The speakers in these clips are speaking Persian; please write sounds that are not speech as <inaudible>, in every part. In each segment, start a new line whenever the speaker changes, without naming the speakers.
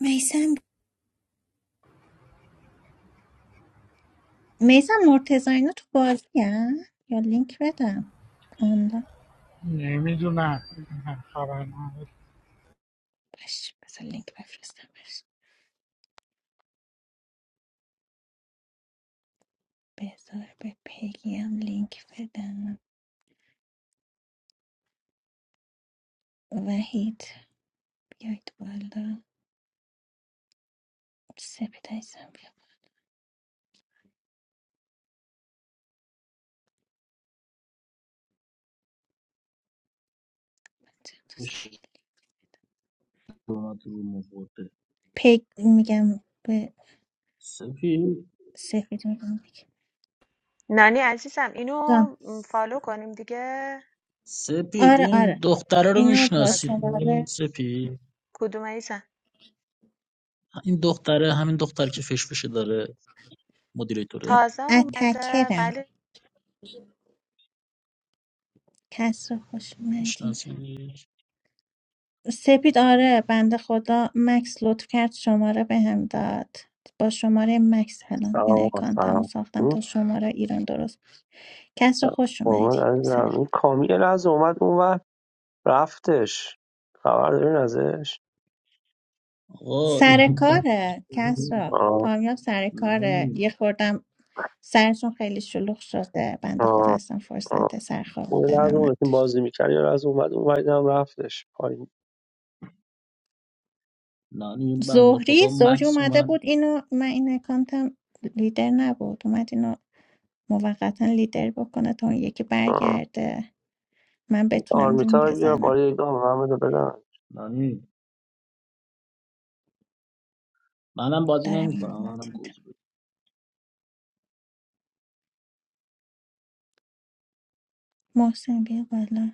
میسم میسم مرتضی اینا تو بازی یا لینک بدم آنلا
نمیدونم من خبر ندارم
باش بذار لینک بفرستم بش بذار به پگیم لینک بدم وحید بیاید بالا سپید عزیزم بیا بالا. تو سری.
بهش اومد رو مورده
پگ میگم به
سپید
سفید میگم بگم.
نانی عزیزم اینو
جان
فالو کنیم دیگه
سپید
آره
این
آره
دختره رو
اینو با
میشناسی
اوکی
شماره
سپید
کدوم عزیزم
این دختره همین دختر که فش فشه داره مدیریتوره
تازه اومده
اتکرم
ولی
کس رو خوش اومدی
میشناسی
سپید آره بنده خدا مکس لطف کرد شماره بهم داد با شماره مکس الان این
سلام
اکانتمو
سلام
ساختم
این
تا شماره ایران درست کس رو خوش اومدی
قربونت
سر
عزیزم این کامی یه لحظه اومد اون ور رفتش خبر دارین ازش
آقا
سر
این
کاره کس رو
آه
کامیاب سر کاره یه
نانی
خوردم سرشون خیلی شلوغ شده بنده خدا
آه
اصلا
آه
فرصت سرخار
اون
بودنم
لحظه اون تیم
نداشت
بازی میکرد یه لحظه اومد اون ور دیدم رفتش پایین
نانی این بنده
زهری
خدا
زهری
مکس و
اومده
من
بود اینو من این اکانتم لیدر نبود اومد اینو موقتا لیدر بکنه تا اون یکی
آه
برگرده من بتونم روم
آرمیتا رو بیار
بزنم
بالا یک دام محمد رو بدم
نانی منم بازی
دارم این
نمیکنم منم
وقت میدم
گوجه بده
محسن بیا بالا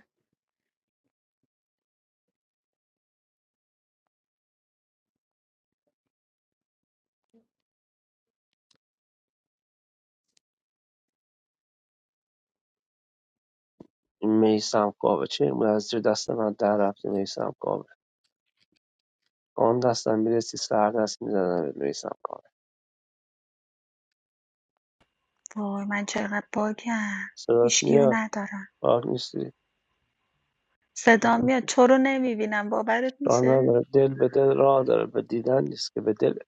این میسم کاوه چه بود از زیر دست من در رفته میسم کاوه آن دستم میرسی سر دست میزنم به میسم کاوه
وای من چقدر باگم
صدات
هیچگیو
میاد
ندارم
راه نیستی
صدا میاد تو رو نمیبینم باورت
راه
میشه
نداره دل به دل راه داره به دیدن نیست که به دل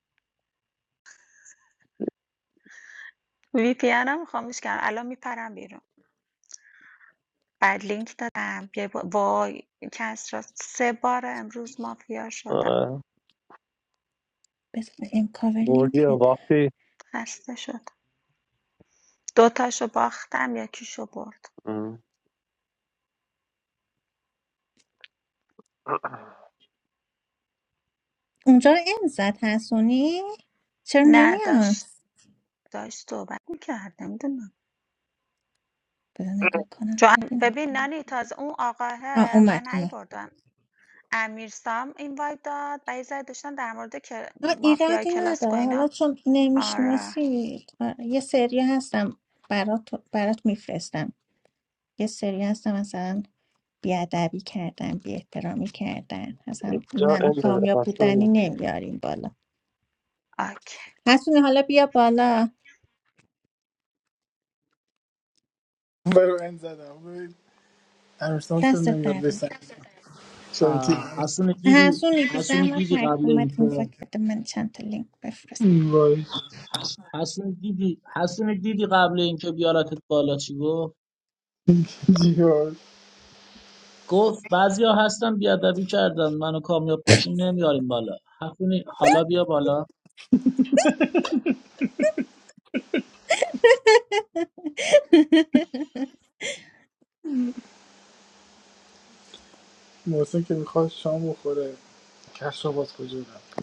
وی پی هم خاموش کردم الان میپرم بیرون بعد لینک دادم یه با... وای کس را سه بار امروز مافیا شدم
بذار ام کاور
بردی
لینک
یا
بده
باختی
خسته شدم دوتاشو باختم یکی شو برد
ام.
اونجا ام زد حسونی چرا
نه
نمیاد
داشت داشت صحبت میکرد نمیدونم
بذار نگاه کنم
چون
ببینم
ببین نانی تازه اون آقاه
آ اومد
من هی
اومد
بردم امیرسام این وایت داد و یه ذره داشتن در مورد کل...
آه،
مافیای
ایرادی
کلاسیکو
نداره
اینا
حالا چون
آره
نمیشناسید یه سری هستم برات برات میفرستم یه سری هستم مثلا بیادبی کردن بی احترامی کردن اصلا
اینجا
منو
این بده
کامیاب
پس
بودنی
بده.
نمیاریم بالا
آکی
حسونی حالا بیا بالا
برو این زدم ببین امیرسام چرا
دستت
نمیاد
درد
بسن چرا که
آه، حسن دیدی
حسونی بی
حسن
زحمت
دیدی
هرک
قبل
اومد این
اینکه
وقت بده من چند تا لینک بفرست
وای
حسن دیدی حسن دیدی قبل اینکه بیارتت بالا چی گفت
جیار
گفت بعضیا هستن بیادبی کردن منو کامیاب باشیم نمیاریم بالا حفونی حالا بیا بالا
<laughs>
محسن که میخواد شام بخوره کفش رو باز کجا رفت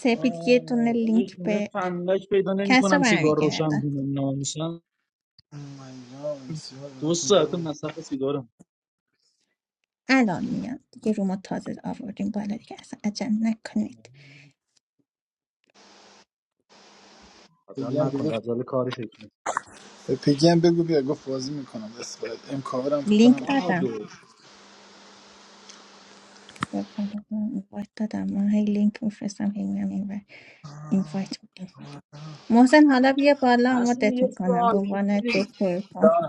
سپید یه دونه
آه، آره
لینک
خونه
به
فندک پیدا
کس رو
نمیکنم سیگار روشن
برمیگردن
کنم ناموسن
من اینجا امسیار اینا
دو ساعت
کجا
مصرف سیگارم
الان میان دیگه رومو تازه آوردیم بالا دیگه اصلا عجل نکنید
عجل
پیگی هم که
نکن
گفت
عجل کارش ایتونه
به پیگی هم بگو بیا گفت بازی میکنم بس باید ام کاور هم فکر کنم
لینک
بهادر
دادم به بهاء اینوایت دادم من هی لینک میفرستم هی میام این ور اینوایت میدم محسن حالا بیا بالا
حسون
مدت
یه
میکنم به
سوال
عنوان
حسونی
دکور کن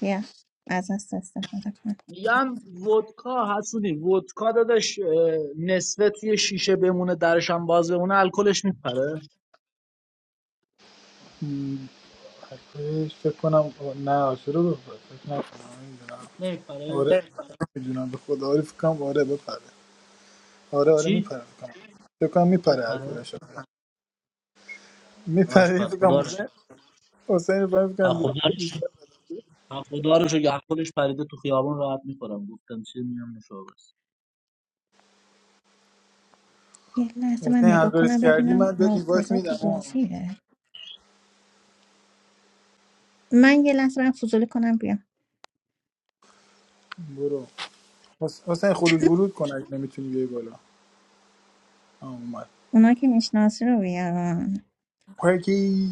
بیا از دست استفاده کن
میگم ودکا حسونی ودکا دادش اه، نصفه توی شیشه بمونه درشم باز بمونه الکلش میپره
م، حرفش فکر کنم نه شروع گفت فکر نکنم نمیدونم
نمیپره
آره میدونم به خدا آره فکر کنم آره بپره آره آره
چی
میپره فکر کنم فکر کنم میپره هر
میپره
کدومش
باش
میپره
پس
فکر
خدا رو
کنم حسین رو باید
ها
میکنم
خدا رو شکر
بیشتر
هم خدا رو شکر هم خودش پریده تو خیابان راحت میکنم گفتم چه میام مشاور
یه لحظه من
حسین هر
نگاه کنم
کردی
ببینم
من بهت اینوایت
مرتضی تو
میدم آه.
بازیه من یه لحظه برم فضولی کنم بیام
برو حس- حسین خروج ورود کن اگه نمیتونی بیای بالا آه اومد
اونا که میشناسی رو بیارن
پاکی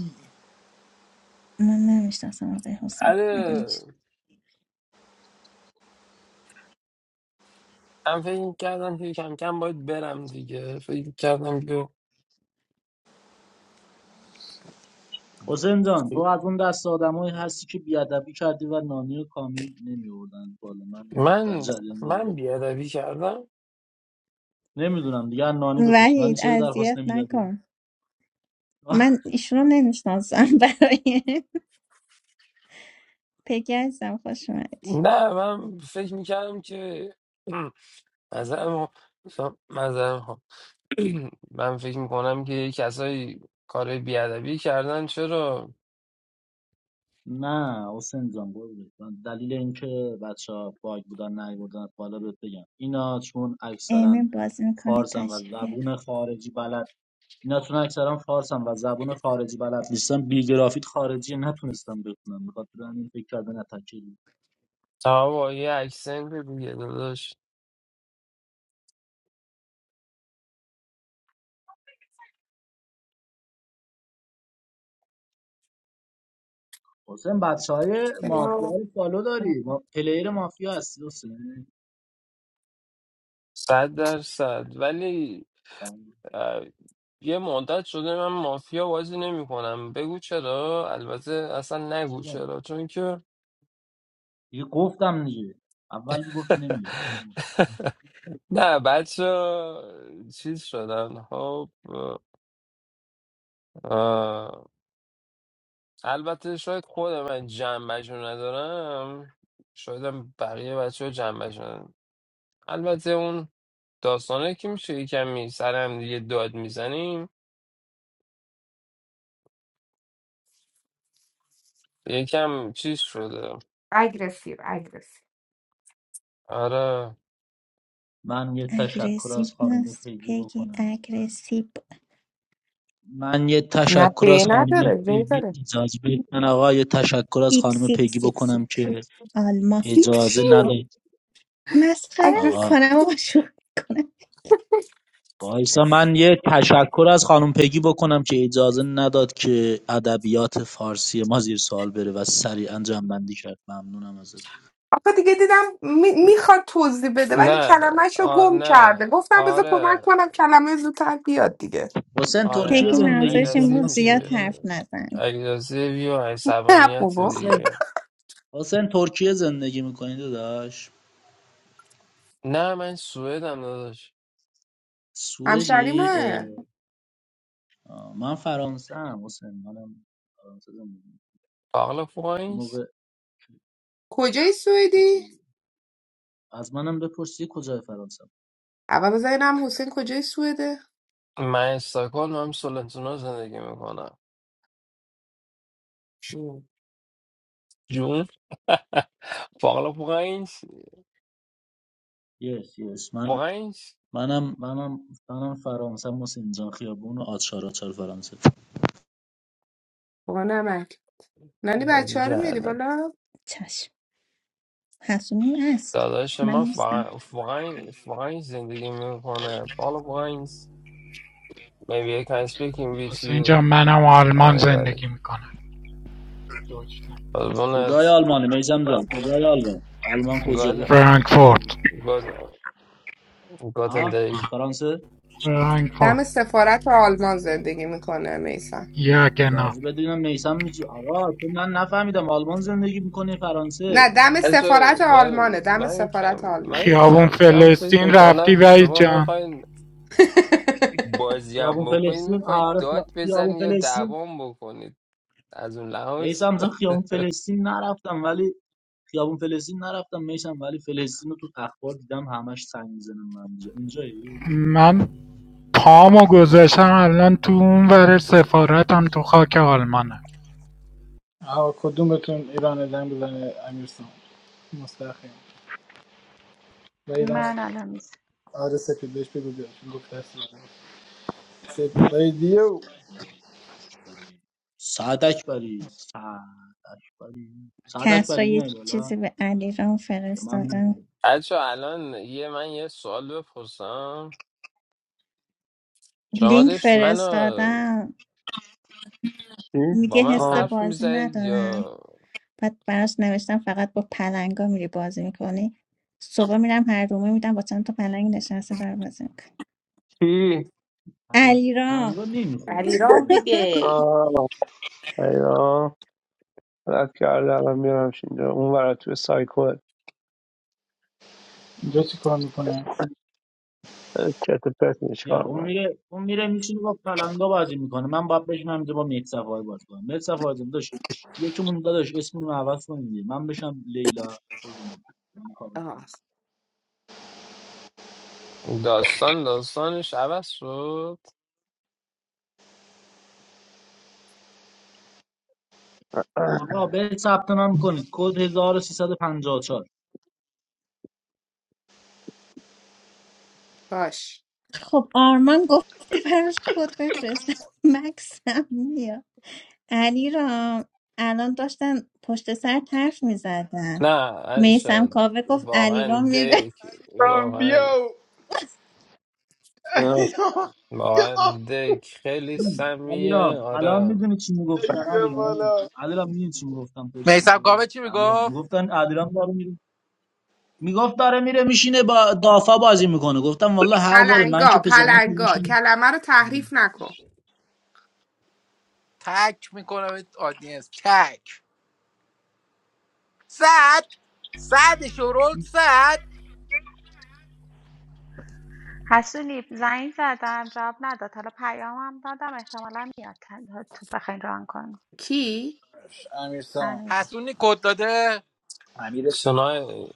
من نمیشناسم آقای حسین مگه
آره
میشه
من فکر کردم که کم کم باید برم دیگه فکر کردم که
حسین جان تو از اون دست آدمایی هستی که بیادبی کردی و نانی و کامی نمیوردن بالا من اینو در
من
جریان بذارم
من بیادبی کردم
نمیدونم دیگه از نانی بپرس نانی
وحید
چرا درخواست
اذیت
نمیدادی
نکن
<laughs>
من ایشون رو نمیشناسم <laughs> برای پگی عزیزم خوش اومدی
نه من فکر میکردم که <clears throat> مذرم مذرم ها <clears throat> من فکر میکنم که یه کسایی کار بیادبی کردن چرا
نه حسین جان قربونت. من دلیل اینکه بچه ها باگ بودن نیوردن بالا بهت بگم اینا چون اکثرا
امین بازی میکنه
فارسن و
تشریف بیار.
زبون خارجی بلد اینا چون اکثرا فارسن و زبون خارجی بلد نیستن بی گرافیت خارجی نتونستم بخونم به خاطر همین فکر کردن اتکری
تا با یه اکسنت دیگه داداش
حسین بچه مافیا
سلام.
رو فالو داری ما پلیر مافیا هستی حسین
صد درصد ولی
بله.
اه، یه مدت شده من مافیا بازی نمی کنم بگو چرا البته اصلا نگو چرا چون که
دیگه گفتم دیگه اول گفتی
<laughs>
نمیاد
نه بچه چیز شدن خب اه، البته شاید خود من جنبش رو ندارم شاید هم بقیه بچه ها جنبش ندارم البته اون داستانه که میشه یکم می سرم دیگه داد میزنیم یکم چیز شده
اگرسیو اگرسیو
آره
من یه تشکر
اگریسیو
از خانم
نیست
پیگی
پگی
بکنم من
اگریسیو
من یه
نه
تشکر
به
از خانم
نداره به
پیگی
داره
اجازه بدید من آقا یه تشکر از
سیپ
خانم
سیپ
پیگی
سیپ
بکنم
سیپ
که
آلما
سیب چی؟
اجازه نداد
مسخره
آقا
اگرسیو
میکنم آقا شوخی کنم
وایسا من یه تشکر از خانم پگی بکنم که اجازه نداد که ادبیات فارسی ما زیر سوال بره و سریعا جنبندی کرد ممنونم ازت
آقا دیگه دیدم می- میخواد توضیح بده ولی
نه
کلمهش رو
آ...
گم
نه
کرده گفتم بذار کمک
آره
کنم کلمه زودتر بیاد دیگه
حسین
آره
ترکیه
پگی
همون
زندگی
منظورش این
میکنی
اگرسیو
بود زیاد
میشه
حسین
حرف نزن
اگرسیوی و
نه
عصبانیت
بابا
حسین
دیگه
حسین ترکیه زندگی میکنی داداش
نه من سوئدم داداش
سوئدی اه،
همشریمه
آه، من فرانسه ام حسین منم فرانسه زندگی می‌کنم.
عقل
یه
پوینت
موقع
کجای سوئدی؟
اوکی. از منم بپرسی کجای فرانسه
اول بذار اینم حسین کجای سوئده؟
من استکهلم هم سولنتونا زندگی میکنم
مم.
جون <laughs> فقط پوینت
یس یس من
پوینت
منم منم منم فرانسه حسین جان خیابون و آچار آچار فرانسه
بابا نمک نانی
و
بچه ها رو
دیگه
میری
الان
بالا؟
چشم حسونیم هست
داداش
من
من
نیستم
فقط فقط زندگی میکنه فقط پوینت maybe I can speak in with
واسه اینجا
you
منم آلمان
آره بله
زندگی میکنم دویچلند
قربونت.
کجای آلمانی میسم جان کجای آلمان آلمان
گاز
کجایی
فرانکفورت
گاز گازنده
ها
ای
فرانسه
فرانکفورت
دم سفارت آلمان زندگی میکنه میسن
یگنا
اجازه بدونم میسم میشه آقا تو من نفهمیدم آلمان زندگی میکنه
نه
فرانسه
دم سفارت
من
آلمانه دم
من
سفارت
کم
آلمان
من
خیابون
کم کم فکر
فلسطین رفتی
میکنم
وحید
شما
جان
میخواین
<laughs>
بازی
خیابون
هم بکنین
فلسطین
میخواید
آره فلا-
داد
خیابون
بزنید یا
فلسطین
دوام بکنید از اون لحاظ
میسم جان خیابون فلسطین نرفتم ولی خیابون فلسطین نرفتم میسم ولی فلسطین رو تو اخبار دیدم همش سنگ میزنم من اینجا اینجایی
من پامو گذاشتم الان تو اون ور سفارتم تو خاک آلمانه
آه کدومتون ایران زنگ بزنه امیرسان مستخیم ولی دم
من الان میز
آره سپید بهش بگو بیاد گفت دست بزنه. سپ ولی دیو
اکبری، سعد اکبری سعد اکبری سعد
کسرا
اکبری
یه
میای بالا
چیزی به علیرام
به من می‌گی.
فرستادم
بچه الان یه من یه سوال بپرسم شما
لینک
داشت منو
فرستادم
چی؟
با
میگه
من
حس
آه
حرف
بازی
میزدید
ندارم
یا
بعد براش نوشتم فقط با پلنگا میری بازی میکنی صبح میرم هر رومه میدم با چند تا پلنگ نشسته داره بازی میکنی
چی؟
علیرام
پلنگا نمیخورن
علیرام
<laughs>
دیگه
آه اینا رد کردم من میارمش اینجا اون ورا توی سایکل
اینجا چی کار میکنه
چت و پرت میشه
بیا
کار
اون
من
میره اون میره میشینه با پلنگا بازی میکنه من باید بشم همینجا با مهدی صفایی بازی کنم مهدی صفایی جان داداش یکمون داداش اسممون رو عوض کنیم دیگه. من بشم لیلا قربونه من کار
آه
کنم
داستان داستانش عوض شد
آقا به ثبت نام کنید کد 1354
باش
خب آرمان گفته براش کد بفرستم <laughs> مکسم میاد علیرام الان داشتن پشت سر حرف میزدن
نه
میسم
شد
کاوه گفت
واقعا
علیرام میره
دک
آم،
واقعا
بیو
آه.
واقعا دک خیلی سمیه
علیرام الان
آره
میدونی چی میگفتن
بگی بیا
علیرام
بالا
علیرام میدونی چی میگفتم پشت سر
میسم کامه چی
علیرام
میگفت
میگفتن علیرام داره میره میگفت داره میره میشینه با دافا بازی میکنه گفتم والله حق داره من
پلنگا
که
پلنگا
پسرم
کلمه رو تحریف نکن
تک میکنم آدینس تک صد صد شورول صد
حسونی زنگ زدم جواب نداد حالا پیامم دادم احتمالا میاد تا- تو بخواین ران کنی
کی؟
امیرسان
امیرسام
حسونی کد داده
امیر
سونای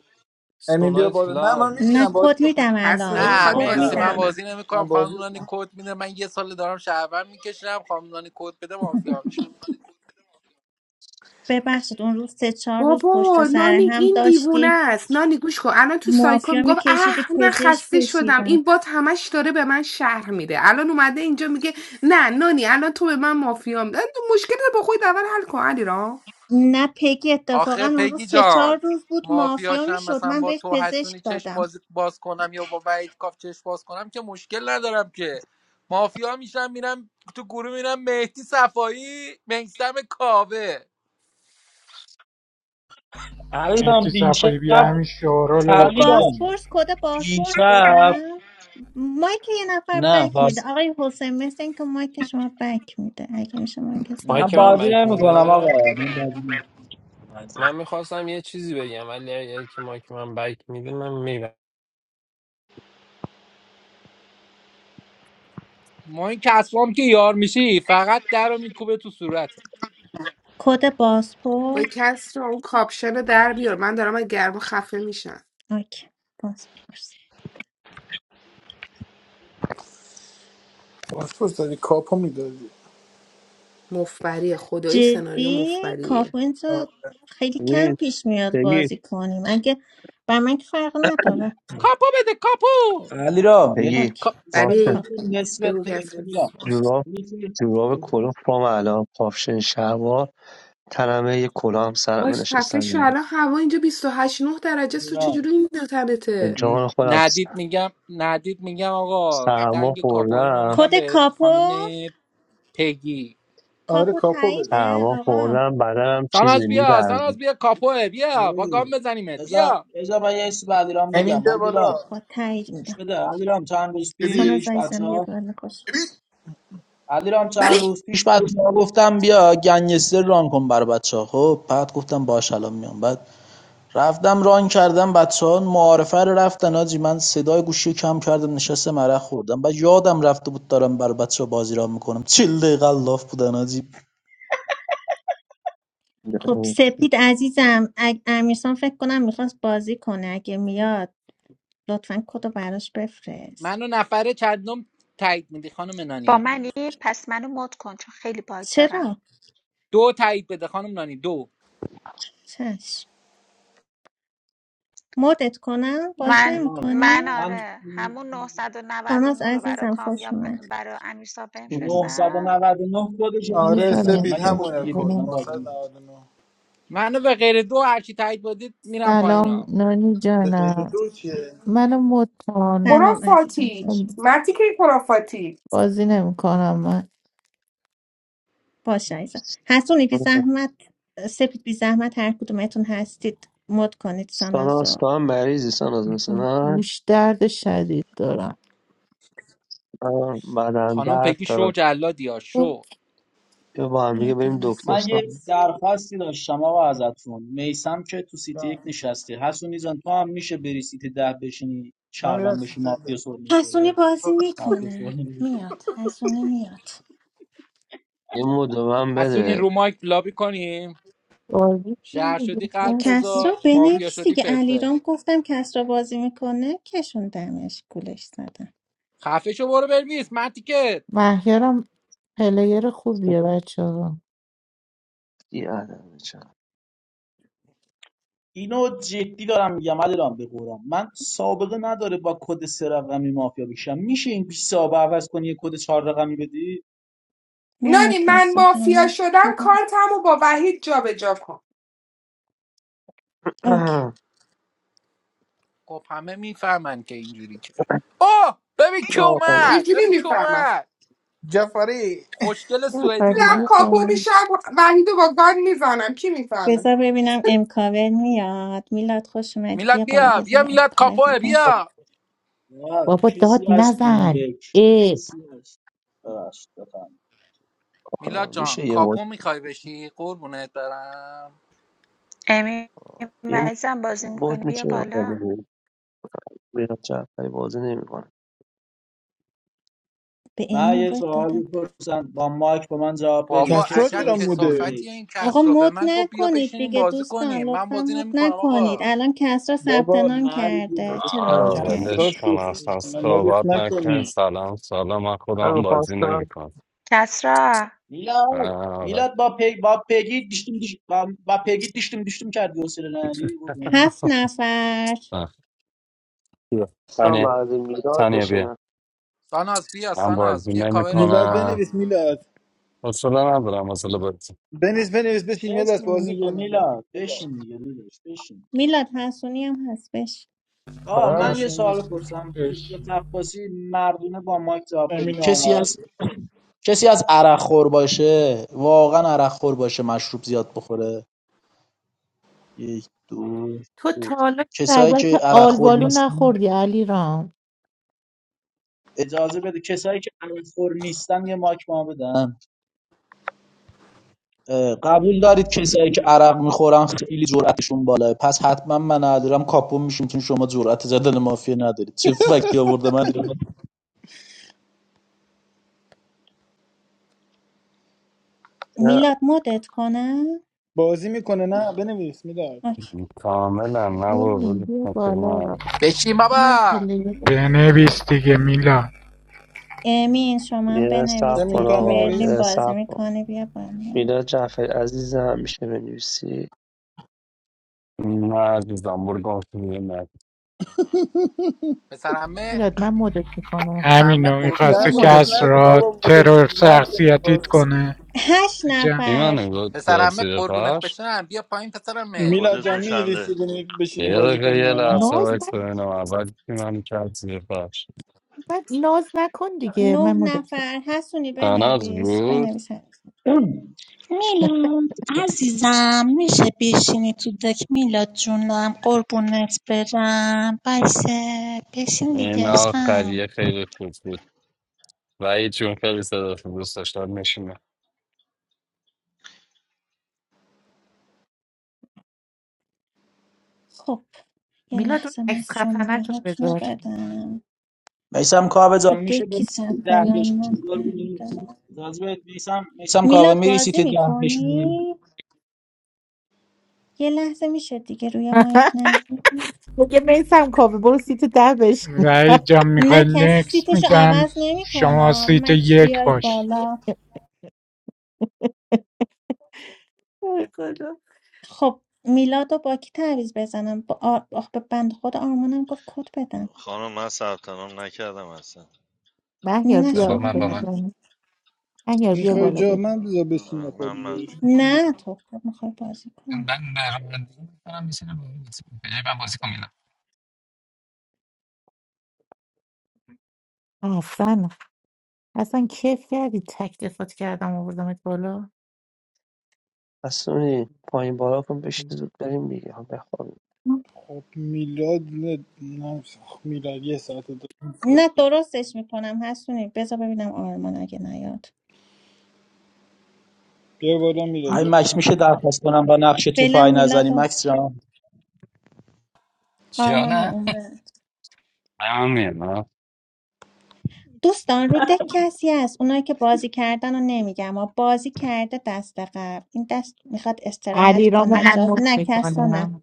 امین بیا
سونای
بالا نه
کلاب
من
نه
میشینم بازی
کد میدم
بکنیم
الان
حسونی
شو
نه
میخواد
کد
مرسی
بازی
نه
من
مافیا
میدم
بازی
کنه
نمیکنم
من بازی
خانم
می‌کنم.
نانی کد میده من یه سال دارم شهروند میکشم خانم نانی کد بده مافیا میشم
ببخشید اون روز سه چهار روز پشت
بابا
سر
نانی
هم
این دیوونه
داشتی
است نانی گوش کن الان تو سایکو
مافیا
میگفت
میکشیدی
اه من
پزشک
خسته شدم
کشیدم
این بات همش داره به من شهر میده الان اومده اینجا میگه نه نانی الان تو به من مافیا میده تو مشکل رو با خود اول حل کن علیرام
نه پگی اتفاقا
آخه
اون روز
پگی
سه چهار
جان
روز بود مافیا
مافیاشم
میشد
مثلا
من
با
بهش
تو
پزشک
حسونی چش
دادم
باز, باز کنم یا با وحید کاف چش باز کنم که مشکل ندارم که مافیا میشم میرم تو گروه میرم مهدی صفایی میسم کاوه
علیرام
مهدی صفایی
دیشب
بیا همین شورالو
خب
بکنیمش
علیرام
بازپرس
بیرون.
کد بازپرس
دیشب
بدم مایک یه نفر
نه
بک میده
پارس
آقای حسین مثل اینکه مایک شما بک میده اگه میشه مایکتون
من
رو
مایک من
بازی
ببندید.
بک
نمیکنم
میده
آقا من بازی نمیکنم
من میخواستم یه چیزی بگم ولی اگه که مایک من بک میده من میبندم
ما این کسبام که یار میشی فقط در رو میکوبه تو صورته
کد
با
پاسپورت
کس رو اون کاپشن رو در بیار من دارم از گرما خفه میشم
اوکی پاسپورت
پاسپورت دادی کاپو میدادی
مفبری خدایی سناریو
جدی
مفبریه
کاپوینت رو خیلی کم
ریز
پیش میاد
تگی
بازی کنیم اگه بر من که فرق نداره
کاپو بده کاپو
علیرام یک
بگی
اوکی
کا-
نسبت
واسه
ولی
کاپوینت
نسبت
بگو
بگیر
کسرین
علیرام
جوراب
می‌تونی-
جوراب کلاه پام الان کاپشن شلوار تنمه یه کلاه هم سرم
باش خفه
نشستم
شو
اینجا
الان هوا اینجا بیست و هشت نه درجه است. تو
علیرام
چجوری این
به
تنته
جان خودم
ندید میگم ندید میگم آقا
سرما
دنگ کاپوین رو
خوردم
کد
میدم به خانم
کاپو
پگی
آره
کاپو
کاپو بده
تاییده
سرما
آقا
خوردم بدنم چیزی
ساناز بیا
میلرزه
ساناز بیا کاپوه بیا با گام
آقای
بزنیمت
بذار
بیا
بذار من یه چیزی به علیرام
همین
بگم
بیا
علیرام
بالا
با تایید
گوش
میدم
بده علیرام چند روز
ببین
سانا
پیش بچه
زایزم بیا
ها
بالا خوش
ببین
علیرام چند
ولی
روز پیش بچه ها گفتم بیا گنگستر ران کن برای بچه ها خب بعد گفتم باش الان میام بعد رفتم ران کردم بچه ها معارفه رو رفتن آجی من صدای گوشی کم کردم نشستم عرق خوردم بعد یادم رفته بود دارم بر بچه ها بازی ران میکنم چل دقیقه لاف بودن آجی
خب سپید عزیزم اگ... امیرسان فکر کنم میخواست بازی کنه اگه میاد لطفا کدو براش بفرست
منو نفره چندم تایید میدی خانم
با
نانی
منی پس منو مد کن چون خیلی باگ دارم
چرا؟
دو تایید بده خانم نانی دو
چشم مدت کنم باز
من
من
من
نمیکنی؟
من
آره همون
ساناز
999 رو برای
عزیزم خوش
کامیاب ب-
اومد
برای امیرسام بهم فرستم
999 کدش من
آره
نمیذارم
نمیزنم
سپید
من یه کد
فکر
همونه
دیگه
کد
بده من
کنم.
بازی نمی‌کنم.
999
منو به غیر دو هرچی تایید بدید میرم پایین
سلام
ها
نانی
به غیر
جانم
دو چیه
منو مد کن
سلام عزیزم
خرافاتی
خوش اومد
مرتی که خرافاتی
بازی نمیکنم من
باشه عزیزم حسونی بی زحمت سپید بی زحمت هر کدومتون هستید مد کنید
ساناز
سانازو
تو هم مریضی ساناز مثل من
گوش درد شدید دارم
منم بدن
خانم
درد
پگی شو
دارم
جلادی ها
خب
شو
یا با هم دیگه
بیا
بریم
بالا
دکتر
من
ساناز
یه
ساناز
درخواستی داشتم آقا ازتون میسم که تو سیتی
آه.
یک نشسته حسونی جان تو هم میشه بری سیتی ده بشینی
من میرم
چربن بشی
سیزده.
مافیا سر
حسونی
میخوره
بازی
مافیا
میکنه
سر
میاد حسونی میاد
یه مدو من
حسونی
بده
رو مایک لابی کنیم
بازی کن
شهر
دیگه.
شدی قلب
کس بود.
کسرا
بذار مافیا
بنویس
شدی
دیگه
فلفل
علیرام گفتم کسرا بازی میکنه کشوندمش گولش زدم
خفه شو برو برویس من تیکت
مهیارم پلیر خوبیه بچه ها
یه عدم چم
اینو جدی دارم میگم علیرام به قرآن من سابقه نداره با کد سه رقمی مافیا بکشم میشه این 20 سابقه عوض کنی یه کد چهار رقمی بدی
نه
نانی من مافیا
متاسفانه
شدم کارتم و با وحید جا به جابجا کن
اوکی
<clears throat>
خب همه میفهمن که اینجوری که اوه ببین کی
یا آقا،
اومد
چجوری
ببین کی
میفهمم
اومد
جفری
خوشگل سوئدی
خودم
اومد
کاپو میشم وحید رو با گان میزنم کی میفهمه
بذار ببینم امکاور میاد میلاد خوش اومدی
میلاد
بیا بالا
بیا
بذار
بیا
به
میلاد
امکاور
کاپوه
بگم
بیا
نه
بابا داد
کسی هست تو این
نزن
دک
ای
کسی هست ببخشید بفهم
میلاد
آقا،
جان
میشه یه مد
کاپو میخوای بشی قربونت برم
امین
یه
عزیزم بازی میکنی
مد
بیا
میشه آقا
بالا
بگیریم. میرم جعفری بازی نمیکنه
به ام
من یه
اینوایت
سوال
دادم
بپرسم با مایک به من جواب بدید
بابا
کسرا
کسی
عجب
چرا
هست تو این
موده
کسافتیه
دک
این
آقا
کس را به
مد
من گفت بیا
نکنید
بشینیم
دیگه
بازی
دوستان
کنیم من
لطفا
بازی
مد
نمیکنم
نکنید
آقا
الان کسرا ثبت
بابا
نام
مردم
کرده چرا
آه
مد
من
کسرا
ولش
کردید
کن
شوخ
اصلا
کنه. مدش
صحبت نکن
نکنی
سلام سلام من خودم بازی
میخواستم
نمیکنم
کسرا
میلاد میلاد با پی با پگی دیشتم دیش با, با پگی دیشتم دیشتم کردی حوصله نداری قربون.
هفت نفر
خواستم
تانیه
بعد میلاد
تانیه بیا
بشینم
ساناز بیا
من
ساناز
بازی
بیا کاورت
میلاد
نمیکنم
میکنم
بنویس میلاد
حوصله ندارم حوصله بازی
بنویس بنویس بشین یه دست
اسم
بازی
میگه
کنیم
میلاد
بابا.
بشین دیگه داداش بشین
میلاد حسونی هم هستش
آه
من
من
میلاد
یه
بشین
سوال
دوست
پرسم حجت
بشین
عباسی مردونه با مایک جواب بدید
امین
کسی
آمد
از کسی از عرق خور باشه واقعا عرق خور باشه مشروب زیاد بخوره یک دو
تو
سه
تا حالا
کسایی
شربت
که عرق خور
آلبالو
نیستن
نخوردی علی رام
اجازه بده کسایی که عرق خور نیستن یه مایک ما بدن اه، قبول دارید کسایی که عرق میخورن خیلی جرأتشون بالاه پس حتما من ندارم کاپو میشیم چون شما جرأت زدن مافیا ندارید چه فکتی آورده من
نه
میلاد مدت کنم
بازی میکنه نه بنویس میلاد
اوکی.
کاملا نه بابا ولش
بیا
کن، خب
بالا
نه
بشین
اینم
بابا
پلیر خوبیه.
بنویس دیگه میلاد
امین شما هم
یه سب
امین
کن
تو
بنویسید
هم
آقا
مرلین
یه
بنویس
بازی
سب کن
میکنه بیا بالا
میلاد جعفری عزیزم میشه بنویسی
نه عزیزم برو گم شو دیگه، نه
پسرمه
میلاد من مدت میکنم
پسرمه
همینو
قربونت
من
نه
میخواسته
مدش
بشم
مدت
کس
نکن
را
کردم
بابا مدش
ترور
نکنیم
شخصیتیت
بازی میکنیم
کنه
هشت
تو جمع
نفر
بیمانه بود داد داد
پسرمه
زیر
قربونت
فرش
بشم بیا پایین پسرمه
میلا
کدتون
جان
چنده
می بشینی
یه
بازی
دقیقه
کنیم
یه
یا نه
لحظه
ناز
وایس
نکن
ببینم اول بیمانه کرد زیر فرش
بعد ناز نکن دیگه
نه
من مدت کردم
نفر حسونی
تناز
بنویس
بود
بنویس حسونی
میلاد عزیزم میشه بشینی تو دک میلاد جونم قربونت برم باشه بشین
این
دیگه عشقم
آخریه خیلی خوب بود وحید جون خیلی صدات رو دوست داشتم میشینه
خب یه
میلاد اون
لحظه من
عکس خفنه
شماره
تو
هاتون رو
بذار
بدم
میسم کاوه
تو
جان میشه
دکی
به سیت
ثبت
ده
نام
بشینی
نکردم.
میسم میسم کاوه
میلاد
میری سیت
بازی
ده بشینی
میکنی؟ یه لحظه میشه دیگه روی مایک نه
دیگه میسم کافه برو سیت ده بشین
وحید جان
نه
میخوای
کسی
نکس
سیتشو
میدم
عوض
شما
نمیکنه
سیت
مکس
یک
بیاید
باش
بالا
ای خدا.
خب میلاد و با کی تعویض بزنم با آر... آخ به بند خود آرمانم گفت کد بدم
خانم من ثبت نام نکردم اصلا
مهیار
نه
با
بیا
شما
من
به
با من
نه
نظرم مهیار بیا
میخوای
شما
بالا
جا
بیا
من بذار بشینه
من
خودی
من
بیارش
نه تو خود میخوای بازی
من
کنی
برنامه‌ریزی می‌کنم، می‌شینم بازی کنم. به جای من بازی کن میلاد.
اصلا اصلا کیف کردی تک دفات کردم آوردمت بالا
حسونی پایین بالا کن بشین زود بریم دیگه ها بخوابیم
خب میلاد نه نه، میلاد یه ساعت دو
نه درستش میکنم هستونی بذار ببینم آرمان اگه نیاد
بیا بالا میلاد
من
ای
بیا
مکس
بالا.
میشه درخواست کنم با نقش تو
فعلا
پای نزنی
میلاد و
مکس جان
یا
آرمانم
نه
اومد
همین آه.
دوستان رو دک کسی هست اونایی که بازی کردن رو نمیگم اما بازی کرده دست قبل این دست میخواد استراحت
علی را
کنه
من
اجاز
مت
نه کسا نه
میکنم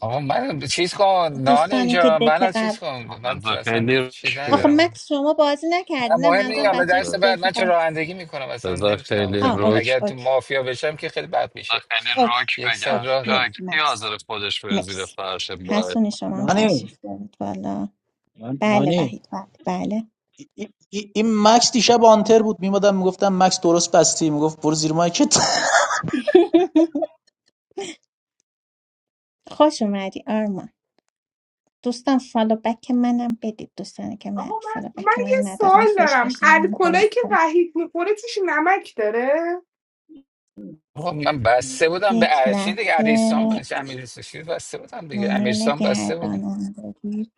آقا من چیز کن نان
دوستانی که
اینجا
دک
من چیز
قبل
کن من تو
بذار
اصلا
خیلی
چیز
روک
آخه
بگم.
ندارم
مکس شما بازی
نه
نکردی نه
مهم نیست
منظورم
حالا
آه،
بچه که
درس
ب-
بعد
دک
من چه
قبل
رانندگی میکنم اصلا
بذار
نمیتونم
خیلی
آه
خیلی
اوکی
روک
اگر تو
اوکی
مافیا بشم که خیلی بد
بذار
میشه
خیلی
اوکی
روک
یک سر
بگم
اوکی
راه دارم
مرسی
کی
مکس
حاضر خودش بره زیر
مرسی
فرش باید
هستونی شما هم
نانی
تشریف دارید والا بله
نانی
وحید بله بله
این این مکس دیشب آنتر بود میمادم میگفتم مکس درست بستی میگفت برو زیر مایک
<laughs> خوش اومدی آرمان دوستان فالو بک منم بدید دوستانی که من
آقا
فالو
من من
بک
یه
من ندارم
سوال
فش
دارم
فش
الکلایی که
کنم
وحید میخوره توش نمک داره
آقا من بسته بودم به
یک
ارشین دیگه
لحظه
عریسان امیرسان بسته بودم دیگه
پنل
امیرسان بسته بودم
گردانندگی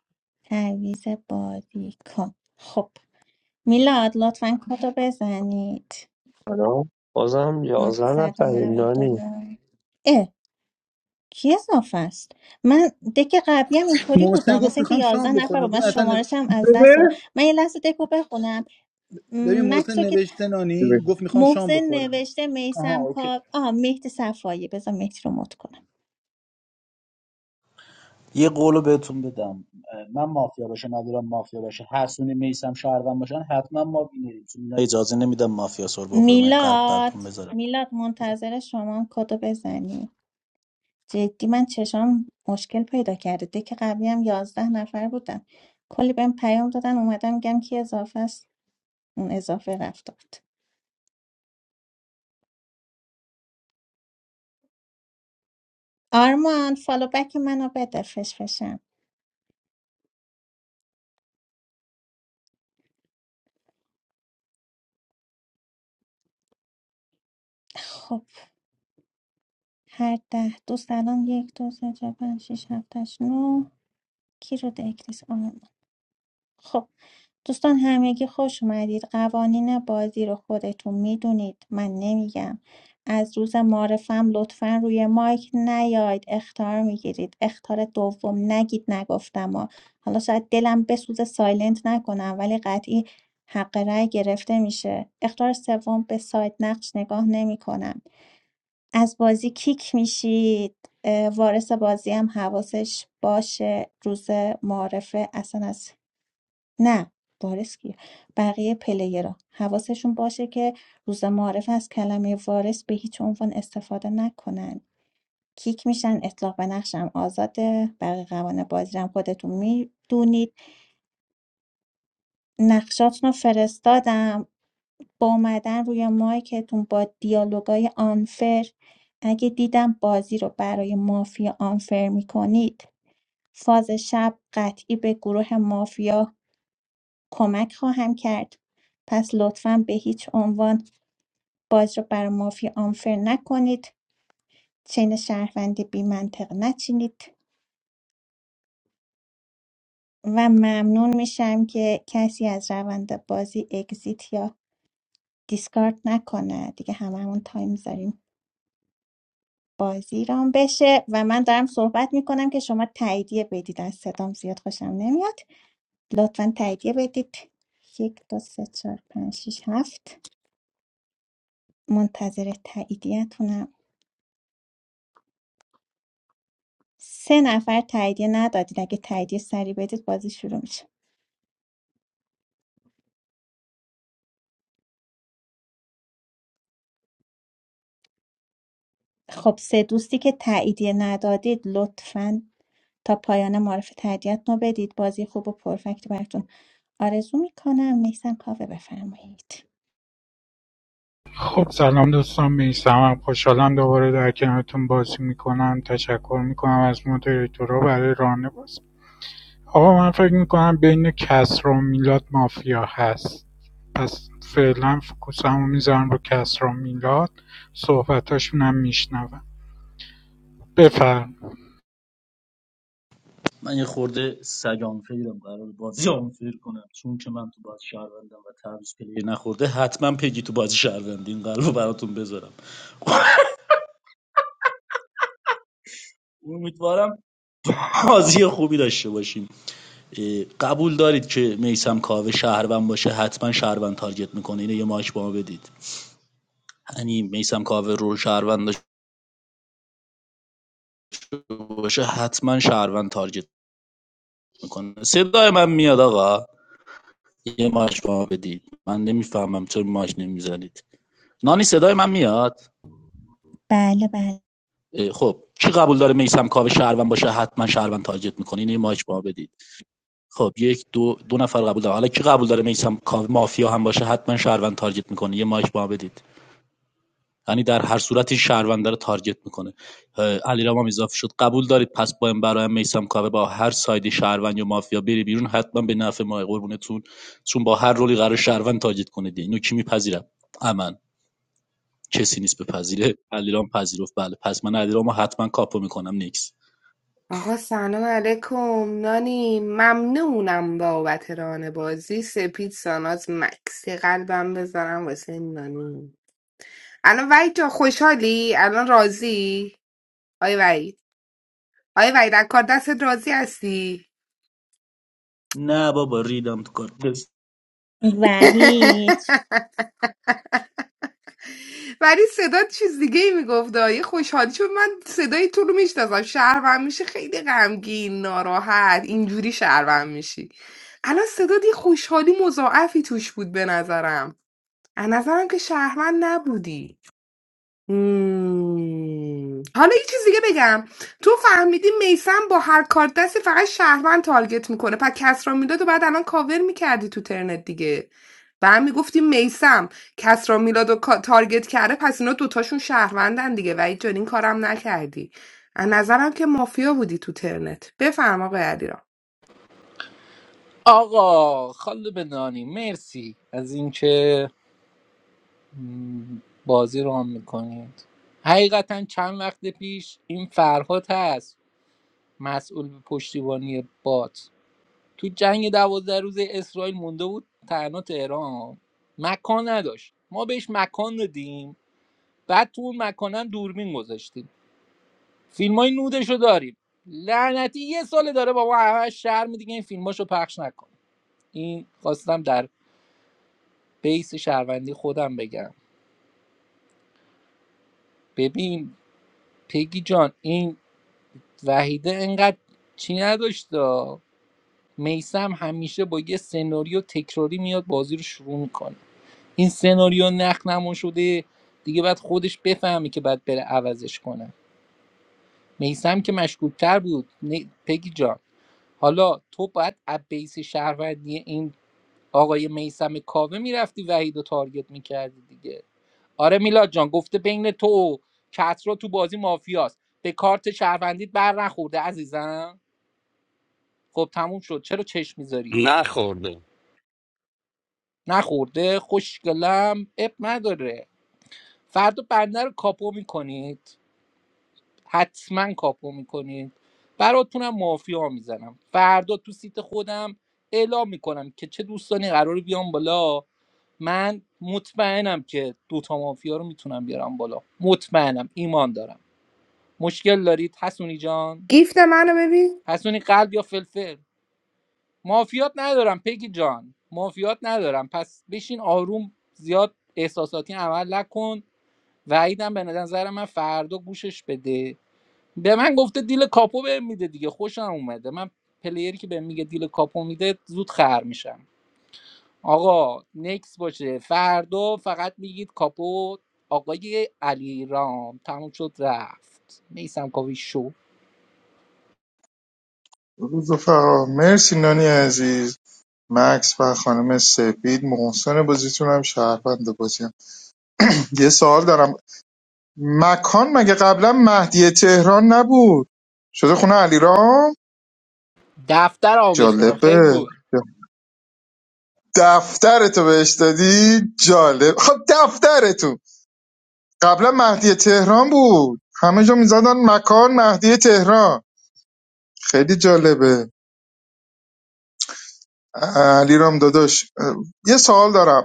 تعویض بازیکن خب میلاد لطفا کدو بزنید
سلام بازم یازده نفریم نانی
999 اه کی اضافه است من دک قبلی هم اینطوری
محسن
بودا
گفت
مثل اینکه
میخوام
11
شام
نفر
بخورم
با
ببین
من
اصلا نو-
شمارش هم از
بده
دست دادم من یه لحظه دکو بخونم
ببین
مکس
محسن
رو که
نوشته نانی
بده.
گفت میخوام شام
محسن
بخورم
نوشته
آها
میسم
اوکی
کار آه مهدی صفایی بذار مهدی رو مد کنم
یه قولو بهتون بدم من مافیا باشه ندارم مافیا باشه حسونی میسم شهروند باشن حتما ما بینیریم چون اینا اجازه نمیدم مافیا سر بخوره من یه قلب براتون
میلاد
بذارم
میلاد منتظر شما هم کدو بزنی جدی من چشام مشکل پیدا کرده دک قبلی هم یازده نفر بودن کلی بهم پیام دادن اومدم میگم کی اضافه است اون اضافه رفت داد آرمان فالو بک منو بده فشفشم خب هر ده دوست الان یک دو سه چهار پنج شیش هفتش نو کی رو دکلیس خب دوستان همگی خوش اومدید قوانین بازی رو خودتون میدونید من نمیگم از روز معرفم لطفا روی مایک نیاید اختار میگیرید اختار دوم نگید نگفتم ها. حالا شاید دلم بسوزه سایلنت نکنم ولی قطعی حق رأی گرفته میشه اختار سوم به سایت نقش نگاه نمیکنم از بازی کیک میشید اه، وارث بازی هم حواسش باشه روز معرفه اصلا از نه وارث کیه بقیه پلیرها حواسشون باشه که روز معارف از کلمه وارث به هیچ عنوان استفاده نکنن کیک میشن اطلاق به نقشم آزاده بقیه قوانین بازی رو هم خودتون میدونید نقشاتون رو فرستادم با اومدن روی مایکتون با دیالوگای آنفر اگه دیدم بازی رو برای مافیا آنفر میکنید فاز شب قطعی به گروه مافیا کمک خواهم کرد پس لطفاً به هیچ عنوان باز رو برای مافیا آنفر نکنید چین شهروندی بی منطق نچینید و ممنون میشم که کسی از روند بازی اگزیت یا دیسکارد نکنه دیگه هممون تایم داریم بازی رام بشه و من دارم صحبت میکنم که شما تاییدیه بدید از صدام زیاد خوشم نمیاد لطفاً تاییدیه بدید یک دو سه چهار پنج شش هفت منتظر تاییدیتونم سه نفر تاییدیه ندادید اگه تاییدیه سری بدید بازی شروع میشه خب سه دوستی که تاییدیه ندادید لطفا تا پایان معرف تاییدیتون رو بدید بازی خوب و پرفکت براتون آرزو میکنم نیستم کافه بفرمایید
خب سلام دوستان میسمم خوشحالم دوباره در کنارتون بازی میکنم تشکر میکنم از مدیریتورا برای رانه بازی آقا من فکر میکنم بین کسرا و میلاد مافیا هست پس فعلا فکوسم رو میذارم رو کسرا و میلاد صحبتاشون هم میشنوم بفرم
من یه خورده سگان فیرم قرار بازی آن فیر کنم چون که من تو بازی شهروندم و تعویض پلیر نخورده حتما پگی تو بازی شهروند این قلبو براتون بذارم <laughs> امیدوارم بازی خوبی داشته باشیم اه، قبول دارید که میسم کاوه شهروند باشه حتما شهروند تارگت میکنه اینو یه ماش با ما بدید یعنی میسم کاوه رو شهروند باشه حتما شهروند تارگت میکنه صدای من میاد آقا یه ماش به بدید من نمیفهمم چرا ماش نمیزنید نانی صدای من میاد
بله بله
اه، خب کی قبول داره میسم کاوه شهروند باشه حتما شهروند تارگت میکنه اینه یه ماش به ما بدید خب یک دو دو نفر قبول داره حالا کی قبول داره میسم کاوه مافیا هم باشه حتما شهروند تارگت میکنه یه ماش به بدید یعنی در هر صورت این شهرونده رو تارگت میکنه علیرام هم اضافه شد قبول دارید پس با این برای میسم کاوه با هر سایدی شهروند یا مافیا بری بیرون حتما به نفع ما قربونتون چون با هر رولی قرار شهروند تارگت کنه دی اینو کی میپذیرم امن کسی نیست بپذیره علیرام پذیرفت بله پس من علیرام رو حتما کاپو میکنم نیکس
آقا سلام علیکم نانی ممنونم بابت ران بازی سپید ساناز مکس یه قلبم بذارم واسه نانی الان وحید جا خوشحالی الان راضی آی وحید آی وحید از کار دستت راضی هستی
نه بابا ریدم تو کار بس.
وحید
<laughs> ولی صدا چیز دیگه ای میگفت یه خوشحالی چون من صدای تو رو میشناسم شهرم میشه خیلی غمگین ناراحت اینجوری شهرم میشی الان صدات یه خوشحالی مضاعفی توش بود به نظرم از نظرم که شهروند نبودی مم. حالا یه چیز دیگه بگم تو فهمیدی میسم با هر کارت دستی فقط شهروند تارگت میکنه پس کسرا میلاد رو بعد الان کاور میکردی تو ترنت دیگه و هم میگفتی میسم کسرا میلاد رو کا- تارگت کرده پس اینا دوتاشون شهروندن دیگه و جان این کارم نکردی از نظرم که مافیا بودی تو ترنت بفرما آقای علیرام
آقا خاله بدانی مرسی از اینکه م، بازی رو هم میکنید حقیقتا چند وقت پیش این فرهاد هست مسئول پشتیبانی بات تو جنگ دوازده روز اسرائیل مونده بود تنها تهران مکان نداشت ما بهش مکان دادیم بعد تو اون مکانم دوربین گذاشتیم فیلمای نودش رو داریم لعنتی یه سال داره با ما همه شرم دیگه این فیلماشو پخش نکن این خواستم در بیس شهروندی خودم بگم ببین پگی جان این وحیده انقدر چی نداشت میسم همیشه با یه سناریو تکراری میاد بازی رو شروع میکنه این سناریو نخنمون شده دیگه بعد خودش بفهمه که بعد بره عوضش کنه میسم که مشکوکتر بود نه- پگی جان حالا تو باید از بیس شهروندی این آقای میسم کاوه میرفتی وحید و تارگت میکردی دیگه آره میلاد جان گفته بین تو و کترو تو بازی مافیاست به کارت شهروندیت بر نخورده عزیزم خب تموم شد چرا چشم میذاری
نخورده
نخورده خوشگلم اب نداره فردا بنده رو کاپو میکنید حتما کاپو میکنید براتونم مافیا میزنم فردا تو سیت خودم اعلام میکنم که چه دوستانی قرار بیام بالا من مطمئنم که دوتا مافیا رو میتونم بیارم بالا مطمئنم ایمان دارم مشکل دارید حسونی جان
گیفت منو ببین
حسونی قلب یا فلفل مافیات ندارم پگی جان مافیات ندارم پس بشین آروم زیاد احساساتی عمل نکن وعیدم به نظر من فردا گوشش بده به من گفته دیل کاپو بهم میده دیگه خوشم اومده من پلیری که بهم میگه دیل کاپو میده زود خر میشم آقا نکس باشه فردا فقط میگید کاپو آقای علی رام تموم شد رفت نیستم کاوی شو
روز رفقا مرسی نانی عزیز مکس و خانم سپید محسن بازیتون هم شهروند بازی هم. <laughs> یه سوال دارم مکان مگه قبلا مهدی تهران نبود شده خونه علیرام
دفتر آمش دادم خیلی
جالبه
گل
دفترتو بهش دادی جالب خب دفترتون قبلا مهدی تهران بود همه جا میزدن مکان مهدی تهران خیلی جالبه علیرام داداش اه، یه سوال دارم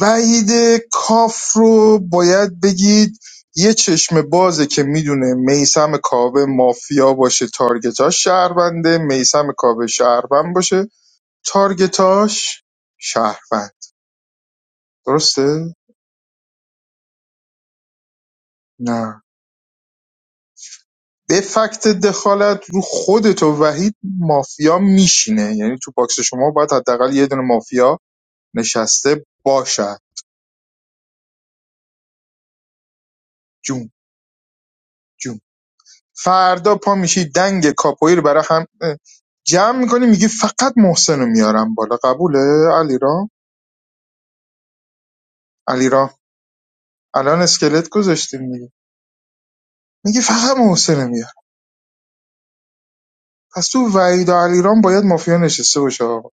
وحید کاف رو باید بگید یه چشم بازه که میدونه میسم کاوه مافیا باشه تارگتاش شهرونده میسم کاوه شهروند باشه تارگتاش شهروند درسته؟ نه به فکت دخالت رو خودت و وحید مافیا میشینه یعنی تو باکس شما باید حداقل یه دونه مافیا نشسته باشد جون جون فردا پا میشی دنگ کاپویی رو برای هم جمع میکنی میگی فقط محسن میارم بالا قبوله علیرام علیرام الان اسکلت گذاشتیم میگی میگی فقط محسن رو میارم پس تو وحید و علیرام باید مافیا نشسته باشه آقا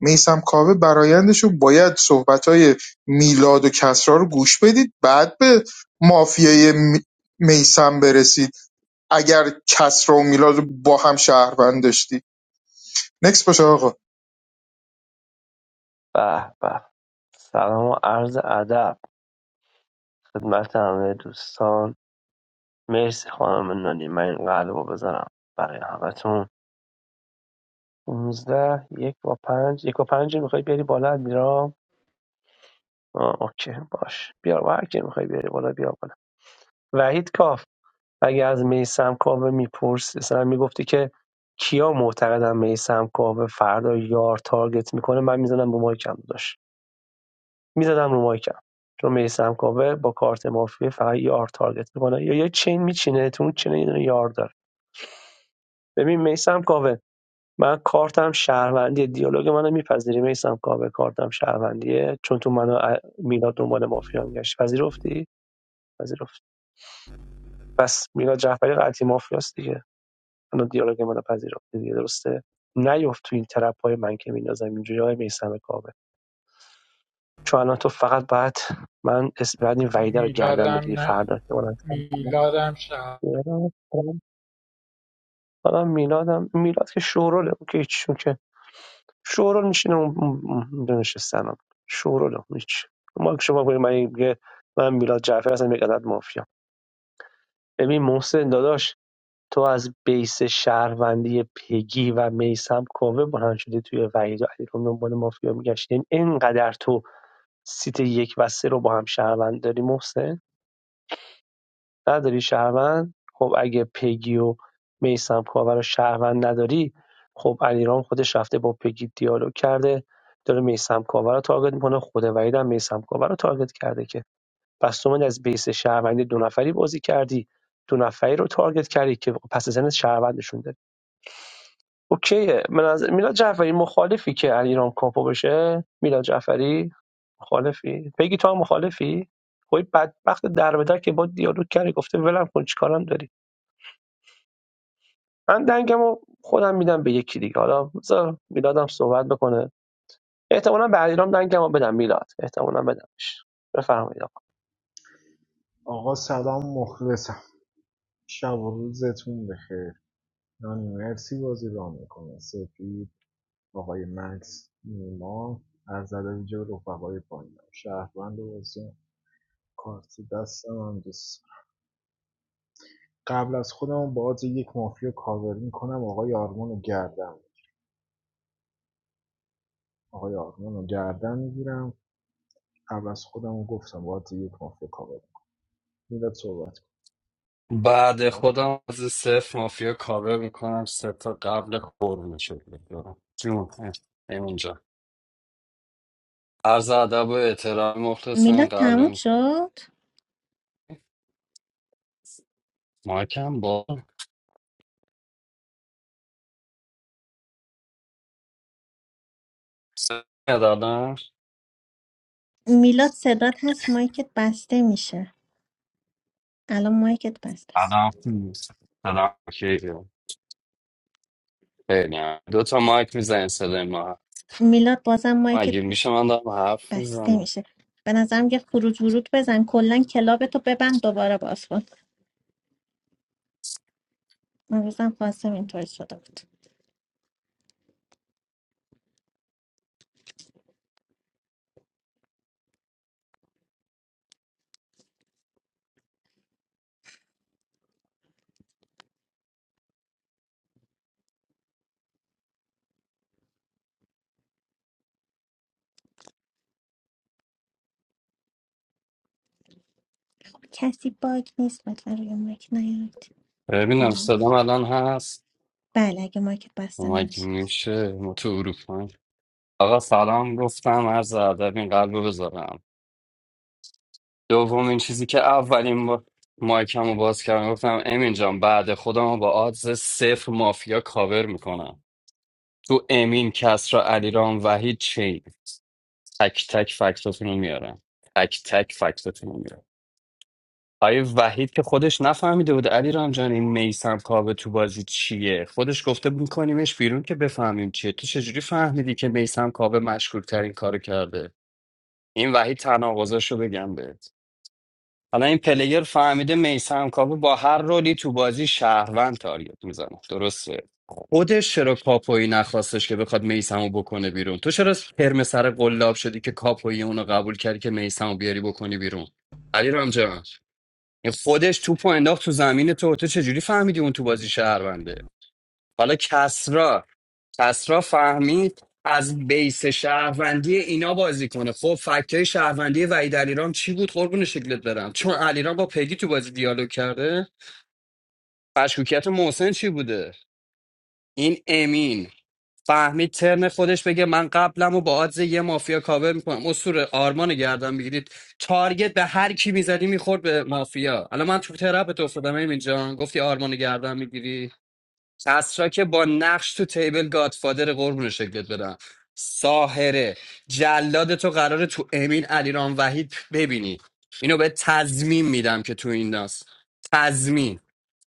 میسم کاوه برایندشو باید صحبتای میلاد و کسرا رو گوش بدید بعد به مافیای میسم برسید اگر کسرا و میلاد رو با هم شهروند داشتید نکس باشه آقا
به به سلام و عرض ادب خدمت همه دوستان مرسی خانم نانی من این قلب رو بذارم برای همتون 15 یک و پنج یک و پنج میخوای بیاری بالا میرام اوکی باش بیار هر کی میخوای بیاری بالا بیار بالا وحید کاف اگه از میسم کاوه میپرس مثلا میگفتی که کیا معتقدن میسم کاوه فردا یار تارگت میکنه من میزدم رو مایکم داشت میزدم رو مایکم چون میسم کاوه با کارت مافیه فقط یار تارگت میکنه یا یه چین میچینه تو اون چین یه یار داره ببین میسم کاوه من کارتم شهروندی دیالوگ منو میپذیری میسم کاوه کارتم شهروندیه چون تو منو ا- میلاد دنبال مافیا میگشت پذیرفتی پذیرفت پس میلاد جعفری قطعی مافیاست دیگه حالا دیالوگ منو پذیرفتی دیگه درسته نیفت تو این ترپ های من که میندازم اینجوری های میسم کاوه چون الان تو فقط باید من اسم بعد این وحیده رو گردن
میلادم
بگیری
نه
فردا که من
میلادم شهر
حالا میلادم میلاد که شوروله اون که هیچ- اون که شورول میشینه اون اون- شوروله اون هیچ ما که شما بگید من من میلاد جعفر هستم یک عدد مافیا ببین محسن داداش تو از بیس شهروندی پگی و میسم کووه بلند شده توی وحید و علیرغم دنبال مافیا میگشتی یعنی اینقدر تو سیت یک و سه رو با هم شهروند داری محسن نداری شهروند خب اگه پگی و میسم کووه رو شهروند نداری خب علیرام خودش رفته با پگی دیالوگ کرده داره میسم کاور رو تارگت میکنه خود وحید هم میسم کاور رو تارگت کرده که پس تو اومدی از بیس شهروندی دو نفری بازی کردی دو نفری رو تارگت کردی که پس زن شهروندشون اوکیه من از میلاد جعفری مخالفی که علیرام کاپو بشه میلاد جعفری مخالفی بگی تو هم مخالفی خب بدبخت در به در که با دیالوگ کرد گفته ولم کن چیکارم داری من دنگمو خودم میدم به یکی دیگه حالا بذار میلادم صحبت بکنه احتمالا به علیرام دنگمو بدم میلاد احتمالا بدمش بفرمایید آقا
آقا سلام مخلصم شب و روزتون بخیر نانی مرسی بازی را میکنه سپید آقای مکس نیما از ویژه به رفقای پایین شهروند بازی کارت دستم هم دوست دارم. قبل از خودم باز یک مافیا کاور میکنم آقای آرمان رو گردم آقای آرمان رو گردم میگیرم قبل از خودم گفتم باز یک مافیا کاور میلاد صحبت کن
بعد خودم از صفر مافیا کاور میکنم سه تا قبل خور میشه جون اه، همینجا عرض ادب و احترام مخلصم
میلاد تموم
قلبم
شد
مایکم با سه قدم
میلاد صدات هست مایکت بسته میشه الان مایکت بسته است
الان سلام اوکی. خیلی هم. دو تا مایک میزنین صدای ما
میلاد بازم مایکت
مگه میشه من دارم حرف
بسته
میزنم
میشه به نظرم یه خروج ورود بزن کلا کلابتو ببند دوباره باز کن. اون روزم خواستم اینطوری شده بود خب، کسی باگ نیست لطفا روی مایک نیاید
ببینم
ممنون.
صدام الان هست
بله اگه مایک بسته
مگه
نشه
میشه ما تو اروپا آقا سلام گفتم عرض ادب این قلب رو بذارم دومین چیزی که اولین با... مایکم رو باز کردم گفتم امین جان بعد خودم رو با آدز صفر مافیا کاور میکنم تو امین کسرا علیرام وحید چین تک تک فکتاتون رو میارم تک تک فکتاتون رو میارم آیه وحید که خودش نفهمیده بود علی رامجان این میسم کاوه تو بازی چیه خودش گفته بود میکنیمش بیرون که بفهمیم چیه تو چجوری فهمیدی که میسم کاوه مشکوک ترین کارو کرده این وحید تناقضش رو بگم بهت حالا این پلیر فهمیده میسم کاوه با هر رولی تو بازی شهروند تارگت میزنه درسته خودش چرا کاپویی نخواستش که بخواد میسمو بکنه بیرون تو چرا ترم سر قلاب شدی که کاپویی اونو قبول کردی که میسمو بیاری بکنی بیرون علی رامجان خودش توپو انداخت تو زمین تو تو چجوری فهمیدی اون تو بازی شهرونده حالا کسرا کسرا فهمید از بیس شهروندی اینا بازی کنه خب فکتای شهروندی وحید علیرام چی بود قربون شکلت برم چون علیرام با پگی تو بازی دیالوگ کرده مشکوکیت محسن چی بوده این امین فهمید ترن خودش بگه من قبلم و با آدز یه مافیا کاور میکنم اصور آرمان گردن بگیرید تارگت به هر کی میزدی میخورد به مافیا الان من تو ترپ تو افتادم همین جان گفتی آرمان گردن میگیری کسرا که با نقش تو تیبل گادفادر قربون شکلت بدم ساهره جلاد تو قراره تو امین علیرام وحید ببینی اینو به تضمین میدم که تو این ناس تضمین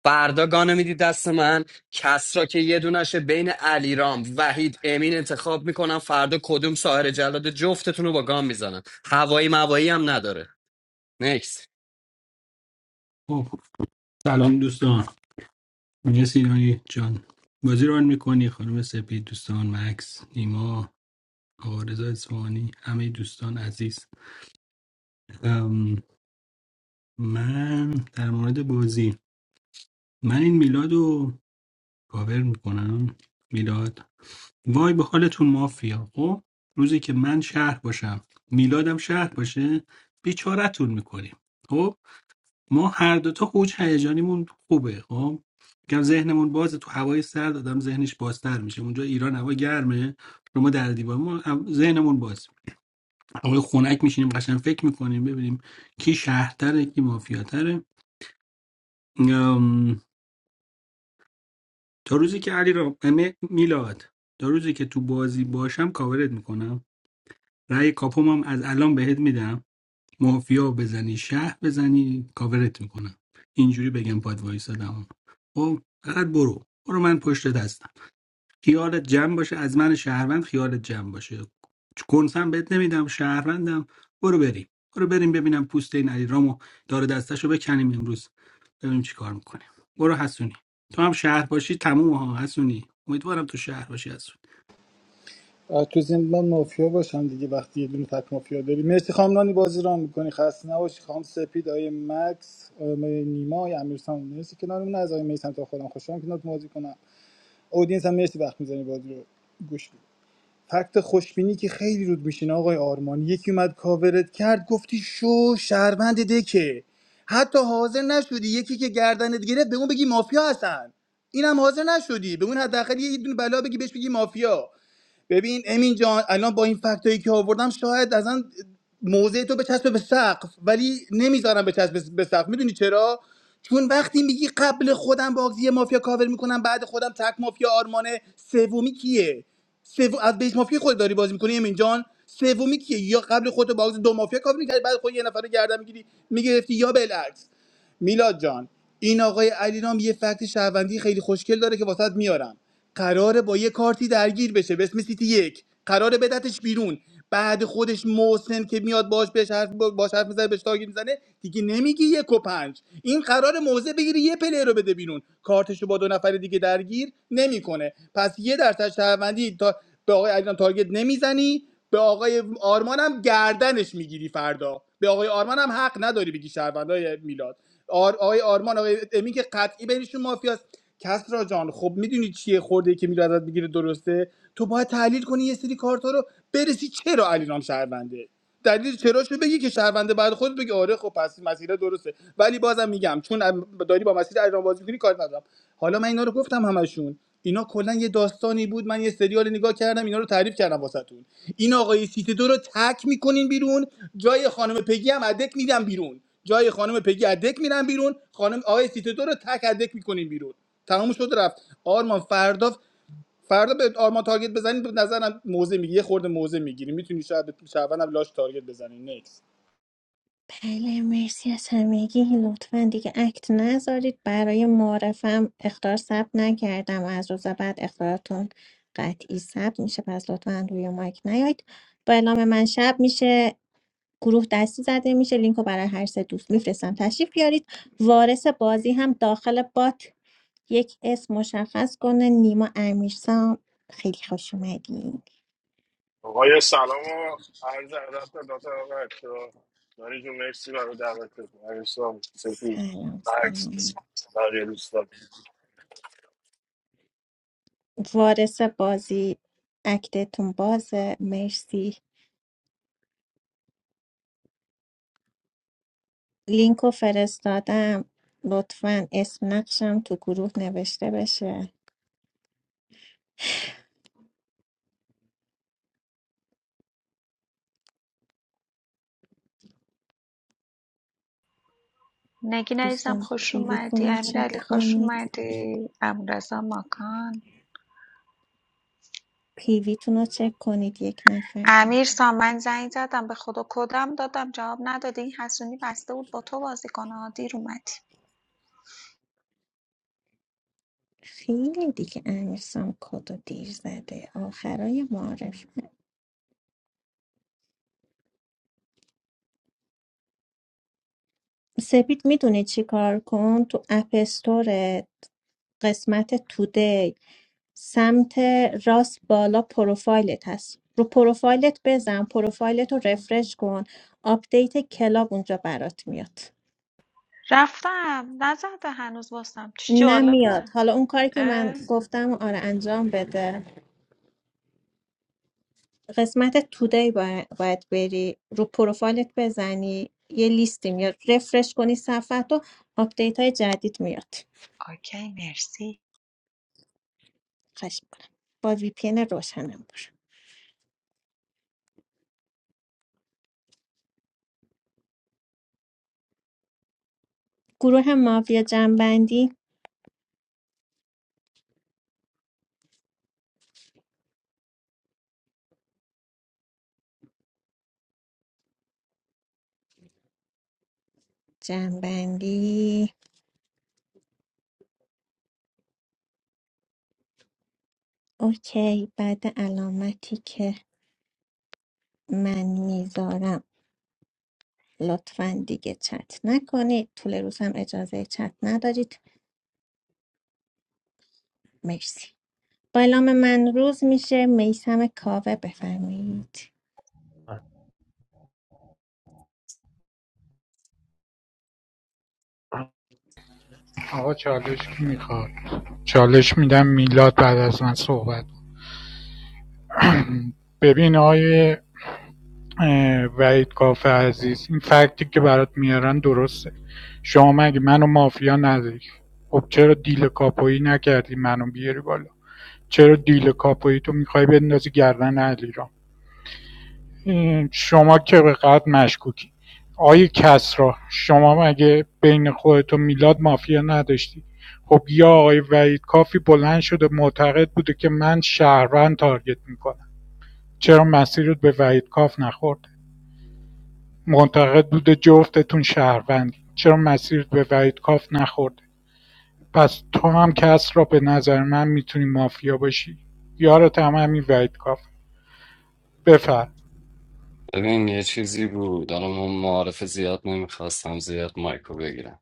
فردا گانه میدی دست من کس را که یه دونشه بین علیرام وحید امین انتخاب میکنم فردا کدوم ساهر جلاد جفتتون رو با گام میزنم هوایی موایی هم نداره نکس
خب سلام دوستان مرسی نانی جان بازی رو میکنی خانم سپید دوستان مکس نیما آقا رضا اصفهانی همه دوستان عزیز ام، من در مورد بازی من این میلاد رو کاور میکنم میلاد وای به حالتون مافیا خب روزی که من شهر باشم میلادم شهر باشه بیچارتون میکنیم ما هر دوتا اوج هیجانیمون خوبه خب میگم ذهنمون بازه تو هوای سرد آدم ذهنش بازتر میشه اونجا ایران هوا گرمه رو ما در دیوار ما هوا- ذهنمون باز هوای خنک میشینیم قشنگ فکر میکنیم ببینیم کی شهرتره کی مافیاتره ام، تا روزی که علی را امه میلاد تا روزی که تو بازی باشم کاورت میکنم رأی کاپومم از الان بهت میدم مافیا بزنی شهر بزنی کاورت میکنم اینجوری بگم باید وایسادم خب فقط برو برو من پشت دستم خیالت جمع باشه از من شهروند خیالت جمع باشه کنسم بهت نمیدم شهروندم برو بریم برو بریم ببینم پوست این علی علیرامو داره دستشو بکنیم امروز ببینیم چی کار میکنیم برو حسونی تو هم شهر باشی تموم ها حسونی امیدوارم تو شهر باشی حسونی
تو زندان مافیا باشم دیگه وقتی یه دونه تک مافیا داری مرسی خانم نانی بازی ران میکنی خسته نباشی خانم سپید آیه مکس آیه نیما آیه امیرسان مرسی کنارمون از آیه میسم تا خودم خوشحالم که نات بازی کنم اودینس هم مرسی وقت میزنی بازی رو گوش بید فکت خوشبینی که خیلی رود میشین آقای آرمان یکی اومد کاورت کرد گفتی شو شهروند دکه حتی حاضر نشدی یکی که گردنت گرفت به اون بگی مافیا هستن اینم حاضر نشدی به اون حداقل یه دونه بلا بگی بهش بگی مافیا ببین امین جان الان با این فکتایی که آوردم شاید ازن موضع تو بچسبه به سقف ولی نمیذارم بچسبه به سقف میدونی چرا چون وقتی میگی قبل خودم بازی مافیا کاور میکنم بعد خودم تک مافیا آرمانه سومی کیه سو... از بیس مافیا خود داری بازی میکنی امین جان سومی کیه یا قبل خودت باز دو مافیا کاور میکردی بعد خود یه نفر رو گردن میگیری میگرفتی یا بالعکس میلاد جان این آقای علیرام یه فکت شهروندی خیلی خوشگل داره که واسط میارم قراره با یه کارتی درگیر بشه به اسم سیتی یک قراره بدتش بیرون بعد خودش محسن که میاد باش بهش حرف باش حرف میزنه بهش تاگیر میزنه دیگه نمیگی یک و پنج این قرار موضع بگیره یه پلیر رو بده بیرون کارتش رو با دو نفر دیگه درگیر نمیکنه پس یه درصد شهروندی تا به آقای علیرام تارگت نمیزنی به آقای آرمان هم گردنش میگیری فردا به آقای آرمان هم حق نداری بگی شهروندای میلاد آر آقای آرمان آقای امین که قطعی بینشون مافیاست کسرا جان خب میدونی چیه خورده که میره ازت بگیره درسته تو باید تحلیل کنی یه سری کارتا رو برسی چرا علینام شهرونده دلیل چراشو بگی که شهرونده بعد خودت بگی آره خب پس مسیر درسته ولی بازم میگم چون داری با مسیر علینام بازی میکنی کار ندارم حالا من اینا رو گفتم همشون اینا کلا یه داستانی بود من یه سریال نگاه کردم اینا رو تعریف کردم واسهتون این آقای سیت دو رو تک میکنین بیرون جای خانم پگی هم ادک میدم بیرون جای خانم پگی ادک میرن بیرون خانم آقای سیتو رو تک ادک میکنین بیرون تمام شد رفت آرمان فردا فردا به آرمان تارگت بزنید به نظرم موزه میگیری یه خورده موزه میگیری میتونی شاید به شعبان هم لاش تارگت بزنی نکس
بله مرسی از همگی لطفا دیگه اکت نذارید برای معرفم اختار ثبت نکردم از روز بعد اختارتون قطعی ثبت میشه پس لطفا روی مایک نیاید با اعلام من شب میشه گروه دستی زده میشه لینک رو برای هر سه دوست میفرستم تشریف بیارید وارث بازی هم داخل بات یک اسم مشخص کنه نیما امیرسام خیلی خوش اومدین
Okey, Salama. Alza, doctor, doctor, doctor. Don't you make trouble, doctor. I'm sorry, thank you.
سلام
Thanks,
سلام
my dear friend.
وارث بازی اکتتون بازه مرسی لینکو فرستادم لطفا اسم نقشم تو گروه نوشته بشه
نگین عزیزم
دوستان
خوش
پیویتون
اومدی
رو چک
امیرعلی خوش
کنید
اومدی ابوالرضا ماکان
پیویتون رو چک کنید یک نفر
امیر سامن زنگ زدم به خدا کدم دادم جواب ندادی این حسونی بسته بود با تو بازی کنه ها، دیر اومدی
خیلی دیگه امیرسام کدو دیر زده آخرای معارف سپید میدونی چی کار کن تو اپستور قسمت تودی سمت راست بالا پروفایلت هست رو پروفایلت بزن پروفایلت رو رفرش کن آپدیت کلاب اونجا برات میاد
رفتم نزده هنوز واسم چه
نمیاد
جالبه
حالا اون کاری که
اه.
من گفتم رو آره انجام بده قسمت تودی با- باید بری رو پروفایلت بزنی یه لیستی میاد رفرش کنی صفحه تو آپدیت های جدید میاد
اوکی مرسی
خشم کنم با وی پی روشنم برو گروه مافیا جنبندی جنبندی اوکی بعد علامتی که من میذارم لطفا دیگه چت نکنید طول روز هم اجازه چت ندارید مرسی با اعلام من روز میشه میسم کاوه بفرمایید
آقا چالش کی میخواد چالش میدم میلاد بعد از من صحبت ببین آقای اه، وحید کاف عزیز این فکتی که برات میارن درسته شما مگه منو مافیا نداری خب چرا دیل کاپویی نکردی منو بیاری بالا چرا دیل کاپویی تو میخوای بندازی گردن علی شما که به قد مشکوکی آی کسرا شما مگه بین خودت و میلاد مافیا نداشتی خب یا آقای وحید کافی بلند شده معتقد بوده که من شهروند تارگت میکنم چرا مسیرت به وحید کاف نخورده معتقد بوده جفتتون شهروندی چرا مسیرت به وحید کاف نخورده پس تو هم کس را به نظر من میتونی مافیا باشی یارت هم همین وحید کاف بفر
ببین یه چیزی بود حالا من معارف زیاد نمیخواستم زیاد مایکو بگیرم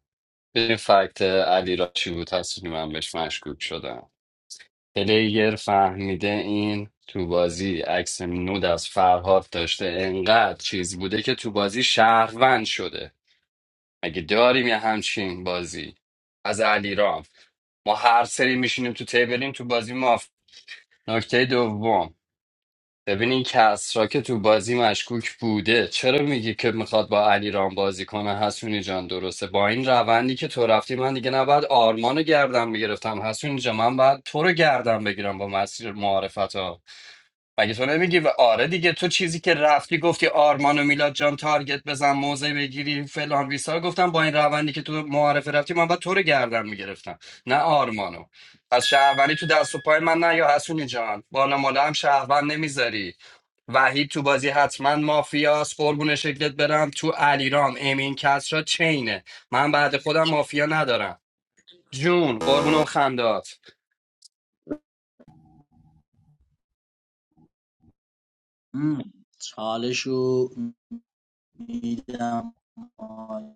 ببین فکت علی را چی بود هستی من بهش مشکوک شدم پلیر فهمیده این تو بازی عکس نود از فرهاد داشته انقدر چیز بوده که تو بازی شهروند شده مگه داریم یه همچین بازی از علیرام ما هر سری میشینیم تو تیبلیم تو بازی ماف نکته دوم ببین این کسرا که تو بازی مشکوک بوده چرا میگی که میخواد با علیرام بازی کنه حسونی جان درسته با این روندی که تو رفتی من دیگه نباید آرمان رو گردم میگرفتم حسونی جان من باید تو رو گردم بگیرم با مسیر معارفت مگه تو نمیگی و آره دیگه تو چیزی که رفتی گفتی آرمان و میلاد جان تارگت بزن موزه بگیری فلان بیسار گفتم با این روندی که تو معارفه رفتی من باید تو رو گردن میگرفتم نه آرمانو از شهروندی تو دست و پای من نه یا حسونی جان بالا مالا هم شهروند نمیذاری وحید تو بازی حتما مافیاس قربون شکلت برم تو علیرام امین کسرا چینه من بعد خودم مافیا ندارم جون قربون اون خندات
ام. چالشو میدم آی.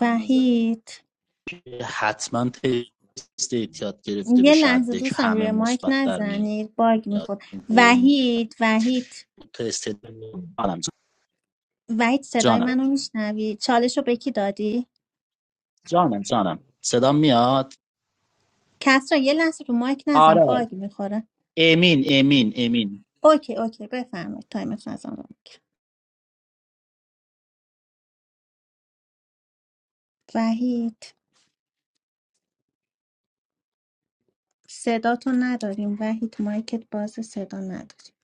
وحید
حتما تست اعتیاد گرفته
یه
بشه
لحظه
حدک
دوستان
همه
روی مایک
مثبت در میاد
نزنید باگ میخورد
قول
وحید وحید
تست جانم
وحید صدای
جانم
منو میشنوی چالش رو به کی دادی
جانم جانم صدا میاد
کس را یه لحظه رو مایک نزن
آره
باگ میخوره
امین امین امین
اوکی اوکی بفرمایید تایمتون از آن رو می‌گیرم. وحید صداتو نداریم وحید مایکت باز صدا نداریم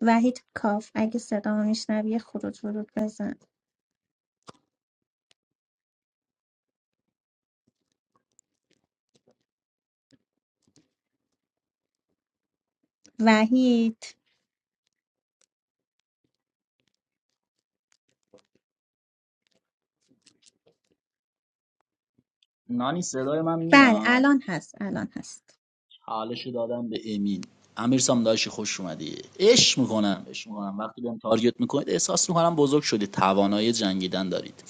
وحید کاف اگه صدا رو میشنوی خروج ورود بزن وحید
نانی صدای من
بله
میاد
الان هست الان هست
حالشو دادم به امین امیر سام داشی خوش اومدی عشق میکنم عشق میکنم وقتی بهم تارگت میکنید احساس میکنم بزرگ شدید توانایی جنگیدن دارید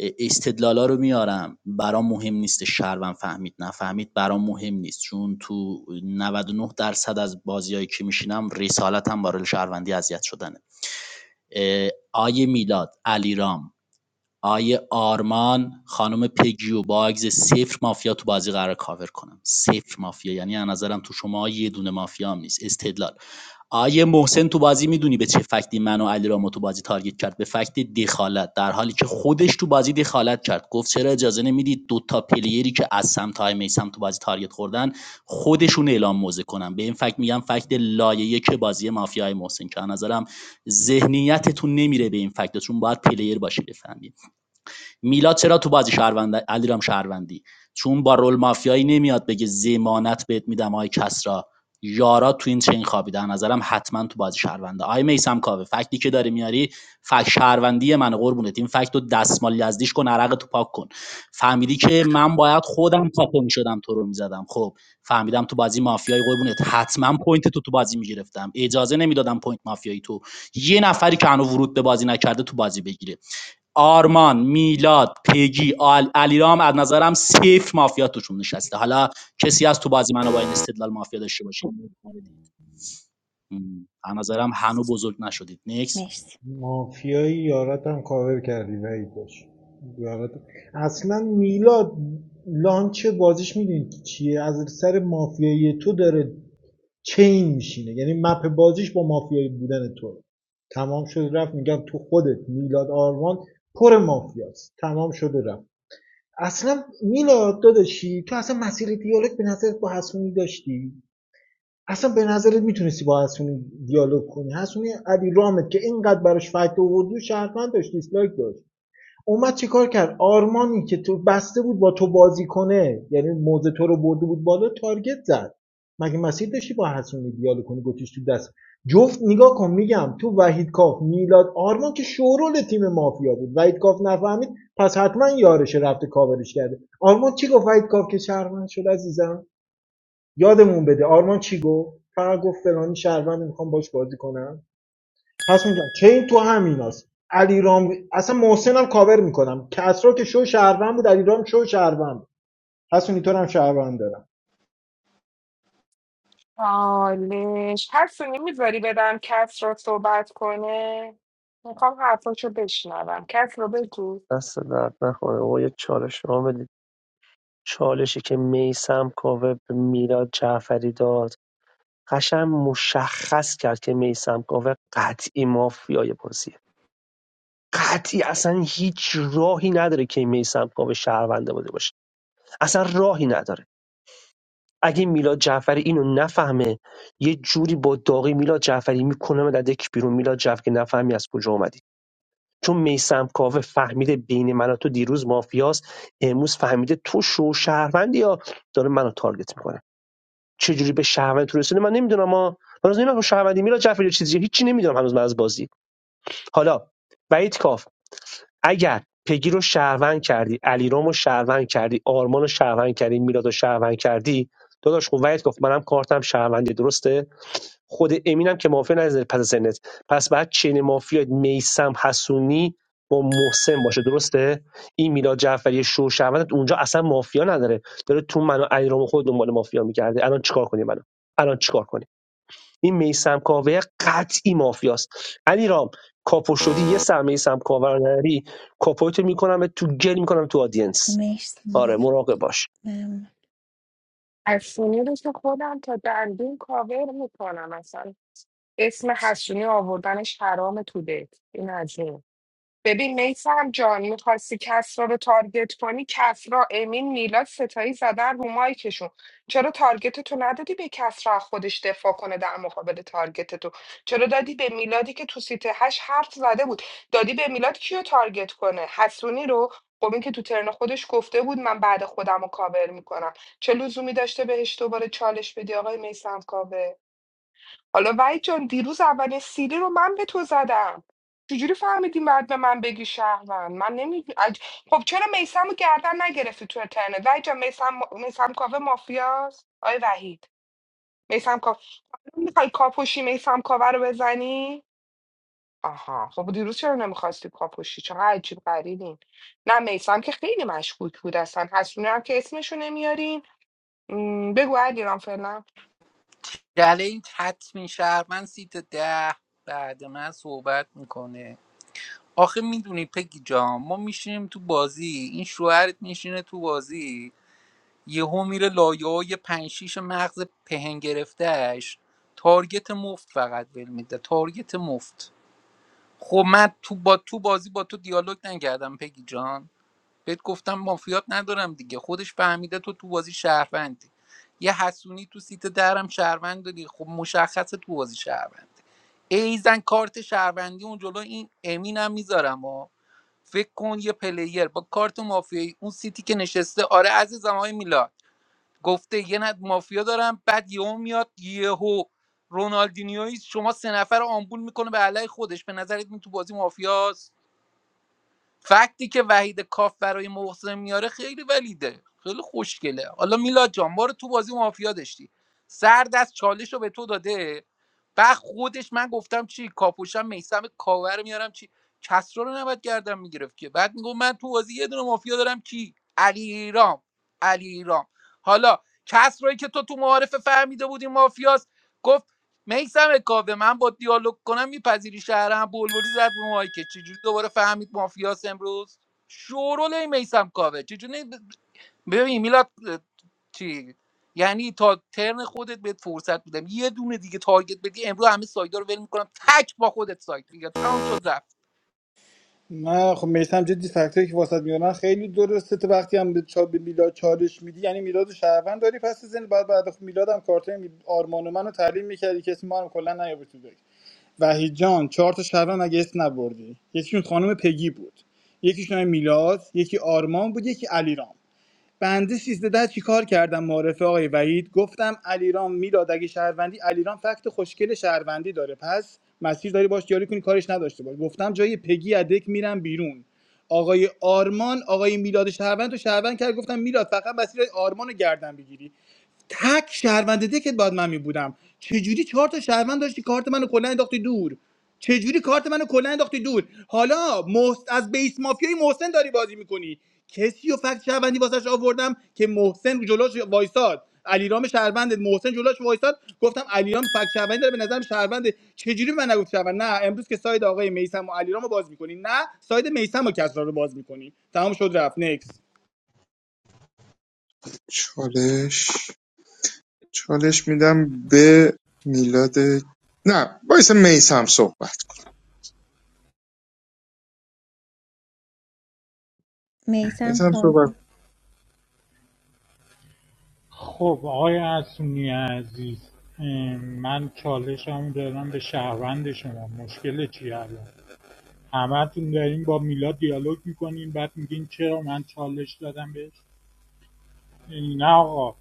ا- استدلالا رو میارم برام مهم نیست شهروند فهمید نفهمید برام مهم نیست چون تو 99 درصد از بازیایی که میشینم رسالتم برای شهروندی اذیت شدنه آیه میلاد علیرام آیه آرمان خانم پگی و با صفر مافیا تو بازی قرار کاور کنم صفر مافیا یعنی از نظرم تو شما یه دونه مافیا هم نیست استدلال آیه محسن تو بازی میدونی به چه فکتی منو و تو بازی تارگت کرد به فکت دخالت در حالی که خودش تو بازی دخالت کرد گفت چرا اجازه نمیدید دو تا پلیری که از سمت های میسم تو بازی تارگت خوردن خودشون اعلام موزه کنن به این فکت میگم فکت لایه که بازی مافیای محسن که از نظرم ذهنیتتون نمیره به این فکت چون باید پلیر باشی بفهمی میلاد چرا تو بازی شهروند علیرام شهروندی چون با رول مافیایی نمیاد بگه زمانت بهت میدم آی کسرا یارا تو این چین خوابیدن نظرم حتما تو بازی شهرونده آی میسم کاوه فکتی که داری میاری فکت شهروندی من قربونت این فکت دستمال یزدیش کن عرق تو پاک کن فهمیدی که من باید خودم کاپو میشدم تو رو میزدم خب فهمیدم تو بازی مافیای قربونت حتما پوینت تو تو بازی میگرفتم اجازه نمیدادم پوینت مافیایی تو یه نفری که هنوز ورود به بازی نکرده تو بازی بگیره آرمان میلاد پگی آل علیرام از نظرم سیف مافیا توشون نشسته حالا کسی از تو بازی منو با این استدلال مافیا داشته باشه م، از نظرم هنو بزرگ نشدید نیکس
مرسی
مافیایی یارت هم کاور کردی وعید داشت یارت اصلا میلاد بازیش میدونی چیه از سر به یه تو داره چین میشینه یعنی به باز تو تمام شد رفت میگم تو خودت میلاد آرمان پر مافیاست تمام شد و رفت اصلا میلاد داداشی تو اصلا مسیر دیالوگ به نظر با حسونی داشتی اصلا به نظر نیستی با حسونی دیالوگ کنی حسونی علی رامت که اینقدر براش فایده آوردی و شهروند داشت دیسلایک داد اومد چیکار کرد آرمانی که تو بسته بود با تو بازی کنه یعنی موضع تو رو برده بود بالا تارگت زد مگه مسیر داشتی با حسونی دیالوگ کنی گتیش تو دست جفت نگاه کن میگم تو وحید کاف میلاد آرمان که شورول تیم مافیا بود وحید کاف نفهمید پس حتما یارش رفته کاورش کرده آرمان چی گفت وحید کاف که شهروند شد عزیزم یادمون بده آرمان چی گفت فقط گفت فلانی شهروند میخوام باش بازی کنم پس میگم چین تو همیناست علیرام اصلا محسنم کاور میکنم کسرا که شو شهروند بود علیرام شو شهروند بود حسونی تو هم شهروند دارم
چالش هست نمیذاری بدم کس رو صحبت کنه میخوام حرفاشو بشنوم کس رو بگو
دست درد نکنه و یه چالش رو بدید چالشی که میسم کاوه به میلاد جعفری داد قشنگ مشخص کرد که میسم کاوه قطعی مافیای بازیه قطعی اصلا هیچ راهی نداره که میسم کاوه شهرونده بوده باشه اصلا راهی نداره اگه میلاد جعفری اینو نفهمه یه جوری با داغی میلاد جعفری میکنه در دک بیرون میلاد جعفری که نفهمی از کجا اومدی چون میسم کاوه فهمیده بین من و تو دیروز مافیاست امروز فهمیده تو شو شهروندی یا داره منو تارگت میکنه چجوری به شهروند رسیده من نمیدونم ما من هنوز نمیدونم شهروندی میلا جعفری چیزی هیچی نمیدونم هنوز من از بازی حالا وحید کاف اگر پگی رو شهروند کردی علیرام رو شهروند کردی آرمان رو شهروند کردی میلاد رو شهروند کردی داداش خب وحید کاف منم کارتم شهروندی درسته خود امین هم که مافیا نظر پس از سنت پس بعد چین مافیا میسم حسونی با محسن باشه درسته این میلاد جعفری شو شهروند اونجا اصلا مافیا نداره داره تو منو ایرام خود دنبال مافیا میگرده الان چیکار کنیم منو الان چیکار کنیم این میسم کاوه قطعی مافیاست علی رام کاپو شدی یه سر میسم کاوه رو نری کاپویتو میکنم تو گل میکنم تو آدینس
مرسی
آره مراقب باش
ممنون.
حسونی رو که خودم تا دندون کاور میکنم اصلا اسم حسونی آوردنش حرام تو دل این از این. ببین میسم جان میخواستی کسرا رو تارگت کنی کسرا امین میلاد ستایی زدن رو مایکشون چرا تارگت تو ندادی به کسرا از خودش دفاع کنه در مقابل تارگت تو چرا دادی به میلادی که تو سیت هشت حرف زده بود دادی به میلاد کیو تارگت کنه حسونی رو خب این که تو ترن خودش گفته بود من بعد خودم رو کاور میکنم چه لزومی داشته بهش دوباره چالش بدی آقای میسم کاوه؟ حالا وحید جان دیروز اولین سیلی رو من به تو زدم چجوری فهمیدی بعد به من بگی شهروند من نمی خب چرا میسم رو گردن نگرفتی تو اینترنت وحید جان میسم میسم کاوه مافیاست آی وحید میسم کاوه میخوای کاپوشی میسم کاوه رو بزنی آها خب دیروز چرا نمیخواستی کاپوشی چه عجیب غریبین نه میسم که خیلی مشکوک بود اصلا حسونه هم که اسمشو نمیارین م، بگو علیرام فعلا
جله این تطمین شهر من سیت ده بعد من صحبت میکنه آخه میدونی پگی جان ما میشینیم تو بازی این شوهرت میشینه تو بازی یهو میره لایه های پنج شیش مغز پهن گرفتهش تارگت مفت فقط ول میده تارگت مفت خب من تو با تو بازی با تو دیالوگ نکردم پگی جان بهت گفتم مافیات ندارم دیگه خودش فهمیده تو تو بازی شهروندی یه حسونی تو سیت درم شهروند داری خب مشخصه تو بازی شهروندی ایزن کارت شهروندی اون جلو این امینم میذارم و فکر کن یه پلیر با کارت مافیایی اون سیتی که نشسته آره عزیزم های میلاد گفته یه نه مافیا دارم بعد یهو میاد یهو رونالدینیوی شما سه نفر رو آمبول میکنه به علای خودش به نظرت این تو بازی مافیاست فکتی که وحید کاف برای محسن میاره خیلی ولیده خیلی خوشگله حالا میلاد جان ما رو تو بازی مافیا داشتی سر دست چالش رو به تو داده بعد خودش من گفتم چی کاپوشم میسم کاور میارم چی کسرا رو نباید گردم میگرفت که بعد میگم من تو بازی یه دونه مافیا دارم کی علیرام علیرام. حالا کسرایی که تو تو معارفه فهمیده بودی مافیاست گفت میسم کاوه من با دیالوگ کنم میپذیری شهرم بلبلی زد رو مایکه چجوری دوباره فهمید مافیاس امروز شورول میسم کاوه چجوری ببین میلاد اه، چی یعنی تا ترن خودت بهت فرصت میدم یه دونه دیگه تارگت بدی امروز همه سایدا رو ول میکنم تک با خودت سایت میگم تمام شد رفت
نه خب میسم جدی فکتایی که واسط میارن خیلی درسته تو وقتی هم به چا به میلاد چالش میدی یعنی میلاد و شهروند داری پس زن بعد بعد از میلاد هم کارتای می- آرمان و منو تحلیل میکردی که اسم ما هم کلا نیابه تو داری. وحید جان چهار تا شهروند اگه اسم نبردی یکیشون خانم پگی بود یکیشون آقای میلاد یکی آرمان بود یکی علیرام بنده 13 ده چی کار کردم معرفه آقای وحید گفتم علیرام میلاد اگه شهروندی علیرام فکت خوشگل شهروندی داره پس مسیر داری باش دیالوگ کنی کارش نداشته باش گفتم جای پگی ادک میرم بیرون آقای آرمان آقای میلاد شهروند تو شهروند کرد گفتم میلاد فقط مسیر آرمان رو گردن بگیری تک شهروند دکت باید من می بودم چجوری چهار تا شهروند داشتی کارت منو کلا انداختی دور چجوری کارت منو کلا انداختی دور حالا محس... از بیس مافیای محسن داری بازی میکنی کسی و فکت شهروندی واسش آوردم که محسن جلوش وایساد علیرام شهروند محسن جلوش وایساد گفتم علیرام فکت شهروندی داره به نظرم شهروند چجوری به من نگفت شهروند نه امروز که ساید آقای میسم و علیرام رو باز میکنی نه ساید میسم و کسرا رو باز میکنی تمام شد رفت نکس
چالش چالش میدم به میلاد نه وایسا میسم صحبت
میسم
میسم
کاف
صحبت
خب آقای حسونی عزیز ام، من چالشم دارم به شهروند شما مشکل چیه الان همتون داریم با میلاد دیالوگ میکنین بعد میگین چرا من چالش دادم بهش نه آقا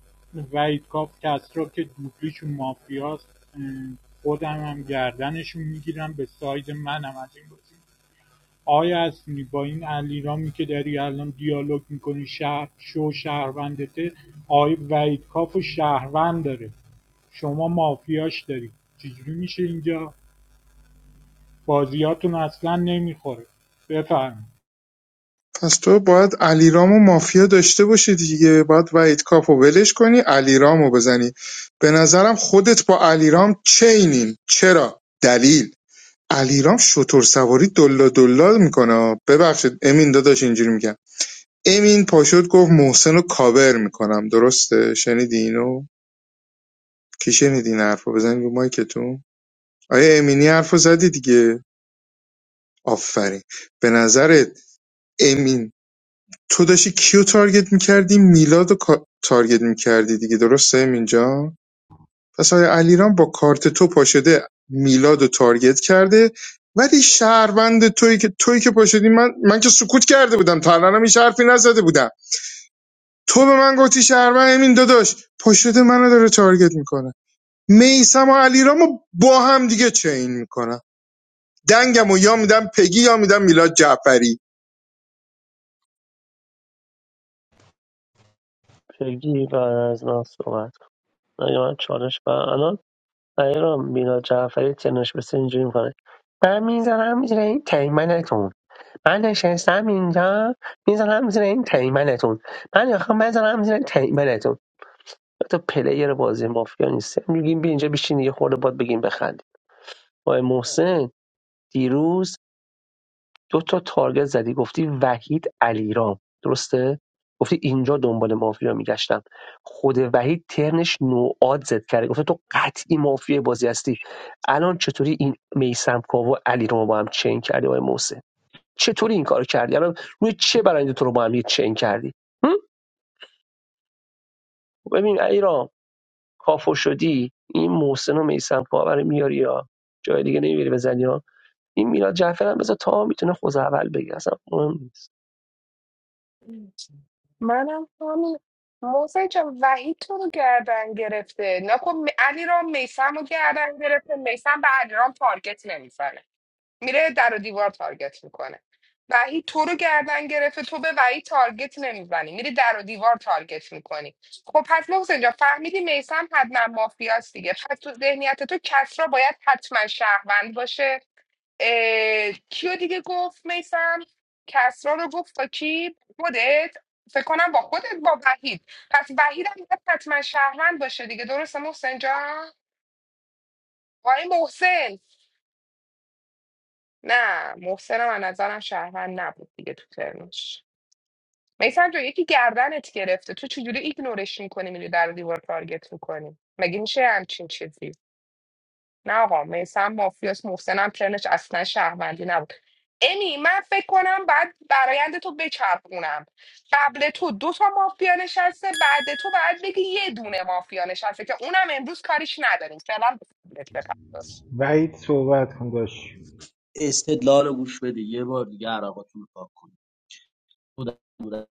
وحید کاف کسرا که دوبلیشون مافیاست خودم هم گردنشون میگیرم به ساید منم از این بازی آیا هستونی با این علیرامی که داری الان دیالوگ میکنی شهر شو شهروندته آیا وحید کاف و شهروند داره شما مافیاش داری چجوری میشه اینجا بازیاتون اصلا نمیخوره بفرمایید
پس تو باید علیرام و مافیا داشته باشی دیگه باید وحید کاپو ولش کنی علیرامو بزنی به نظرم خودت با علیرام چینین چرا دلیل علیرام شتر سواری دلا دلا میکنه ببخشید امین داداش اینجوری میگم امین پاشد گفت محسن رو کاور میکنم درسته شنیدی اینو کی شنیدی این حرفو بزنید رو مایکتون آیا امینی حرفو زدی دیگه آفرین به نظرت امین تو داشتی کیو تارگت میکردی میلاد رو کا- تارگت میکردی دیگه درسته اینجا پس آیا علیرام با کارت تو پاشده میلاد رو تارگت کرده ولی شهروند تویی که تویی که پاشدی من من که سکوت کرده بودم تا الانم هیچ حرفی نزده بودم تو به من گفتی شهروند امین داداش پاشده منو داره تارگت میکنه میسم و علیرامو با هم دیگه چین میکنم دنگم و یا میدم پگی یا میدم میلاد جعفری
پگی بعد از من صحبت کن. اگه من چالش برم برای را میلاد جعفری تنش به اینجوری میکنه من میزنم زیر این تیمنتون من نشستم اینجا میزنم زیر این تیمنتون من میخوام بزنم زیر تیمنتون تو پلیر بازی مافیا نیست میگیم بیا اینجا بشین یه خورده باد بگیم بخندیم آقای محسن دیروز دو تا تارگت زدی گفتی وحید علیرام درسته گفتی اینجا دنبال مافیا میگشتم خود وحید ترنش نوعاد زد کرده گفته تو قطعی مافیا بازی هستی الان چطوری این میسم کاو و علیرام رو با هم چین کردی آقای محسن چطوری این کار کردی الان روی چه برنده تو رو با هم یه چین کردی هم؟ ببین علیرام کافو شدی این محسن و میسم برای میاری یا جای دیگه نمیری بزنی یا این میلاد جعفر هم بذار تا میتونه خود اول بگی اصلا مهم نیست
منم همین محسن جان وحید تو رو گردن گرفته نکن م- علیرام میسم رو گردن گرفته میسم به علیرام تارگت نمیزنه میره در و دیوار تارگت میکنه وحید تو رو گردن گرفته تو به وحید تارگت نمیزنی میری در و دیوار تارگت میکنی خب پس محسن جان فهمیدی میسم حتما مافیاست دیگه پس تو ذهنیت تو کس را باید حتما شهروند باشه اه، کیو دیگه گفت میسم کسرا رو گفت تا کی خودت فکر کنم با خودت با وحید پس وحید هم باید حتما شهروند باشه دیگه درسته محسن جان آقای محسن نه محسن هم از نظرم شهروند نبود دیگه تو ترمش میسم جان یکی گردنت گرفته تو چجوری ایگنورش میکنی میری در و دیوار تارگت میکنی مگه میشه همچین چیزی نه آقا میسم مافیاس محسنم ترنش اصلا شهروندی نبود امی من فکر کنم بعد برایند تو بچرخونم قبل تو دو تا مافیا نشسته بعد تو باید بگی یه دونه مافیا نشسته که اونم امروز کاریش نداریم فعلا به خودت بپرداز
بعد کن داشت
استدلال رو گوش بده یه بار دیگه عرقاتون رو پاک کنید خودم بودم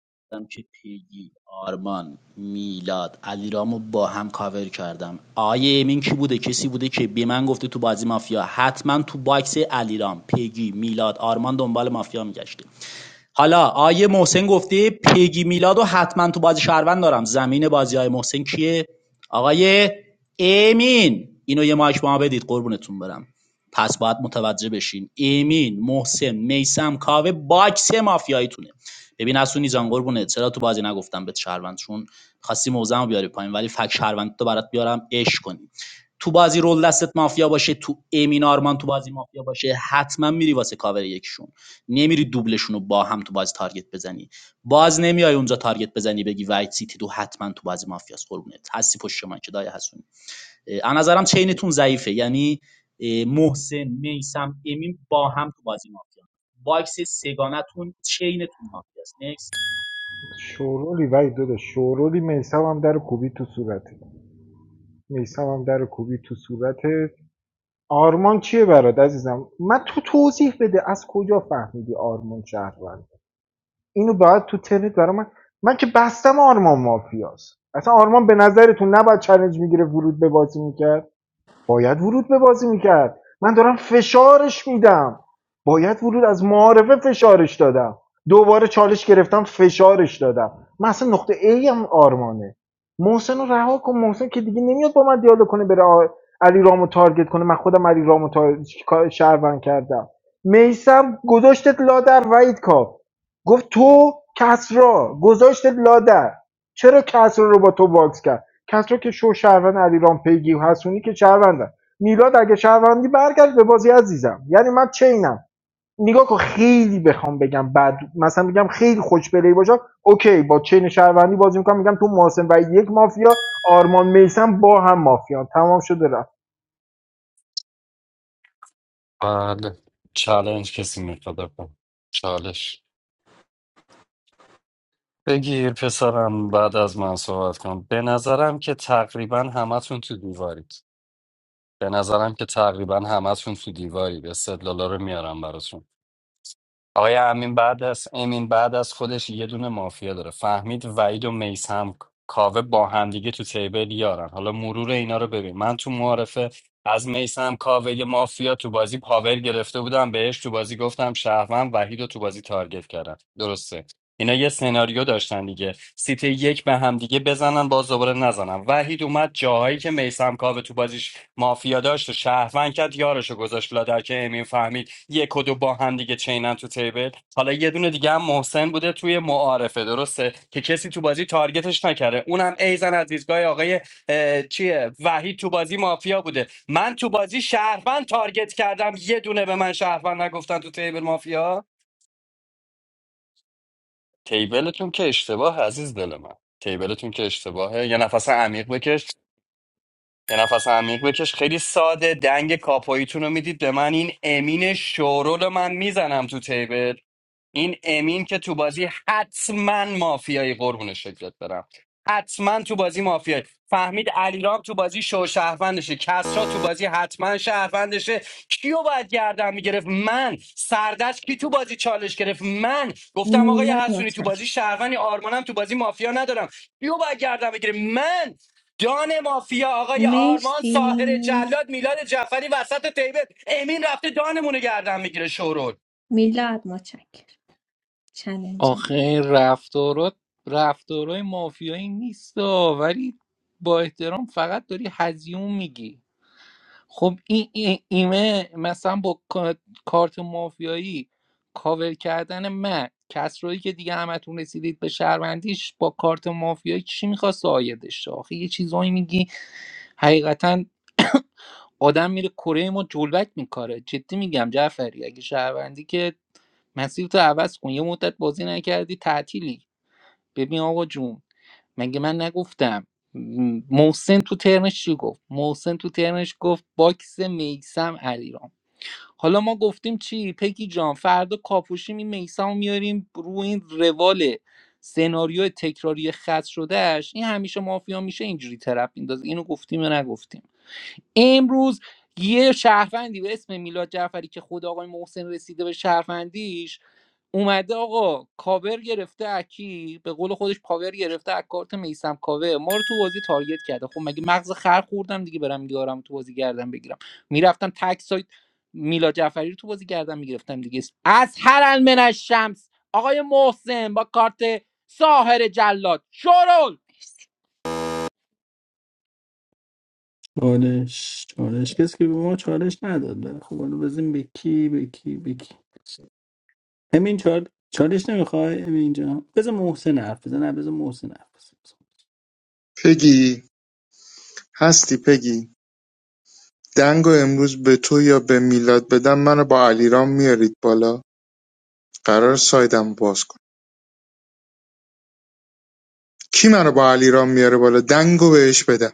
که پیگی آرمان میلاد علیرامو با هم کاور کردم آیه امین کی بوده کسی بوده که به من گفته تو بازی مافیا حتما تو باکس علیرام پیگی میلاد آرمان دنبال مافیا میگشته حالا آیه محسن گفته پیگی میلادو حتما تو بازی شهروند دارم زمین بازی های محسن کیه آقای امین اینو یه مایک به ما بدید قربونتون برم پس باید متوجه بشین امین محسن میسم کاوه باکس مافیاییتونه ببین اسونی جان قربونه چرا تو بازی نگفتم به شهروند چون خواستی موزم بیاری پایین ولی فک شهروند تو برات بیارم عشق کنی تو بازی رول دستت مافیا باشه تو امین آرمان تو بازی مافیا باشه حتما میری واسه کاور یکشون نمیری دوبلشون رو با هم تو بازی تارگت بزنی باز نمیای اونجا تارگت بزنی بگی وایت سیتی تو حتما تو بازی مافیاس قربونت هستی پشت من که دای هستون از نظرم چینتون ضعیفه یعنی محسن میسم امین با هم تو بازی مافیا باکس سگانتون چینتون مافیاست نکس
شورولی وای دادا شورولی میسم هم در کوبی تو صورته میسم هم در کوبی تو صورته آرمان چیه برات عزیزم من تو توضیح بده از کجا فهمیدی آرمان شهروند اینو باید تو ترنت برای من من که بستم آرمان مافیاست اصلا آرمان به نظرتون نباید چالش میگیره ورود به بازی میکرد باید ورود به بازی میکرد من دارم فشارش میدم باید ورود از معارفه فشارش دادم دوباره چالش گرفتم فشارش دادم من اصلا نقطه ای هم آرمانه محسن رو رها کن محسن که دیگه نمیاد با من دیالوگ کنه بره علی رامو تارگت کنه من خودم علی رامو تار... کار- شهروند کردم میسم گذاشتت لادر وید کاف گفت تو کسرا گذاشتت لادر چرا کسرا رو با تو باکس کرد کسرا که شو شهروند علیرام پیگی و حسونی که شهروندن میلاد اگه شهروندی برگشت به بازی عزیزم یعنی من چینم نگاه کن خیلی بخوام بگم بعد مثلا بگم خیلی خوشبلی پلی باشم اوکی با چین شهروندی بازی میکنم میگم تو محسن و یک مافیا آرمان میسم با هم مافیان تمام شده رفت
بله چالش کسی میخواد بکن چالش بگیر پسرم بعد از من صحبت کن به نظرم که تقریبا همتون تو دیوارید به نظرم که تقریبا همتون تو دیوارید استدلالا رو میارم براتون آقای امین بعد از امین بعد از خودش یه دونه مافیا داره فهمید وحید و میسم کاوه با همدیگه تو تیبل یارن حالا مرور اینا رو ببین من تو معارفه از میسم کاوه یه مافیا تو بازی پاور گرفته بودم بهش تو بازی گفتم شهروند وحید رو تو بازی تارگت کردم درسته اینا یه سناریو داشتن دیگه سیت یک به همدیگه بزنن باز دوباره نزنن وحید اومد جاهایی که میسم کاوه تو بازیش مافیا داشت و شهروند کرد یارشو گذاشت لادر که امین فهمید یک و دو با هم دیگه چینن تو تیبل حالا یه دونه دیگه هم محسن بوده توی معارفه درسته که کسی تو بازی تارگتش نکرده اونم ایزن از دیدگاه آقای اه، چیه وحید تو بازی مافیا بوده من تو بازی شهروند تارگت کردم یه دونه به من شهروند نگفتن تو تیبل مافیا تیبلتون که اشتباه عزیز دل من تیبلتون که اشتباهه یه نفس عمیق بکش یه نفس عمیق بکش خیلی ساده دنگ کاپاییتون رو میدید به من این امین شورول من میزنم تو تیبل این امین که تو بازی حتما مافیایی قربون شکلت برم حتما تو بازی مافیایی فهمید علیرام تو بازی شو شهروندشه کسرا تو بازی حتما شهروندشه کیو باید گردن میگرفت من سردست کی تو بازی چالش گرفت من گفتم آقای
میلاد
حسونی تو بازی
متشکر
شهروندی آرمانم تو بازی مافیا ندارم کیو باید گردن بگیره من دان مافیا آقای آرمان
مرسی
ساهر جلاد میلاد جعفری وسط تیبت امین رفته دانمونو گردن میگیره شورول
میلاد متشکر چلنجر
آخه این رفتارات رفتارای مافیایی نیست ولی با احترام فقط داری هزیون میگی خب این این ایمه مثلا با کا- کارت مافیایی کاور کردن من کسرایی که دیگه همتون رسیدید به شهروندیش با کارت مافیایی چی میخواست آیدش آخه یه چیزایی میگی حقیقتا آدم میره کره ما جلوک میکاره جدی میگم جعفری اگه شهروندی که مسیر تو عوض کن یه مدت بازی نکردی تعطیلی ببین آقا جون مگه من نگفتم محسن تو ترنش چی گفت محسن تو ترنش گفت باکس میسم علیرام حالا ما گفتیم چی پگی جان فردا کاپوشیم این میسم میاریم رو این روال سناریو تکراری خط شدهش این همیشه مافیا میشه اینجوری طرف میندازه اینو گفتیم یا نگفتیم امروز یه شهروندی به اسم میلاد جعفری که خود آقای محسن رسیده به شهروندیش اومده آقا کاور گرفته اکی به قول خودش پاور گرفته از کارت میسم کاور ما رو تو بازی تارگت کرده خب مگه مغز خر خوردم دیگه برم یارم تو بازی گردم بگیرم میرفتم تک سایت میلاد جعفری رو تو بازی گردم میگرفتم دیگه از هر المن الشمس آقای محسن با کارت ساهر جلاد شرول
چالش چالش کسی که به ما چالش نداد بله. خب حالا بزنیم به کی به کی به کی. امین چال چالش نمیخوای امین اینجا بذار محسن حرف بزنه نه، بذار محسن حرف بزنه
پگی هستی پگی، دنگو امروز به تو یا به میلاد بدم منو با علیرام میارید بالا قرار سایدم باز کنم کی منو با علیرام میاره بالا دنگو بهش بدم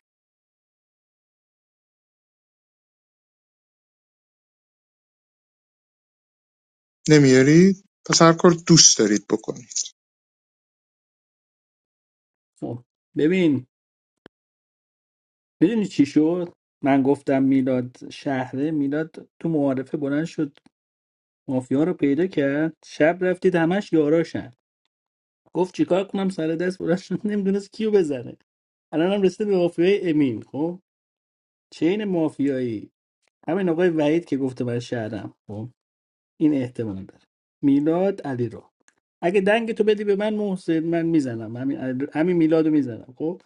نمیارید پس هر کار دوست دارید بکنید
خب ببین میدونی چی شد من گفتم میلاد شهره میلاد تو معارفه بلند شد مافیا رو پیدا کرد شب رفتید همش یاراشن گفت چیکار کنم سر دست بلند شد نمیدونست کیو بزنه الان هم رسیده به مافیای امین خب چین مافیایی همین آقای وحید که گفته من شهرم خب این احتمال داره میلاد علی اگه دنگ تو بدی به من محسن من میزنم همین همین میلادو میزنم خب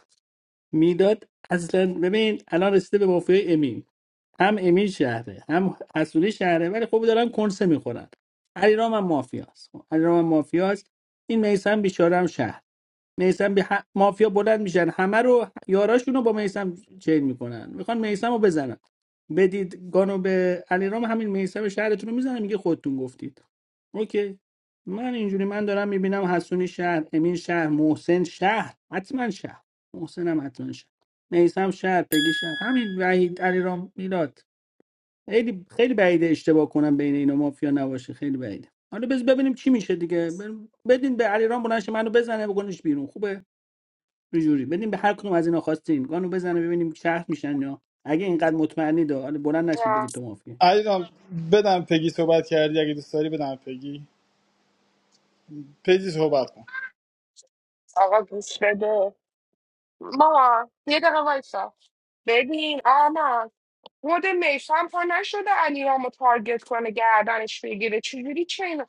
میلاد اصلا ببین الان رسیده به مافیای امی هم امی شهره هم حسونی شهره ولی خب دارن کنسه میخورن علیرام هم مافیاست خب، علیرام هم مافیاست این میسم بیچاره هم شهره میسم به ه- مافیا بلند میشن همه رو یاراشونو با میسم چین میکنن میخوان میسم رو بزنن بدید گانو به علیرام همین میسم شهرتون رو میزنه میگه خودتون گفتید اوکی من اینجوری من دارم میبینم حسونی شهر امین شهر محسن شهر حتما شهر محسنم حتما شهر میسم شهر پگی شهر همین وحید علیرام میلاد خیلی خیلی بعیده اشتباه کنم بین اینا مافیا نباشه خیلی بعیده حالا بز ببینیم چی میشه دیگه ب- بدین به علیرام بلنشه منو بزنه بکنش بیرون خوبه یه جوری بدیم به هر کدوم از اینا خواستین گانو بزنه ببینیم شهر میشن یا اگه اینقدر مطمئنی دا حالا بلند نشید
نه،
بگید تو مافیا
علیرام بدم پگی صحبت کردی اگه دوست داری بدم پگی پیجی صحبت کن
آقا گوش بده مامان یه دقیقه وایسا ببین آمان خود میسم پا نشده علیرامو تارگت کنه گردنش بگیره چجوری چین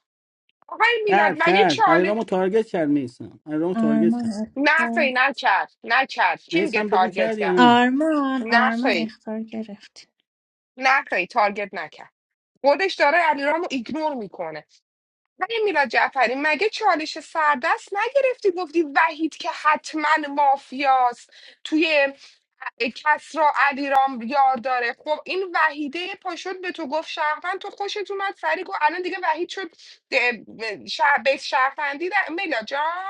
آقای میلاد
کرد
مگه
کرد
چاله
علیرامو تارگت کرد نیسان علیرامو تارگت
آرمان
کرد
نه خی
اختار
نکرد نکرد کی میگه
نیسان بگو
تارگت
کرد یا
کرد
نه
آرمان
نه
آرمان
خی
اختار گرفت
نه خی تارگت نکرد خودش داره علیرامو ایگنور میکنه ولی میلاد جعفری مگه چالش سردست نگرفتی گفتی وحید که حتما مافیاست توی کس را علیرام یار داره خب این وحیده پاشد به تو گفت شهروند تو خوشت اومد سری گفت الان دیگه وحید شد ده- شهر بیت شهروندی در میلاد جان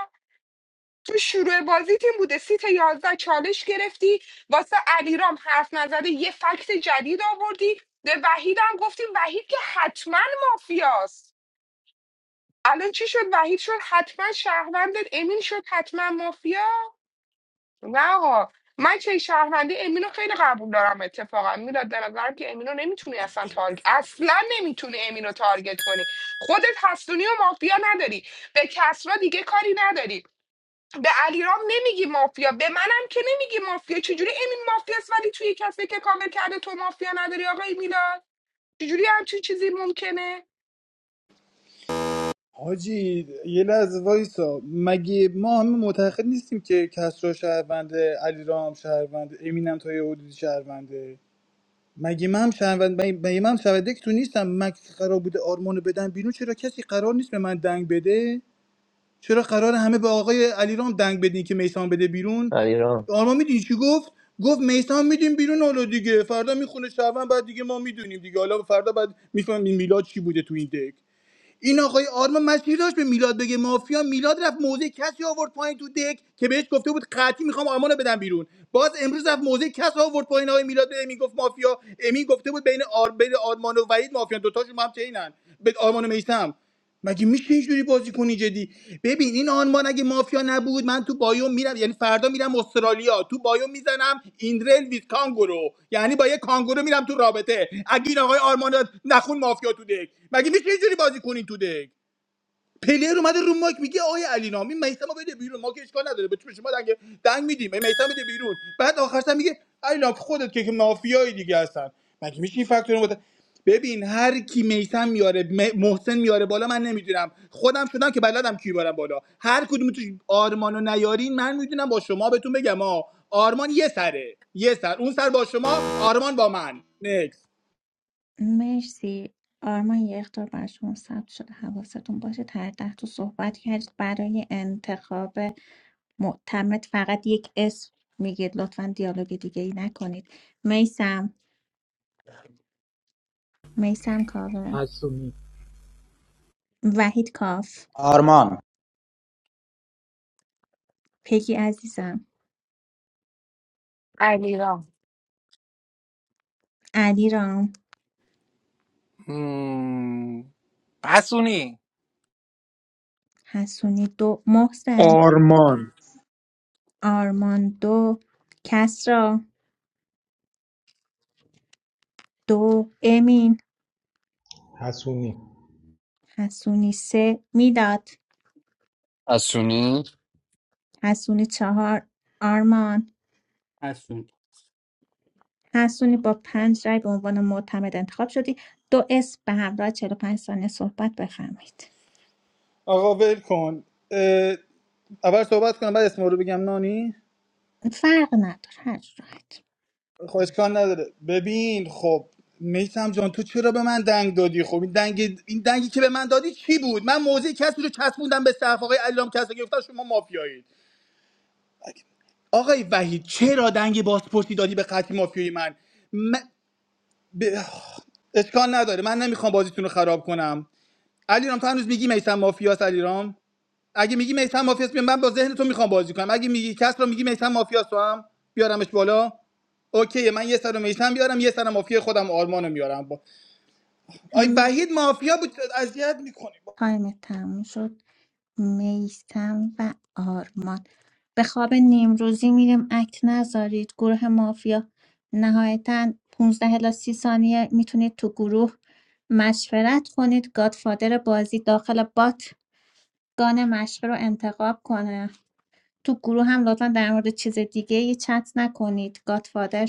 تو شروع بازی تیم بوده سیت یازده چالش گرفتی واسه علیرام حرف نزده یه فکت جدید آوردی به وحید هم گفتی وحید که حتما مافیاست الان چی شد وحید شد حتما شهروندت امین شد حتما مافیا نه آقا من چه شهرونده امین رو خیلی قبول دارم اتفاقا میلاد به نظرم که امین رو نمیتونی اصلا تارگ اصلا نمیتونی امین رو تارگت کنی خودت حسونی و مافیا نداری به کسرا دیگه کاری نداری به علیرام نمیگی مافیا به منم که نمیگی مافیا چجوری امین مافیاست ولی توی کسی که کامل کرده تو مافیا نداری آقای میلاد چجوری همچین چیزی ممکنه
حاجی یه لحظه وایسا مگه ما همه معتقد نیستیم که کسرا شهرونده علیرام شهرونده امینم تا یه حدودی شهرونده مگه من هم شهروند مگه مگه من هم شهرونده که تو نیستم مکس قرار بوده آرمانو بدن بیرون چرا کسی قرار نیست به من دنگ بده چرا قرار همه به آقای علیرام دنگ بدین که میسان بده بیرون
علیرام
آرمان میدونی چی گفت گفت میسان میدیم بیرون حالا دیگه فردا میخونه شهروند بعد دیگه ما میدونیم دیگه حالا فردا بعد میفهمیم میلاد چی بوده تو این دک این آقای آرمان مسیر داشت به میلاد بگه مافیا میلاد رفت موزه کسی آورد پایین تو دک که بهش گفته بود قطعی میخوام آرمانو بدم بیرون باز امروز رفت موزه کسی آورد پایین آقای میلاد به امین گفت مافیا امین گفته بود بین آر بین آرمان و وحید مافیا دوتاشون با هم چینن به آرمان و میثم. مگه میشه اینجوری بازی کنی جدی ببین این آنمان اگه مافیا نبود من تو بایوم میرم یعنی فردا میرم استرالیا تو بایوم میزنم ایندرل ویز کانگورو یعنی با یه کانگورو میرم تو رابطه اگه این آقای آرمان نخون مافیا تو دک مگه میشه اینجوری بازی کنین تو دک پلیر اومده رو ماک میگه آقای علی نامی میثم بده بیرون ما که اشکال نداره به چه شما دنگ دنگ میدیم میثم بده بیرون بعد آخرش سر میگه علی نامی خودت که که مافیای دیگه هستن مگه میشه این فاکتور رو ببین هر کی میثم میاره م- محسن میاره بالا من نمیدونم خودم شدم که بلدم کی بارم بالا هر کدوم تو آرمانو نیارین من میدونم با شما بهتون بگم ها آرمان یه سره یه سر اون سر با شما آرمان با من نکس
مرسی آرمان یه اختار بر شما ثبت شده حواستون باشه هر ده تو صحبت کردید برای انتخاب معتمد فقط یک اسم میگید لطفا دیالوگ دیگه ای نکنید میسم میسم کاوه
حسونی
وحید کاف
آرمان
پگی عزیزم
علیرام
علی رام
پسونی
حسونی دو محسن
آرمان
آرمان دو کسرا دو امین
حسونی
حسونی سه میداد
حسونی
حسونی چهار آرمان
حسون
حسونی با پنج رای به عنوان معتمد انتخاب شدی دو اسم به همراه چهل و پنج ثانیه صحبت بفرمایید
آقا ول کن اه، اول صحبت کنم بعد اسم رو بگم نانی
فرق نداره هر جورت
خب اشکال نداره ببین خب میسم جان تو چرا به من دنگ دادی خب این دنگ این دنگی که به من دادی چی بود من موضع کسی رو چسبوندم به صف آقای علیرام کسا گفتن شما مافیایید آقای وحید چرا دنگ بازپرسی دادی به قطعی مافیایی من, من... به- آخ، اشکال نداره من نمیخوام بازیتون رو خراب کنم علیرام تو هنوز میگی میسم مافیاس علیرام اگه میگی میثم مافیاست بیام من با ذهن تو میخوام بازی کنم اگه میگی کس رو میگی میثم مافیاست تو هم بیارمش بالا اوکی من یه سر میثم بیارم یه سر مافیا خودم آرمانو میارم با آی وحید مافیا بود اذیت میکنی
تایم تموم شد میسم و آرمان به خواب نیمروزی میریم اکت نذارید گروه مافیا نهایتا 15 الی 30 ثانیه میتونید تو گروه مشورت کنید گادفادر بازی داخل بات گان مشقه رو انتخاب کنه تو گروه هم لطفا در مورد چیز دیگه‌ای چت نکنید گاتفادر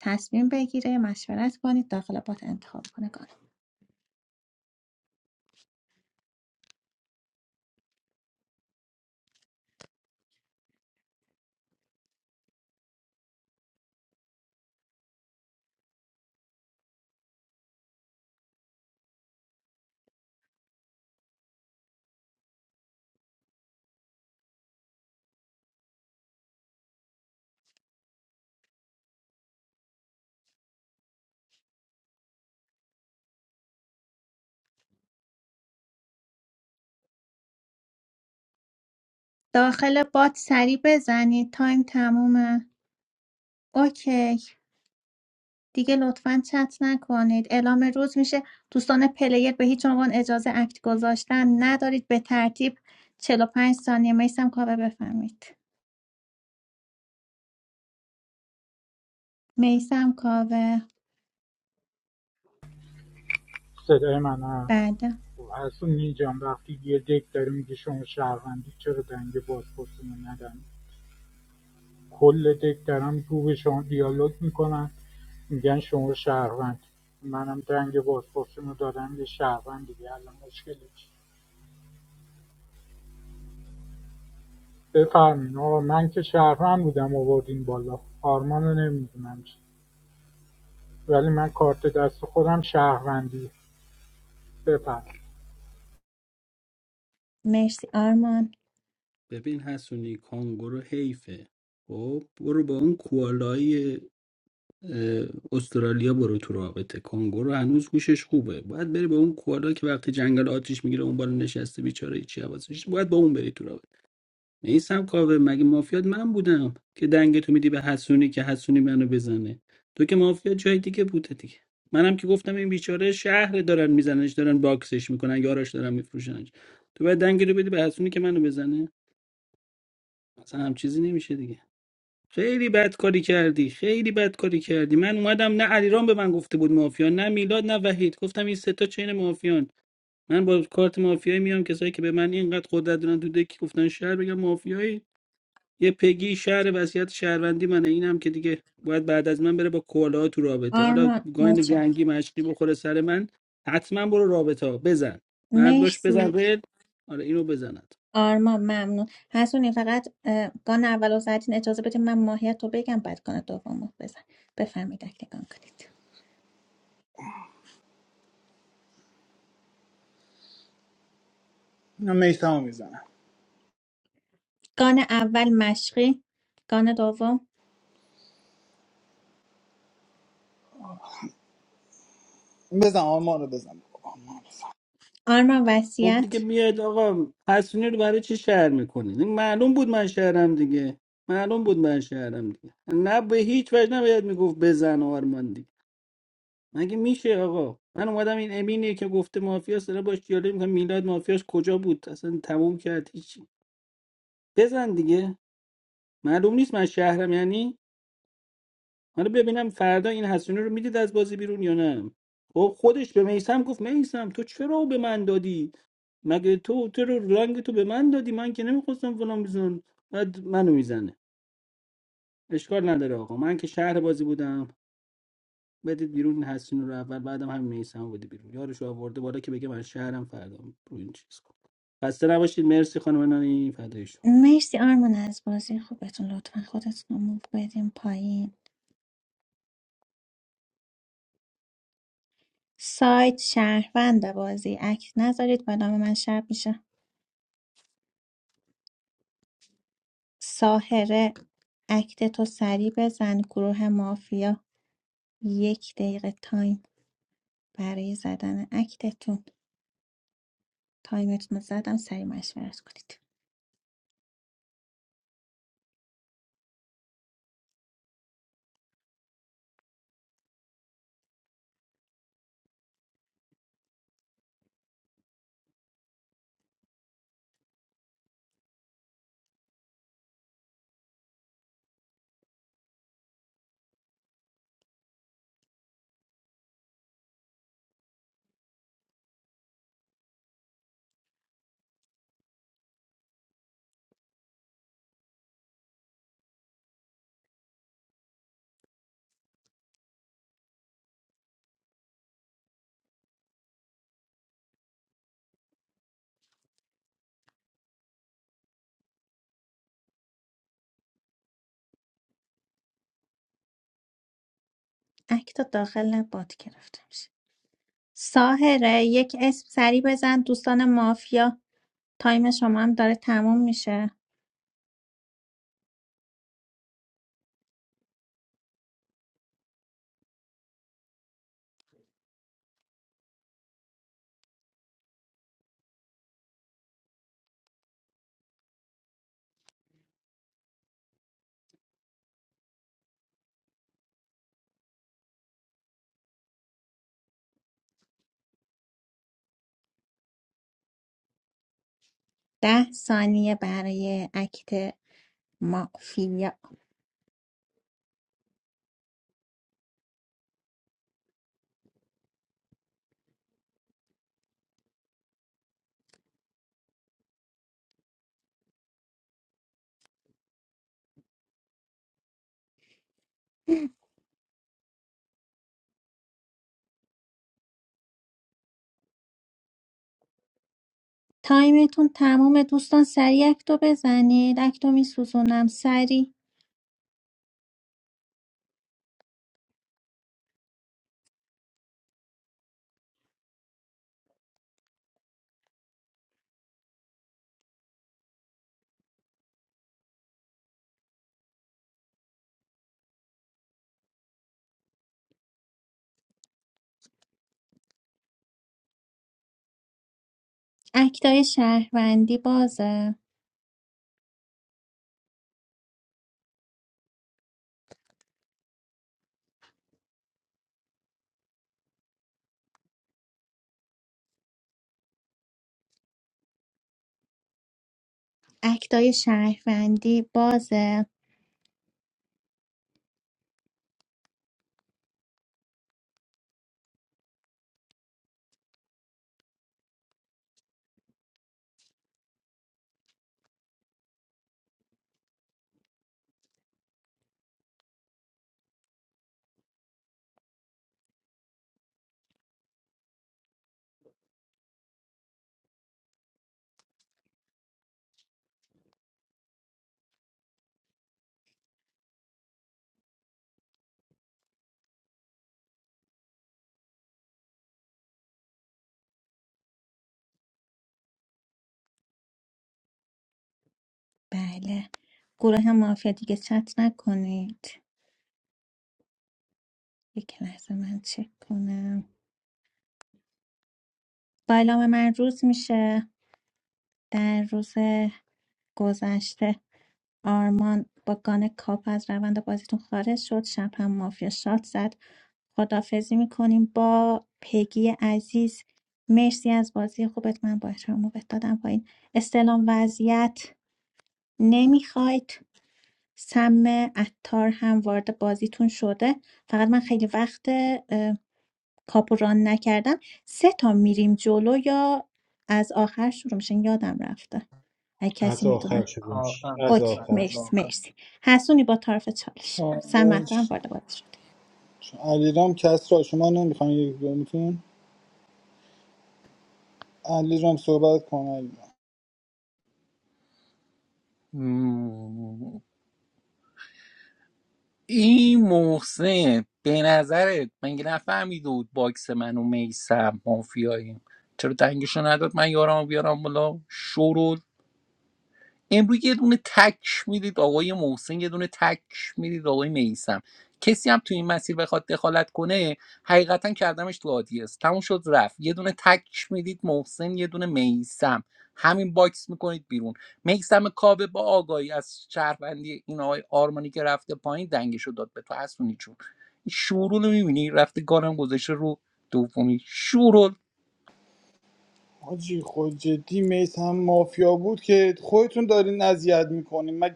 تصمیم بگیره مشورت کنید داخل بات انتخاب کنه گان داخل بات سریع بزنید تایم تمومه اوکی دیگه لطفا چت نکنید اعلام روز میشه دوستان پلیر به هیچ عنوان اجازه اکت گذاشتن ندارید به ترتیب چهل و پنج ثانیه میسم کاوه بفرمایید میسم کاوه
صدای من هست
بعد
خب، حسونی جان وقتی یه دک داره میگه شما شهروندی چرا دنگ بازپرسی رو ندن کل دک دارن رو به شما دیالوگ میکنن میگن شما شهروند منم دنگ بازپرسی رو دادم یه شهروند دیگه الان مشکلی چیه؟ بفرمایین من که شهروند بودم آوردین بالا آرمان رو نمیدونم چی. ولی من کارت دست خودم شهروندی بفرم
مرسی آرمان
ببین حسونی کانگورو حیفه خب برو با اون کوالای اه، استرالیا برو تو رابطه کانگورو هنوز هوشش خوبه باید بری با اون کوالا که وقتی جنگل آتیش میگیره اون بالا نشسته بیچاره چی حواسش نیست. باید با اون بری تو رابطه. نیستم کاوه مگه مافیات من بودم که دنگ تو میدی به حسونی که حسونی منو بزنه تو که مافیا جای دیگه بوده دیگه منم که گفتم این بیچاره شهر دارن میزننش دارن باکسش میکنن یاراش دارن میفروشنش تو باید دنگ رو بدی به حسونی که منو بزنه اصلا هم چیزی نمیشه دیگه خیلی بد کاری کردی خیلی بد کاری کردی من اومدم نه علیرام به من گفته بود مافیا نه میلاد نه وحید گفتم این سه تا چین مافیان من با کارت مافیایی میام کسایی که به من اینقدر قدرت دارن تو دکی گفتن شهر بگم مافیایی یه پگی شهر وضعیت شهروندی منه اینم که دیگه باید بعد از من بره با کوالاها تو رابطه حالا
آرمان
گاین
مچک
جنگی مشکی بخوره سر من حتما برو رابطه ها بزن مرد باش
مرسی
بزن ول آره اینو بزند
آرمان ممنون حسونی فقط اه، گان اول و زدین اجازه بده من ماهیت رو بگم بعد گان دوم رو بزن بفرمایید اگه گان کنید
من میثمو میزنم
گان اول مشقی گان دوم
بزن آرمانو بزن آرمان بزن
آرمان
خب دیگه
وسیعت
میاد آقا حسونی رو برای چی شهر میکنید این معلوم بود من شهرم دیگه معلوم بود من شهرم دیگه نه به هیچ وجه نباید میگفت بزن آرمان دیگه مگه میشه آقا من اومدم این امینی که گفته مافیاس داره باش دیالوگ میکنم میلاد مافیاس کجا بود اصلا تموم کرد هیچ بزن دیگه معلوم نیست من شهرم یعنی حالا ببینم فردا این حسونی رو میدید از بازی بیرون یا نه خب خودش به میسم گفت میسم تو چرا به من دادی مگه تو تو رو رنگ تو به من دادی من که نمیخواستم فلان بزن بعد منو میزنه اشکال نداره آقا من که شهر بازی بودم بدید بیرون این حسونی رو اول بعدم همین میسم بده بیرون یارش رو آورده بالا که بگه من شهرم فردا رو این چیز کن خسته نباشید مرسی خانم نانی فدای شما.
مرسی آرمان از بازی خوبتون لطفا خودتون رو موو بدین پایین سایت شهروند بازی اکت نذارید با نام من شب میشه ساهره اکت تو سریع بزن گروه مافیا یک دقیقه تایم برای زدن اکتتون تایمتون رو زدم سریع مشورت کنید اکتا داخل نه بات گرفته میشه ساهره یک اسم سریع بزن دوستان مافیا تایم شما هم داره تموم میشه ده ثانیه برای اکت مافیا تایمتون تموم دوستان سریع اکتو بزنید اکتو میسوزونم سریع اکتای شهروندی بازه اکتای شهروندی بازه بله گروه مافیا دیگه چت نکنید یک لحظه من چک کنم با اعلام من روز میشه در روز گذشته آرمان با گان کاپ از روند بازیتون خارج شد شب هم مافیا شات زد خدافزی میکنیم با پگی عزیز مرسی از بازی خوبت من با احترام موبت دادم پایین استلام وضعیت نمیخواید سم اتار هم وارد بازیتون شده فقط من خیلی وقت کاپوران نکردم سه تا میریم جلو یا از آخر شروع میشن یادم رفته اگه
از
کسی
آخر
میدونه
شروع میشه
کافم
از
اوکی
آخر
فرز
مرسی
آخر
مرسی حسونی با طرف چالش سمت هم
چالش
وارد بازی شد
علیرام کس را شما نمیخوام یک دومتون علیرام صحبت کن علیرام
این محسن به نظرت مگه نفهمیده بود باکس من و میسم مافیاییم چرا دنگشو نداد من یارم بیارم بالا شورول امروز یه دونه تک میدید آقای محسن یه دونه تک میدید آقای میسم کسی هم تو این مسیر بخواد دخالت کنه حقیقتا کردمش تو آدیس تموم شد رفت یه دونه تک میدید محسن یه دونه میسم همین باکس میکنید بیرون میسم کاوه با آگاهی از شهروندی این آقای آرمانی که رفته پایین دنگشو داد به تو حسونی چون این شورو رو میبینی رفته گانم گذاشته رو دومی شورول
حاجی خود جدی میثم مافیا بود که خودتون دارین اذیت میکنین مگه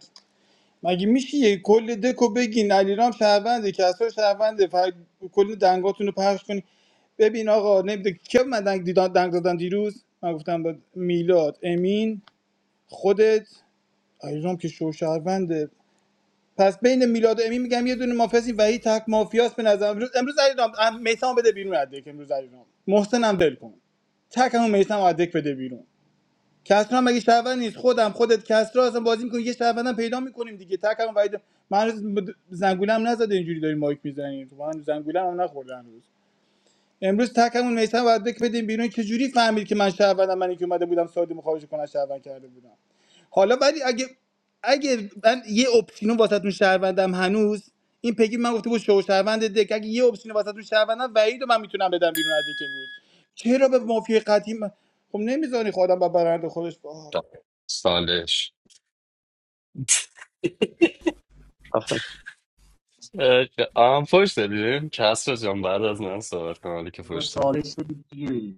مگه میشه یه کل دکو بگین علیرام شهرونده کسرا شهرونده فر... کل دنگاتون رو پخش کنی ببین آقا نمیده که من دنگ, دیدن... دنگ دادن دیروز من گفتم با میلاد امین خودت علیرام که شو شهرونده پس بین میلاد و امین میگم یه دونه مافیاسی و هی تک مافیاست به نظر امروز امروز علیرام میثم بده بیرون از دک امروز علیرام محسنم دل کن تک همون میثم از دک بده بیرون کسرا مگه شهروند نیست خودم خودت کسرا اصلا بازی میکنیم یه شهروندم پیدا میکنیم دیگه تک هم وید من هنوز مد- زنگولم نزده اینجوری داریم مایک میزنیم تو من زنگولم هم نخورده هنوز امروز تک همون میسن بعد بک بدیم بیرون چه جوری فهمید که من شهروندم منی که اومده بودم ساده مخارج کنه شهروند کرده بودم حالا ولی اگه اگه من یه اپسیون واسهتون شهروندم هنوز این پگی من گفته بود شو شهروند دک اگه یه اپسیون واسهتون شهروندم وعید من میتونم بدم بیرون از دک امروز چرا به مافیای قدیم خب نمیذاری خودم با برنده خودش
سالش اه، آم فوش دادیم کس رو جان بعد از من صحبت کن حالی که
بابا
فوش
چالش شدی دیگه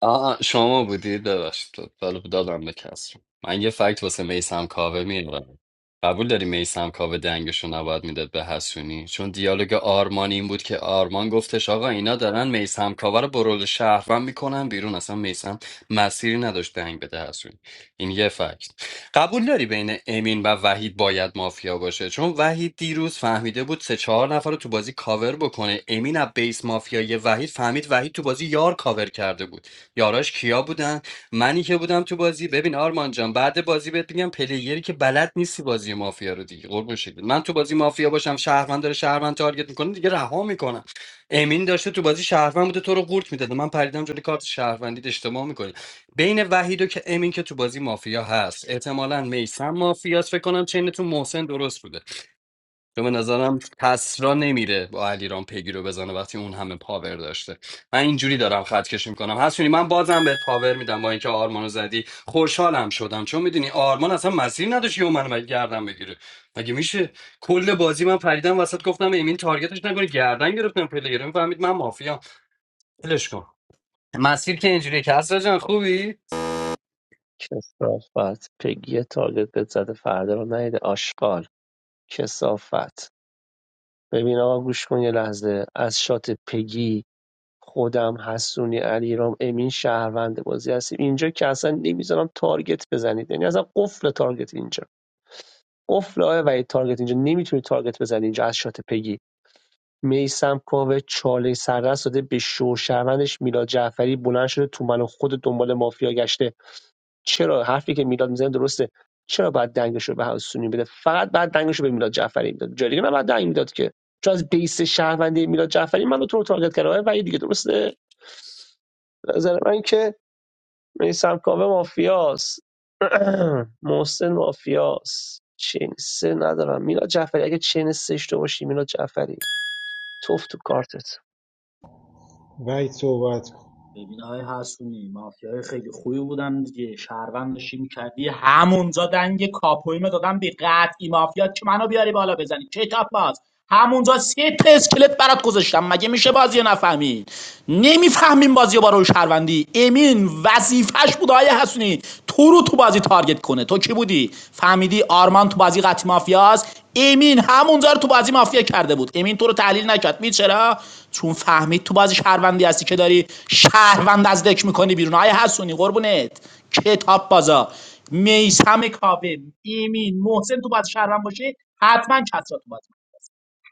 آه شما بودید ببخشید دادم دادم به کس من یه فکت واسه میسم کاوه میارم قبول داری میسم کاوه دنگشو نباید میداد به حسونی چون دیالوگ آرمان این بود که آرمان گفتش آقا اینا دارن میسم کاوه رو برول شهروند میکنن بیرون اصلا میسم مسیری نداشت دنگ بده حسونی این یه فکت قبول داری بین امین و وحید باید مافیا باشه چون وحید دیروز فهمیده بود سه چهار نفر رو تو بازی کاور بکنه امین از بیس مافیای وحید فهمید وحید تو بازی یار کاور کرده بود یاراش کیا بودن منی که بودم تو بازی ببین آرمان جان بعد بازی بهت میگم پلیری که بلد نیستی بازی مافیا رو دیگه قربون شکلت. من تو بازی مافیا باشم شهروند داره شهروند تارگت میکنه دیگه رها میکنم امین داشته تو بازی شهروند بوده تو رو قورت میداده من پریدم جلوی کارت شهروندیت اشتباه میکنی بین وحید و که امین که تو بازی مافیا هست احتمالاً میسم مافیاست فکر کنم چینتون محسن درست بوده چون به نظرم کسرا نمیره با علیرام پیگیری رو بزنه وقتی اون همه پاور داشته من اینجوری دارم خط کشی میکنم حسونی من بازم بهت پاور میدم با اینکه آرمانو زدی خوشحالم شدم چون میدونی آرمان اصلا مسیر نداشت یه منو مگه گردن بگیره مگه میشه کل بازی من پریدم وسط گفتم امین تارگتش نکنه گردن گرفتم پلیر میفهمید من مافیام ولش کن مسیر که اینجوری کسرا جان خوبی
کثافت پگی تارگتت زده فردا رو نیده آشغال کثافت ببین آقا گوش کن یه لحظه از شات پگی خودم حسونی علیرام امین شهروند بازی هستیم اینجا که اصلا نمیذارم تارگت بزنید یعنی اصلا قفل تارگت اینجا قفل آه و تارگت اینجا نمیتونی تارگت بزنی اینجا از شات پگی میسم کاوه چاله سررس داده به شو شهروندش میلاد جعفری بلند شده تو من و خود دنبال مافیا گشته چرا حرفی که میلاد میزنه درسته چرا باید دنگش رو به حسونی بده فقط بعد دنگش رو به میلاد جعفری میداد جای دیگه نباید دنگ میداد که چون از بیس شهروندی میلاد جعفری من تو رو تارگت کرده و یه دیگه درسته به نظر من که میسم کاوه مافیاس <clears throat> محسن مافیاس چین سه ندارم میلاد جعفری اگه چین سه اشتباه باشی میلاد جعفری توف تو کارتت
وحید صحبت کن
ببین های حسونی مافیای خیلی خوبی بودم دیگه شهروند داشتی میکردی همونجا دنگ کاپویمه دادم به قطعی مافیا که منو بیاری بالا بزنی کتاب باز همونجا سه تا اسکلت برات گذاشتم مگه میشه بازی رو نفهمید نمیفهمین بازی رو با روش شهروندی امین وظیفش بود آیه حسونی تو رو تو بازی تارگت کنه تو کی بودی فهمیدی آرمان تو بازی قطعی مافیاست امین همونجا رو تو بازی مافیا کرده بود امین تو رو تحلیل نکرد می چرا چون فهمید تو بازی شهروندی هستی که داری شهروند از دک میکنی بیرون آیا حسونی قربونت کتاب بازا میسم کاوه امین محسن تو بازی شهروند باشه حتما کسرا تو بازی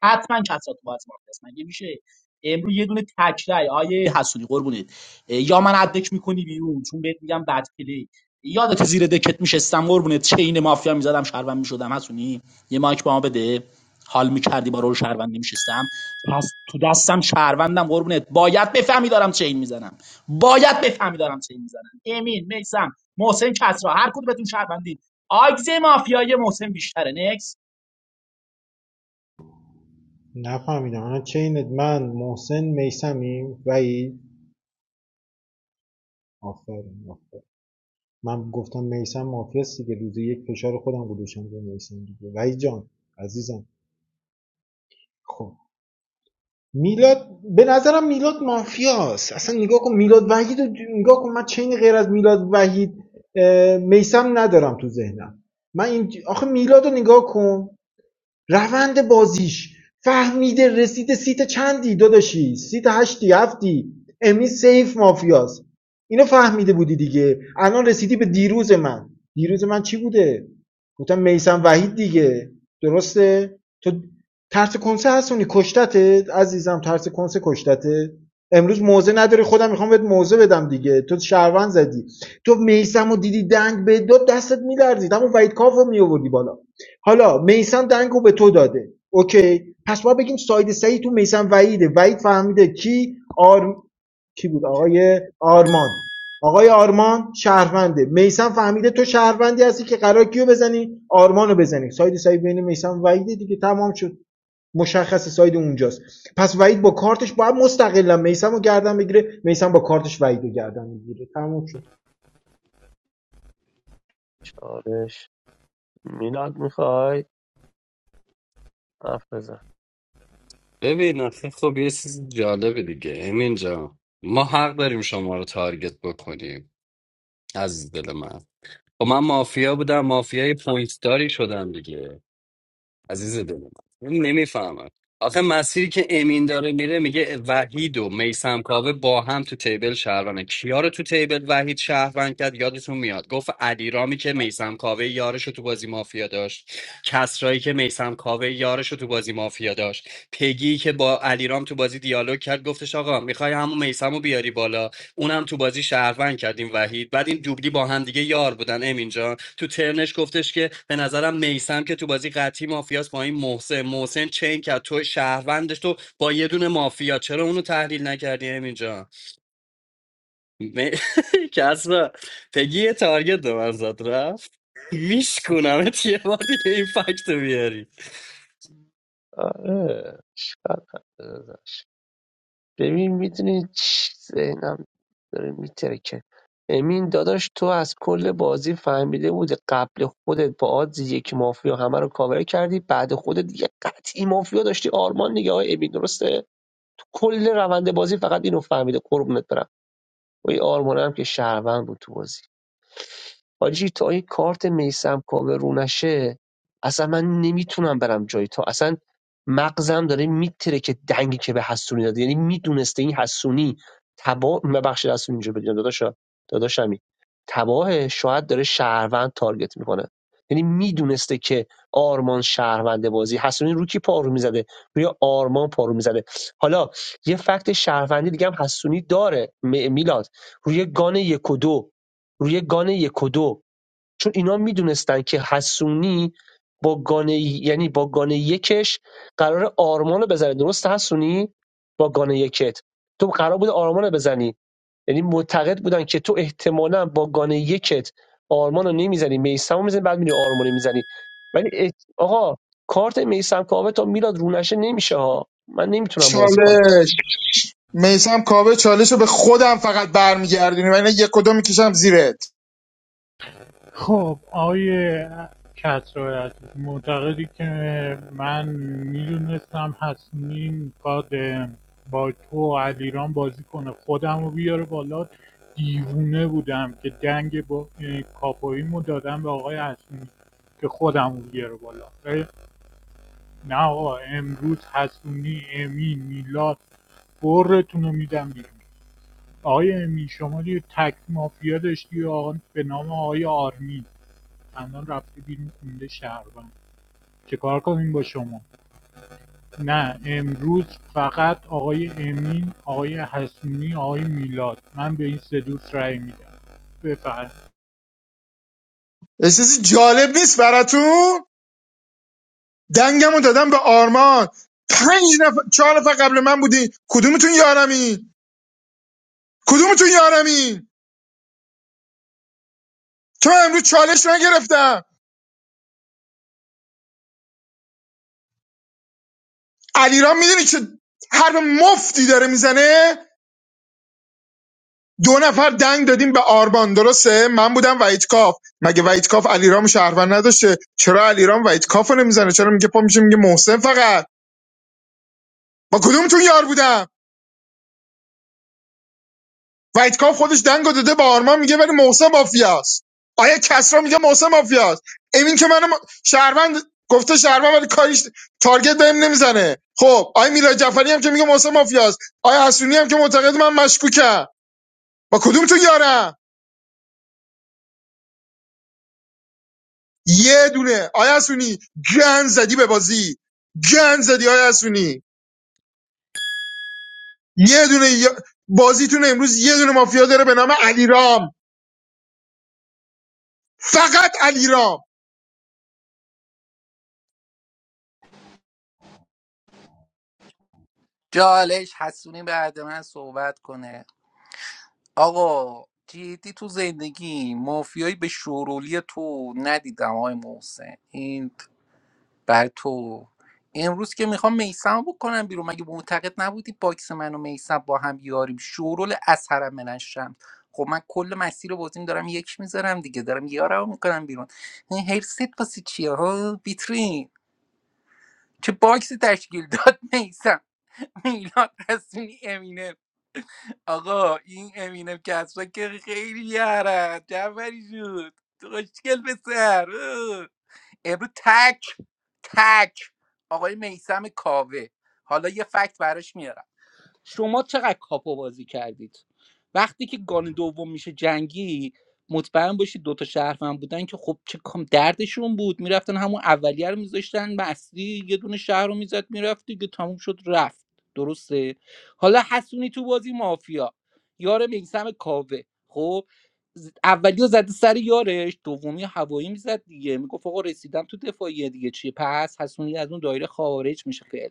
حتما کسات باید مافیا است مگه میشه امروز یه دونه تکرای آیه حسونی قربونت یا من ادک میکنی بیرون چون بهت میگم بد پلی یادت زیر دکت میشستم قربونت چین مافیا میزدم شهروند میشدم حسونی یه مایک به ما بده حال میکردی با رول شهروند نمیشستم پس تو دستم شهروندم قربونت باید بفهمی دارم چین میزنم باید بفهمی دارم چین میزنم امین میسم محسن کسرا هر کدومتون شهروندین آگز مافیای محسن بیشتره
نفهمیدم الان چینت من محسن میسمیم وحید آفرین من گفتم میسم مافیاست دیگه روز یک فشار خودم گذاشتم به میسم دیگه وای جان عزیزم خب میلاد به نظرم میلاد مافیاست اصلا نگاه کن میلاد وحید رو نگاه کن من چین غیر از میلاد وحید میسم ندارم تو ذهنم من این آخه میلاد رو نگاه کن روند بازیش فهمیده رسیده سیت چندی داداشی سیت هشتی هفتی امی سیف مافیاست اینو فهمیده بودی دیگه الان رسیدی به دیروز من دیروز من چی بوده گفتم میسم وحید دیگه درسته تو ترس کنسه هستونی کشتته عزیزم ترس کنسه کشتته امروز موزه نداری خودم میخوام بهت موزه بدم دیگه تو شهروند زدی تو میسم و دیدی دنگ به دو دستت میلرزید اما وحید کاف رو میآوردی بالا حالا میثم دنگ به تو داده اوکی پس ما بگیم ساید سعید تو میثم وحیده وحید فهمیده کی آر کی بود آقای آرمان آقای آرمان شهرونده میسم فهمیده تو شهروندی هستی که قرار کیو بزنی آرمانو بزنی ساید ساید بین میسم و وحیده دیگه تمام شد مشخص ساید اونجاست پس وحید با کارتش باید مستقلا میسم رو گردن بگیره میسم با کارتش وحید رو گردن میگیره تمام شد
چالش میلاد میخوای حرف بزن
ببین آخه خب یه چیز جالبه دیگه امین جان ما حق داریم شما رو تارگت بکنیم از دل من خب من مافیا بودم مافیای پوینت داری شدم دیگه عزیز دل من نمیفهمم آخه مسیری که امین داره میره میگه وحید و میسم کاوه با هم تو تیبل شهروانه کیا رو تو تیبل وحید شهروند کرد یادتون میاد گفت علیرامی که میسم کاوه یارش رو تو بازی مافیا داشت کسرایی که میسم کاوه یارش رو تو بازی مافیا داشت پگی که با علیرام تو بازی دیالوگ کرد گفتش آقا میخوای همون میسم رو بیاری بالا اونم تو بازی شهروند کردیم وحید بعد این دوبلی با هم دیگه یار بودن امین جان تو ترنش گفتش که به نظرم میسم که تو بازی قطعی مافیاست با این محسن محسن چین کرد تو شهروندش تو با یه دونه مافیا چرا اونو تحلیل نکردی امین جان م- <laughs> کسرا پگی یه تارگت به من زد رفت ویش کنم <laughs> یه بار دیگه این فکت رو بیاری
آره اشکال نداشت ببین میدونی چی ذهنم داره میترکه امین داداش تو از کل بازی فهمیده بودی قبل خودت با آدز یک مافیا همه رو کاور کردی بعد خودت یه قطعی مافیا داشتی آرمان دیگه آقای امین درسته تو کل روند بازی فقط اینو فهمیده قربونت برم و این آرمان هم که شهروند بود تو بازی حاجی تا این کارت میسم کاوه رو نشه اصلا من نمیتونم برم جایی تا اصلا مغزم داره میتره که دنگی که به حسونی داده یعنی میدونسته این حسونی تبا ببخشید حسونی اینجا بگم داداشا داداشمی تباه شاید داره شهروند تارگت میکنه یعنی میدونسته که آرمان شهروند بازی حسونی رو کی پارو میزده روی آرمان پارو میزده حالا یه فکت شهروندی دیگه هم حسونی داره م- میلاد روی گان یک و دو روی گان یک و دو چون اینا میدونستن که حسونی با گانه یعنی با گانه یکش قرار آرمانو رو بزنه درست حسونی با گانه یکت تو قرار بود آرمانو رو بزنی یعنی معتقد بودن که تو احتمالا با گانه یکت آرمانو رو نمیزنی میسم میزنی بعد میری آرمانو رو میزنی ولی ات- آقا کارت میسم کاوه تا میلاد رونشه نمیشه ها من نمیتونم بازی کنم
چالش میسم کاوه چالش رو به خودم فقط برمیگردونی و اینا یک کدوم میکشم زیرت
خب آقای کسرایت معتقدی که من میدونستم حسنی میخواد اه، با تو و علیران بازی کنه خودم رو بیاره بالا دیوونه بودم که دنگ با اه، کاپویمو دادم به آقای حسنی که خودم رو بیاره بالا اه، نه آقا امروز حسنی امی میلاد برتون رو میدم بیرون آقای امی شما یه تک مافیا داشتی آقا به نام آقای آرمین الان رفته بیرون خونده شهروند چه کار کنیم با شما نه امروز فقط آقای امین آقای حسونی آقای میلاد من به این سه دوست رأی میدم بفرم
احساسی جالب نیست براتون دنگمو دادم به آرمان پنج نفر چهار نفر قبل من بودی کدومتون یارمی کدومتون یارمی چون من امروز چالش نگرفتم علیرام میدونی چه حرف مفتی داره میزنه دو نفر دنگ دادیم به آربان درسته من بودم وحید کاف مگه وحید کاف علیرام شهروند نداشته چرا علیرام وحید کاف نمیزنه چرا میگه پا میشه میگه محسن فقط با کدومتون یار بودم کاف خودش دنگو داده به آرمان میگه ولی محسن مافیاست آیا کسرا میگه محسن مافیاست امین که منم شهروند گفته شهروند ولی کاریش تارگت بهم نمیزنه خب آیا میلاد جعفری هم که میگه محسن مافیاست آیا حسونی هم که معتقد من مشکوکم با کدوم تو یارم یه دونه آیا حسونی گن زدی به بازی گن زدی آیا حسونی یه دونه یا- بازیتون امروز یه دونه مافیا داره به نام علیرام فقط علیرام
جالش حسونی بعد من صحبت کنه آقا جدی تو زندگی مافیایی به شورولی تو ندیدم آقای محسن این بر تو امروز که میخوام میسم بکنم بیرون مگه معتقد نبودی باکس من و میسم با هم یاریم شورول از حرم من شمس خب من کل مسیر بازیم دارم یک میذارم دیگه دارم یارم میکنم بیرون این هرست واسه چیه ها بیترین چه باکسی تشکیل داد <laughs> میسم میلاد رسمی امینه آقا این امینم کسرا که خیلی یارن جعفری شد خوشگل به سر اه. امروز تک تک آقای میسم کاوه حالا یه فکت براش میارم شما چقدر کاپو بازی کردید وقتی که گان دوم میشه جنگی مطمئن باشید دوتا شهروند بودن که خب چه کام دردشون بود میرفتن همون اولیه رو میذاشتن اصلی یه دونه شهر رو میزد میرفت دیگه تموم شد رفت درسته حالا حسونی تو بازی مافیا یار میسم کاوه خب ز- اولی رو زده سر یارش دومی رو هوایی میزد دیگه میگفت آقا رسیدم تو دفاعیه دیگه چیه پس حسونی از اون دایره خارج میشه فعلا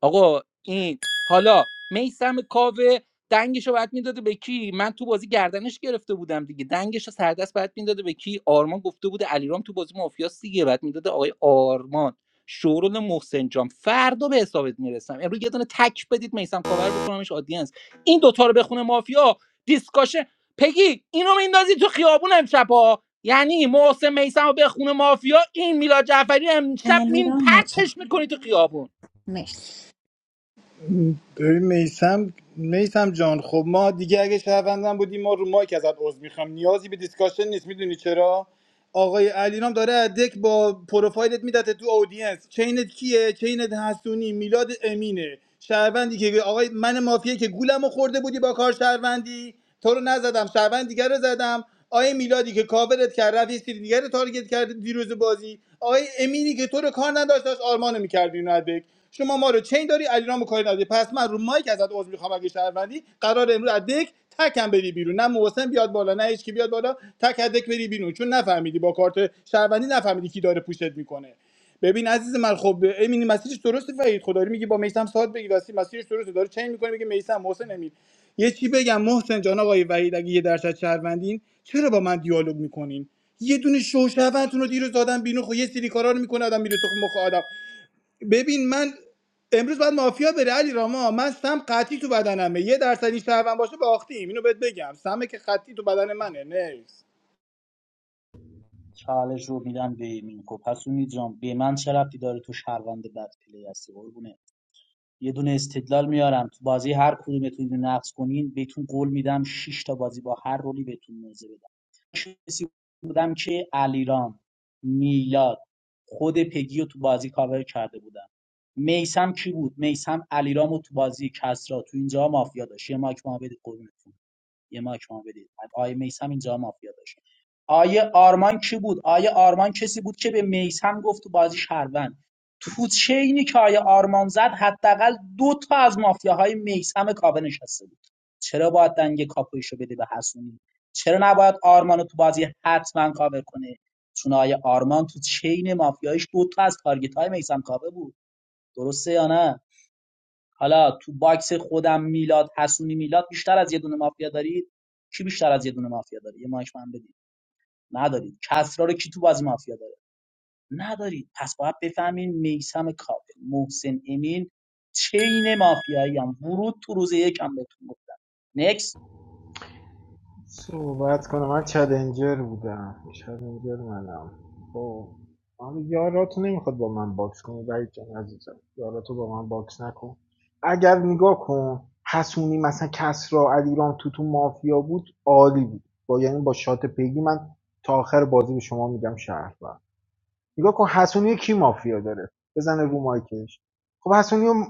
آقا این حالا میسم کاوه دنگش رو باید میداده به کی من تو بازی گردنش گرفته بودم دیگه دنگش رو سردست باید میداده به کی آرمان گفته بوده علیرام تو بازی مافیاس دیگه بعد میداده آقای آرمان شورول محسن جان فردا به حسابت میرسم امروز یه دونه تک بدید میسم کاور بکنمش آدینس این دوتا رو بخونه مافیا دیسکاشه پگی اینو میندازی تو خیابون امشب ها یعنی محسن میسم رو بخونه مافیا این میلاد جعفری امشب مین
علیرام مچک
پرتش میکنی تو خیابون
مرسی
ببین میسم میسم جان خب ما دیگه اگه شهروندم بودیم ما رو مایک ازت عذر میخوام نیازی به دیسکاشن نیست میدونی چرا آقای علیرام داره از دک با پروفایلت میدته تو اودینس چینت کیه چینت حسونی میلاد امینه شهروندی که آقای من مافیه که گولمو خورده بودی با کار شهروندی تو رو نزدم شهروند دیگر رو زدم آقای میلادی که کاورت کرد رفت یه سری دیگر رو تارگت کرد دیروز بازی آقای امینی که تو رو کار نداشت داشت آرمانو میکردی اینو از دک شما ما رو چین داری علیرامو کاری نداری پس من رو مایک ازت عذر میخوام اگه شهروندی قرار امروز از دک تکم بری بیرون نه محسن بیاد بالا نه هیچ کی بیاد بالا تک هدک بری بیرون چون نفهمیدی با کارت شهروندی نفهمیدی کی داره پوشت میکنه ببین عزیز من خب امین مسیرش درسته فرید خداری میگه با میثم ساعت بگی واسه مسیرش درسته داره چنج میکنه میگه میثم محسن امین یه چی بگم محسن جان آقای وحید اگه یه درصد شهروندین چرا با من دیالوگ میکنین یه دونه شوشهوتون رو دیروز دادم بیرون خب یه سری کارا رو میکنه آدم میره تو مخ آدم ببین من امروز باید مافیا بره علی راما من سم قطعی تو بدنمه یه درصد این شهروند باشه باختیم اینو بهت بگم سمه که قطعی تو بدن منه نیست
چالش رو میدم به مینکو پس اون جان به من چه ربطی داره تو شهروند بد پلی هستی قربونه یه دونه استدلال میارم تو بازی هر کدومتون اینو نقص کنین بهتون قول میدم شش تا بازی با هر رولی بهتون موزه بدم کسی بودم که علیرام میلاد خود پگی رو تو بازی کاور کرده بودم میسم کی بود میسم علیرامو تو بازی کسرا تو اینجا مافیا داشت یه ماک محمد قربونتون یه مایک ما بدید آیه میسم اینجا مافیا داشت آیه آرمان کی بود آیه آرمان کسی بود که به میسم گفت تو بازی شهروند تو چینی که آیه آرمان زد حداقل دو تا از مافیاهای میسم کاوه نشسته بود چرا باید دنگ کاپویشو بده به حسونی چرا نباید آرمانو تو بازی حتما کاور کنه چون آیه آرمان تو چین مافیایش دو تا از تارگت های میسم کاوه بود درسته یا نه حالا تو باکس خودم میلاد حسونی میلاد بیشتر از یه دونه مافیا دارید کی بیشتر از یه دونه مافیا داره یه مایک من بدید ندارید کسرا رو کی تو بازی مافیا داره ندارید پس باید بفهمین میسم کاپه محسن امین چین مافیایی هم ورود تو روز یک هم بهتون گفتم نکس
صحبت کنم من چلنجر بودم چلنجر منم خب اما یاراتو نمیخواد با من باکس کنی وحید جان عزیزم یاراتو با من باکس نکن اگر نگاه کن حسونی مثلا کسرا علیرام تو تو مافیا بود عالی بود با یعنی با شات پیگی من تا آخر بازی به شما میگم شهر نگاه کن حسونی کی مافیا داره بزنه رو مایکش خب حسونی رو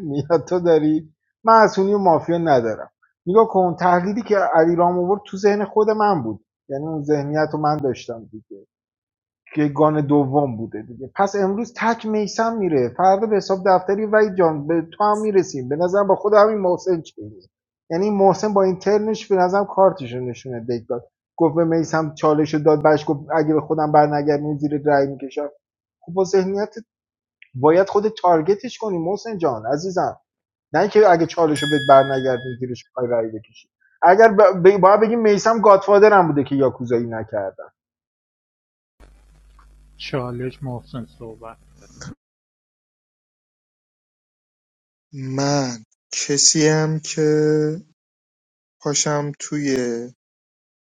میلاد تو داری من اسونی و مافیا ندارم نگاه کن تحلیلی که علی رام آورد تو ذهن خود من بود یعنی اون ذهنیت رو من داشتم دیگه که گان دوم بوده دیگه پس امروز تک میسم میره فردا به حساب دفتری وای جان به تو هم میرسیم به نظرم با خود همین محسن چیه یعنی این محسن با این ترنش به نظرم کارتش رو نشونه دک داد گفت به میسم چالش رو داد بهش گفت اگه به خودم برنگردم زیر رای میکشم خب با ذهنیت باید خود تارگتش کنی محسن جان عزیزم نه اینکه اگه چالشو بد بهت برنگردون زیرش بخوای رأی بکشی اگر ب... ب... باید بگیم میسم گادفادرم بوده که یاکوزایی نکردن
چالش محسن صحبت
من کسیم که پاشم توی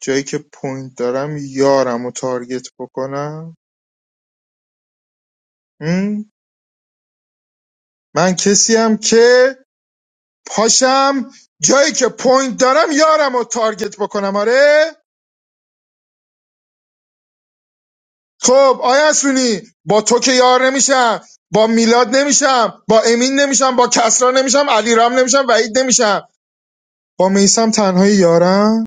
جایی که پوینت دارم یارمو تارگت بکنم م؟ من کسیم که پاشم جایی که پوینت دارم یارمو تارگت بکنم آره خب آیا اسونی با تو که یار نمیشم با میلاد نمیشم با امین نمیشم با کسرا نمیشم علیرام نمیشم وحید نمیشم با میسم تنهای یارم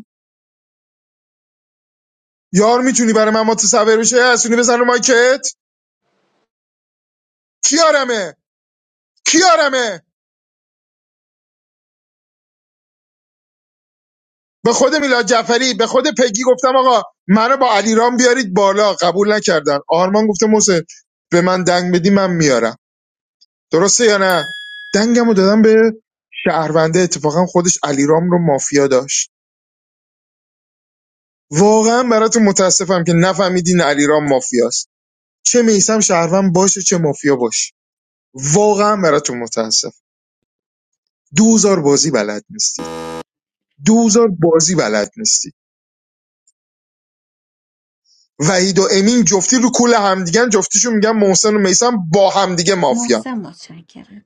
یار میتونی برای من متصور بشه آیا اسونی بزن رو مایکت کیارمه کیارمه به خود میلاد جعفری به خود پگی گفتم آقا منو با علیرام بیارید بالا قبول نکردن آرمان گفته محسن به من دنگ بدی من میارم درسته یا نه دنگمو دادم به شهرونده اتفاقا خودش علیرام رو مافیا داشت واقعا براتون متاسفم که نفهمیدین علیرام مافیاست چه میسم شهروند باشه چه مافیا باشه واقعا براتون متاسف دوزار بازی بلد نیستید دوزار بازی بلد نیستید وحید و امین جفتی رو کل همدیگن جفتیشون میگن محسن و میسم با همدیگه مافیا
محسن متشکرم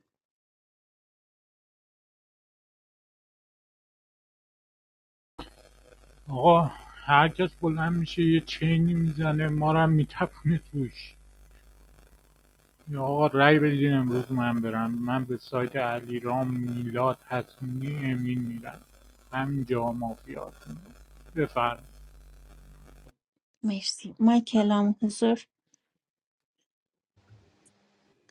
آقا هر کس بلند میشه یه چینی میزنه ما رو میتپونه توش یا آقا رأی بدین امروز من برم من به سایت علیرام میلاد حسونی امین میرم همینجا مافیاتون بفرم
مرسی مایکلام حضور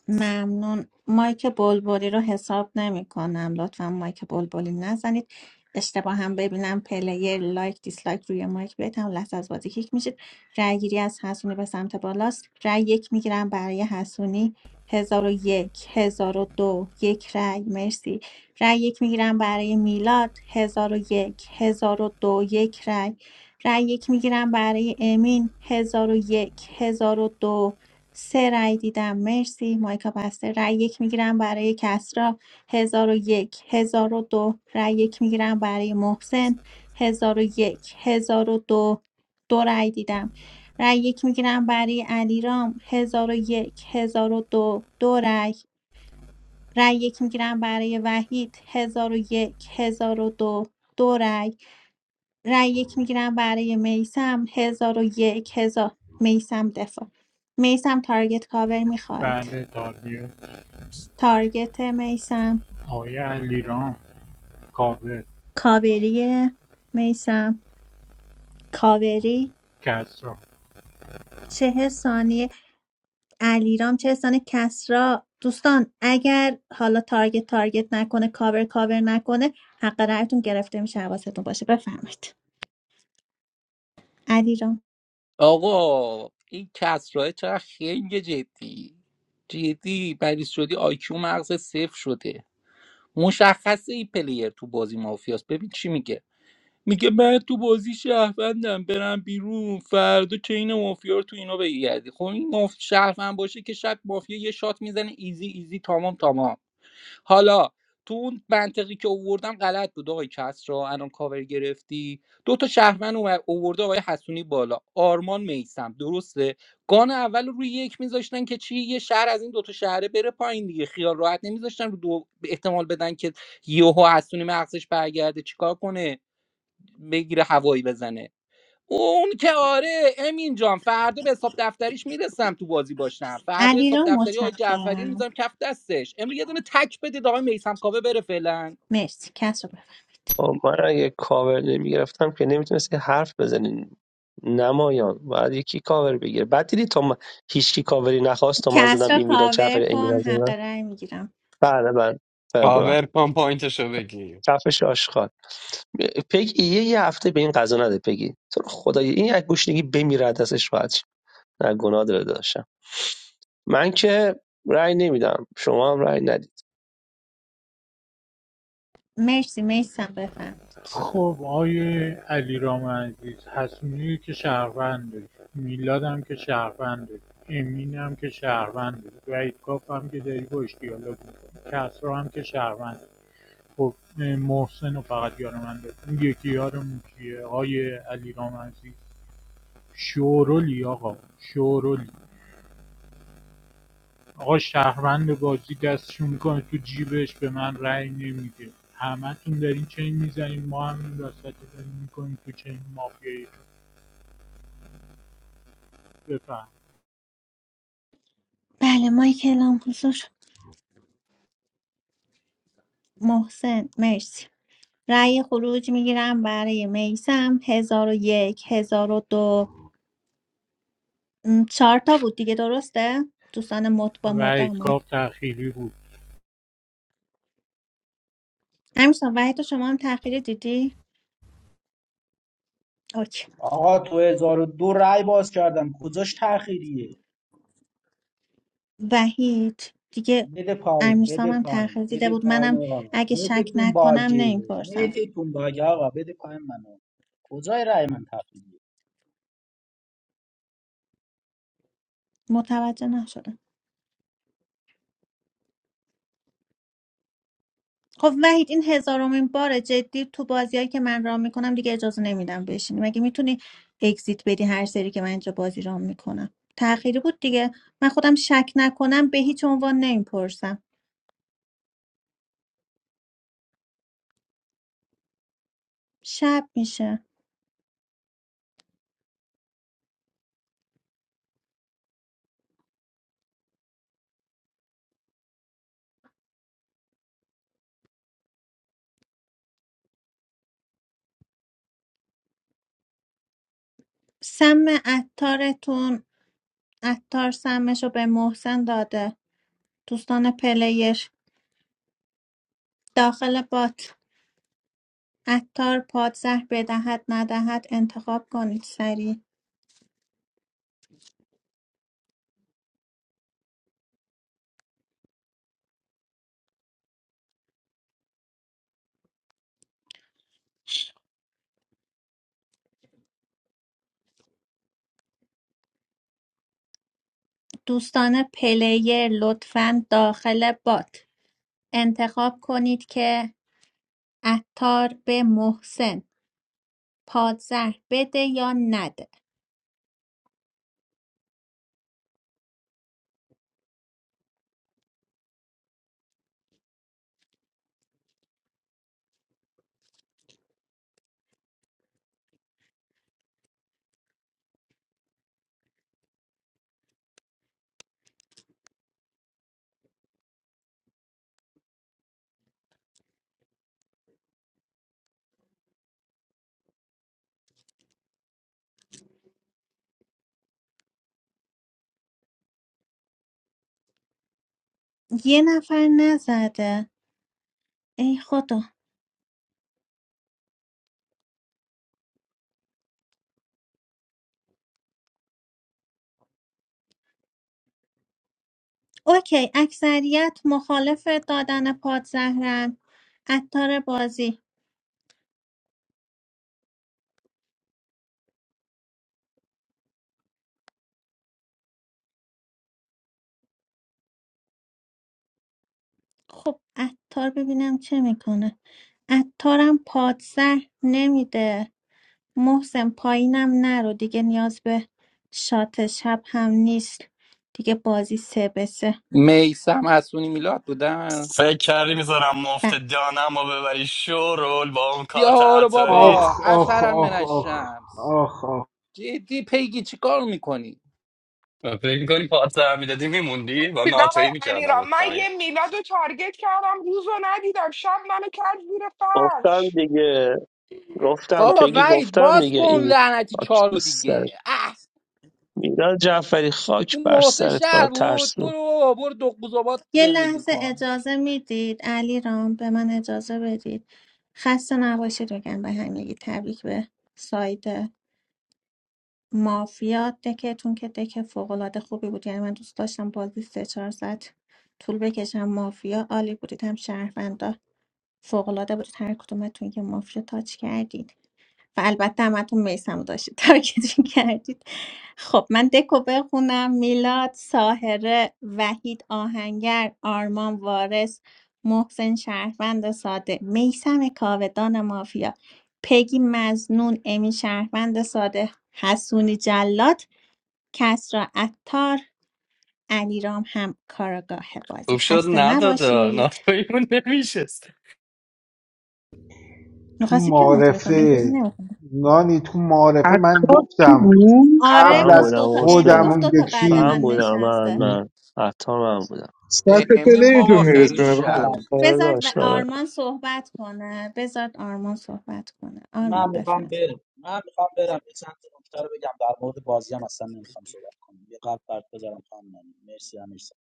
ممنون مایک بلبلی رو حساب نمی کنم لطفا مایک بلبلی نزنید اشتباه هم ببینم پلیر لایک دیسلایک روی مایک بدم لحظه از بازی کیک میشید رأی گیری از حسونی به سمت بالاست رأی یک میگیرم برای حسونی هزار و یک هزار و دو یک رأی مرسی رأی یک میگیرم برای میلاد هزار و یک هزار و دو یک رأی رأی یک میگیرم برای امین هزار و یک هزار و دو سه رأی دیدم مرسی مایکا بسته رأی یک میگیرم برای کسرا هزار و یک هزار و دو رأی یک میگیرم برای محسن هزار و یک هزار و دو دو رأی دیدم رأی یک میگیرم برای علیرام هزار و یک هزار و دو دو رأی رأی یک میگیرم برای وحید هزار و یک هزار و دو دو رأی رای یک میگیرم برای میسم هزار و یک هزار میسم دفاع میسم تارگت کاور میخواید
بله تاریه
تارگت میسم
آقای علیرام کابل
کاوریه میسم کاوری
کسرا
چه ثانیه علیرام چه ثانیه کسرا دوستان اگر حالا تارگت تارگت نکنه کاور کاور نکنه حق رأیتون گرفته میشه حواستون باشه بفرمایید علیرام
آقا این کسرای چرا خنگ جدی جدی مریض شدی آیکیو مغز صفر شده مشخصه این پلیر تو بازی مافیاست ببین چی میگه میگه من تو بازی شهروندم برم بیرون فردا چین مافیا رو تو اینا بگردی خب این ماف... شهروند باشه که شب مافیا یه شات میزنه ایزی ایزی تمام تمام حالا تو اون منطقی که اووردم غلط بود آقای کس را الان کاور گرفتی دو تا شهروند اومد- اوورده آقای حسونی بالا آرمان میسم درسته گان اول رو روی یک میذاشتن که چی یه شهر از این دوتا شهره بره پایین دیگه خیال راحت نمیذاشتن رو دو احتمال بدن که یهو حسونی مغزش برگرده چیکار کنه بگیره هوایی بزنه اون که آره امین جان فردا به حساب دفتریش میرسم تو بازی باشم فردا حساب
علیرام
دفتری آقای جعفری
متشکرم
میذارم کف دستش امروز یه دونه تک بده آقای میسم کاوه بره فعلا
مرسی کسرا بفرمایید
خب، من اگه کاور نمیگرفتم که نمیتونستی حرف بزنی نمایان باید یکی کاور بگیره بعد دیدی تا من... هیچکی کاوری نخواست تا من
کس
زدم این میلاد جعفر
کاور
این
کن
میلاد
حق
زدم
رای میگیرم
بله بله بله بله
کاور کن پوینتشو بگیر
کفش آشغال پگی یه, یه هفته به این قضا نده پگی تو رو خدا این یک گوشنگی بمیره از دستش راحت شه. نه گناه داره داشتم من که رأی نمیدم شما هم رأی ندید
مرسی میسم بفرمید
خب آقای علیرام عزیز حسونی که شهرونده میلادم که شهرونده امینم که شهرونده وعید کاف هم که داری باش دیالوگ میکنی کسرا هم که شهرونده خب محسن و فقط یار من داره اون یکی یارمون کیه آقای علیرام عزیز شورولی آقا شورولی آقا شهروند بازی دستشون میکنه تو جیبش به من رأی نمیده همتون دارین چین میزنین ما هم این وسط داریم میکنیم تو چین مافیایی بفهم
بله مایک اعلام حضور محسن مرسی رأی خروج میگیرم برای میسم هزار و یک هزار و دو م، چهار تا بود دیگه درسته دوستان مد با
و
مداما
کاف تأخیری بود
امیرسان وحید و شما هم تاخیر دیدی اوکی
آقا تو هزار و دو رای باز کردم کجاش تأخیریه
وحید دیگه
بده پایین بده
امیرسام هم تاخیر
پایین
دیده
بده
بود
پایین
منم
آقا
اگه شک
نتتون
نکنم
باگه
نمیپرسم
نتتون باگه آقا بده پایین منو کجای رای من تأخیریه
متوجه نشدم خب وحید این هزارمین بار جدی تو بازیایی که من رام میکنم دیگه اجازه نمیدم بشینی مگه میتونی اگزیت بدی هر سری که من اینجا بازی رام میکنم تأخیری بود دیگه من خودم شک نکنم به هیچ عنوان نمیپرسم شب میشه سم عطارتون عطار سمش رو به محسن داده دوستان پلیر داخل بات عطار پادزهر بدهد ندهد انتخاب کنید سریع دوستان پلیر لطفا داخل بات انتخاب کنید که عطار به محسن پادزهر بده یا نده یه نفر نزده ای خدا اوکی اکثریت مخالف دادن پادزهرن عطار بازی خب عطار ببینم چه میکنه عطارم پادزهر نمیده محسن پایینم نرو دیگه نیاز به شات شب هم نیست دیگه بازی سه به سه
میسم اسونی میلاد بودن
فکر کردی میذارم مفت
بله
دانم و ببری شورول با اون کارت
بیا رو
عطاریت
بابا
آخ آخ
اثرا من
آخ آخ
الشمس
آخ آخ
جدی پیگی چیکار میکنی
فکر میکنی پات در میدادی میموندی و
دیدم آقای
ناتوی میکردم
علیرام من
پایین
یه میلاد رو تارگت کردم روز رو ندیدم شب منو کرد زیر
گفتم
فرش
دیگه گفتم
خب
بابا
پگی
وید
گفتم
باز
دیگه
کن
این
لعنتی چارو دیگه اه
میلاد جعفری خاک
این
بر
محسن
سرت کنم
شهر بود
ترسو
برو برو دو قوزابات
یه
زندگی
لحظه
کن
اجازه میدید علی رام به من اجازه بدید خسته نباشید بگم به همگی تبریک به ساید مافیا دکتون که دک فوقالعاده خوبی بود یعنی من دوست داشتم بازی سه چهار ساعت طول بکشم مافیا عالی بودید هم شهروندا فوقالعاده بودید هر کدومتون یه مافیا تاچ کردید و البته همتون میسمو داشتید تارگتشون کردید خب من دکو بخونم میلاد ساهره وحید آهنگر آرمان وارث محسن شهروند ساده میسم کاودان مافیا پگی مزنون امی شهروند ساده حسونی جلات کسرا عطار علیرام هم کاراگاه
خوب
بازی
شد
خسته
ندادا
نباشید
ناتویمون نمیشست
تو
میخواستی که نوتاری کنم من گروه
معرفه
نمی‌خونم.
نانی تو معرفه من
عطار کی
گفتم
بود
آره
قبل
من
گفت
از
دوتا
بودم
امی
خودم
حسین
گفت
اون
دوتا بعد
من
من
یکی
بودم
نشسته
من من حتی من بودم
سطح
امین ما
پلیتون
با خیلی
آره،
میرسونه
شهر
بابا.
آه،
بود
آره
بذارد و
داشت آره
آرمان صحبت کنه بذارد آرمان صحبت کنه
من
آرمان بفرم.
میخوام برم من میخوام برم یه چند تا نکته رو بگم در مورد بازی هم اصلا نمیخوام صحبت کنم یه قلب برات بذارم خانم نانی. مرسی همیشه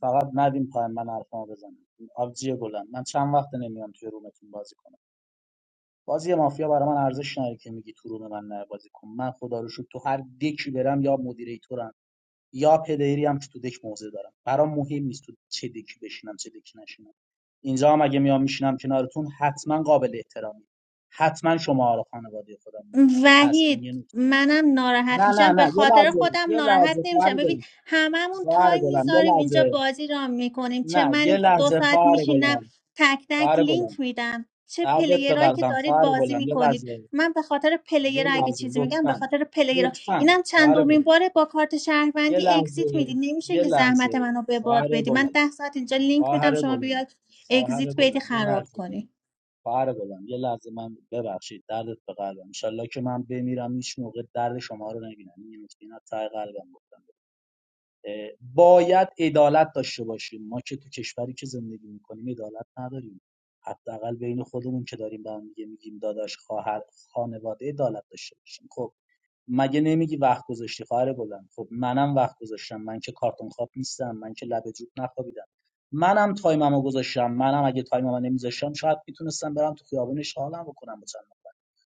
فقط ندیم پای من حرفامو بزنم آبجی گلم من چند وقت نمیام توی رومتون بازی کنم بازی مافیا برای من ارزش نداره که میگی تو روم من نه بازی کن من خدا رو شکر تو هر دکی برم یا مدیریتورم یا پلیری هم که تو دک موضع دارم برام مهم نیست تو چه دکی بشینم چه دکی نشینم اینجا هم اگه میام میشینم کنارتون حتما قابل احترامی حتما شما رو خانواده خودم میدونم پس این
وحید
یه نکته
منم
نه
ناراحت
نه
میشم به
نه یه
خاطر
لحظه
خودم
یه
ناراحت
لحظه خواهر
نمیشم ببین
گلم
هممون
خواهر
تایم
گلم یه
میذاریم اینجا
لحظه
بازی را میکنیم چه
نه
منی
یه
که دو
لحظه
ساعت
خواهر
میشینم
گلم
تک تک
خواهر
لینک
گلم
میدم چه
دردت به
پلیرایی که
قلبم
دارید
خواهر
بازی
گلم یه
میکنید
لحظه
من به خاطر پلیر
یه
اگه
لحظه
چیزی میگم به
لطفا
خاطر پلیرها
لطفا
اینم
خواهر
چندمین
گلم
باره با کارت
یه
شهروندی اگزییت
لحظه
میدی نمیشه
یه
که زحمت
لحظه
منو به
خواهر
باد بدی
گلم
من ده ساعت اینجا لینک میدم
خواهر
شما
گلم
بیاد
خواهر
اگزییت بدی
گلم یه
خراب
لحظه
کنی
خواهر گلم یه لحظه من ببخشید دردت به قلبم انشالله که من بمیرم هیچ موقع درد شما رو نبینم این نکته اینا ته قلبم گفتم اه، باید عدالت داشته باشیم ما که تو کشوری که زندگی میکنیم عدالت نداریم حداقل بین خودمون که داریم به هم دیگه میگیم داداش خواهر خانواده عدالت داشته باشیم خب مگه نمیگی وقت گذاشتی خواهر گلم خب منم وقت گذاشتم من که کارتون خواب نیستم من که لب جوب نخوابیدم منم تایممو گذاشتم منم اگه تایممو نمیذاشتم شاید میتونستم برم تو خیابون حالم بکنم با چند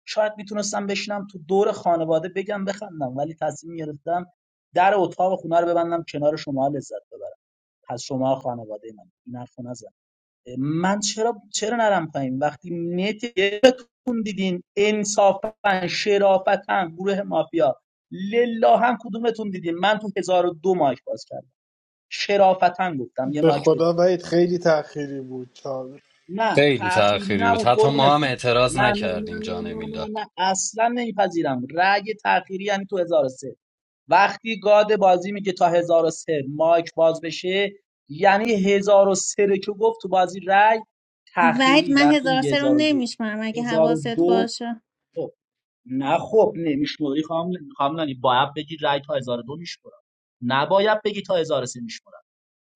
شاید میتونستم بشینم تو دور خانواده بگم بخندم ولی تصمیم گرفتم در اتاق خونه رو ببندم کنار شما لذت ببرم پس شما خانواده من این حرفو نزن من چرا چرا نرم پایین وقتی نت یکتون دیدین انصافا شرافتا گروه مافیا لله هم کدومتون دیدین من تو هزار و دو مایک باز کردم شرافتا گفتم یه
به
مایک
خدا
بدین
وید خیلی تأخیری بود چال
نه
خیلی
تأخیر
تأخیری بود
نبود
حتی ما هم
قربونتون
اعتراض
نه نه نه
نکردیم
نه
جان
نه نه,
میلاد
نه. اصلا نمیپذیرم رأی تأخیری یعنی تو 1003 وقتی گاد بازی میگه تا هزار و سه مایک باز بشه یعنی 1003 رو که گفت تو بازی رای
وحید
تأخیری
من
وقتی
هزار
میگه
سه رو
1001
نمیشمم اگه حواست
1002
باشه
خب نه خب نمیشموری خام خام باید بگی رای تا هزار و دو میشمورم نباید بگی تا هزار و سه میشمورم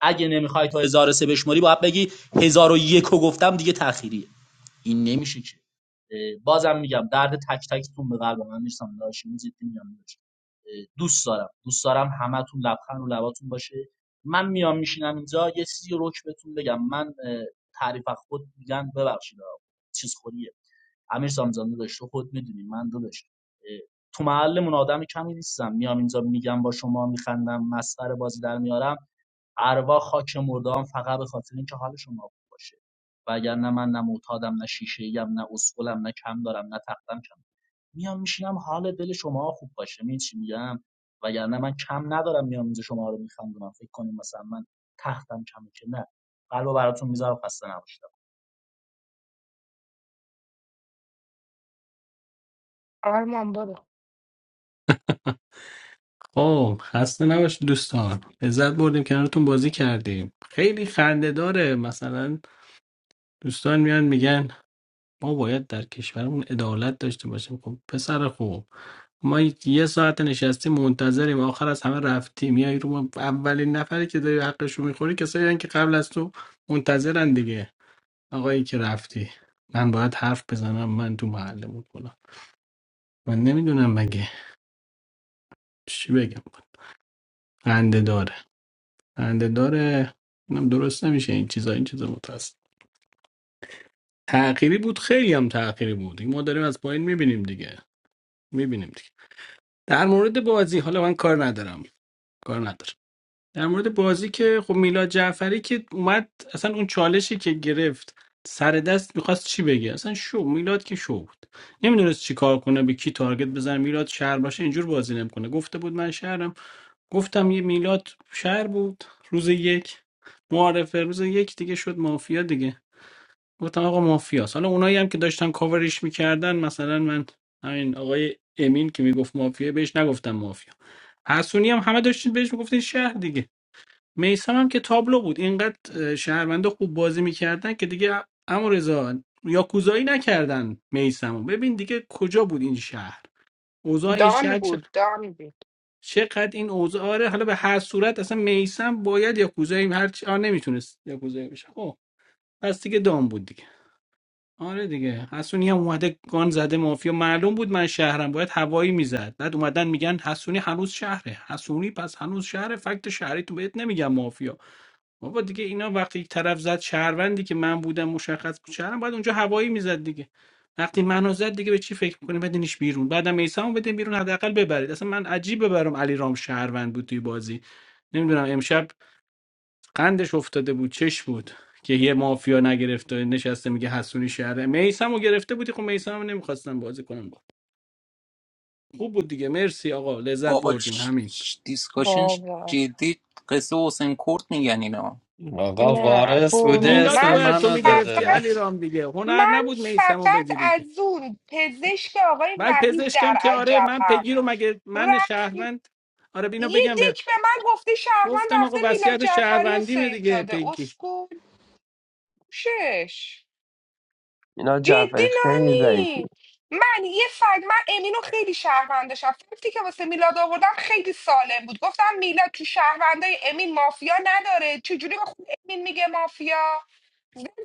اگه نمیخوای تا هزار و سه بشموری باید بگی هزار و یک رو گفتم دیگه تأخیریه این نمیشه که اه، بازم میگم درد تک تکتون به قلب من میرسم لاشینی جدی میگم داشت دوست دارم دوست دارم همتون لبخند رو لباتون باشه من میام میشینم اینجا یه چیزی روک بهتون بگم من اه، تعریف از خود میگن ببخشید چیز خوریه امیر زمزمه داشت تو خود میدونی من داداش اه، تو محلمون آدم کمی نیستم میام اینجا میگم با شما میخندم مسخره بازی در میارم اروا خاک مردام فقط به خاطر اینکه حال شما خوب باشه وگرنه من نه معتادم نه شیشه ایم نه اسکلم نه کم دارم نه تختم کم میام میشینم حال دل شما خوب باشه می چی میگم وگرنه من کم ندارم میام اینجا شما رو میخندونم فکر کنیم مثلا من تختم کمه که نه قلب براتون میذارم خسته نباشید
آرمان برو
خب خسته نباشید دوستان لذت بردیم کنارتون بازی کردیم خیلی خنده داره مثلا دوستان میان میگن ما باید در کشورمون عدالت داشته باشیم خب پسر خوب ما یه ساعت نشستیم منتظریم آخر از همه رفتیم میای رو ما اولین نفری که داری حقش رو میخوری کسایی هن که قبل از تو منتظرن دیگه آقایی که رفتی من باید حرف بزنم من تو محله بود کنم من نمیدونم مگه چی بگم خنده خنده داره اینم درست نمیشه این چیزا این چیزا متاسف تغییری بود خیلی هم تغییری بود این ما داریم از پایین میبینیم دیگه میبینیم دیگه در مورد بازی حالا من کار ندارم کار ندارم در مورد بازی که خب میلاد جعفری که اومد اصلا اون چالشی که گرفت سر دست میخواست چی بگه اصلا شو میلاد که شو بود نمیدونست چی کار کنه به کی تارگت بزن میلاد شهر باشه اینجور بازی نمیکنه گفته بود من شهرم گفتم یه میلاد شهر بود روز یک معارفه روز یک دیگه شد مافیا دیگه گفتم آقا مافیاست حالا اونایی هم که داشتن کاورش میکردن مثلا من همین آقای امین که میگفت مافیا بهش نگفتم مافیا حسونی هم همه داشتین بهش میگفتین شهر دیگه میسم هم که تابلو بود اینقدر اه، شهرونده خوب بازی میکردن که دیگه امو رضا یا کوزایی نکردن میسمو ببین دیگه کجا بود این شهر اوضاع این
دانی
شهر
بود دانی بود
چقدر این اوضاع آره حالا به هر صورت اصلا میسم باید یا کوزاییم هر چی آ نمیتونست یا کوزایی بشه خب پس دیگه دام بود دیگه آره دیگه حسونی هم اومده گان زده مافیا معلوم بود من شهرم باید هوایی میزد بعد اومدن میگن حسونی هنوز شهره حسونی پس هنوز شهره فکت شهری تو بهت نمیگم مافیا بابا دیگه اینا وقتی طرف زد شهروندی که من بودم مشخص بود شهروند باید اونجا هوایی میزد دیگه وقتی منو زد دیگه به چی فکر میکنیم بدینش بیرون بعدم میسمو بدین بیرون حداقل ببرید اصلا من عجیب ببرم علی رام شهروند بود توی بازی نمیدونم امشب قندش افتاده بود چش بود که یه مافیا نگرفته نشسته میگه حسونی شهر میسمو گرفته بودی خب میسمو نمیخواستم بازی کنم با خوب بود دیگه مرسی آقا لذت
بابا
بردیم همین
دیسکاشن
بابا
جدی قصه حسین کرد میگن اینا
آقا
نه
وارث بوده
برو
میلادو
اسم
من
باید تو
منو
میگرفتی
داده
فقط
علی رام دیگه هنر
من
نبود میسمو
فقط
بگیری
از اون پزشک آقای
بعد
وحید در
پزشکم که آره من
عجبم
پگی رو مگه من
رفت
شهروند آره بینا
یه
بگم به
دک به من گفته شهروند
گفتم
رفته
آقا
میلاد
وصیت
جعفری رو
شهروندیمه
سیو
دیگه
داده
پگی
اسکول شش
میلاد
جدی
جعفری خیلی ضعیفی
نانی من یه فکت من امینو خیلی شهروند داشتم فکتی که واسه میلاد آوردم خیلی سالم بود گفتم میلاد تو شهروندای امین مافیا نداره چجوری به خود امین میگه مافیا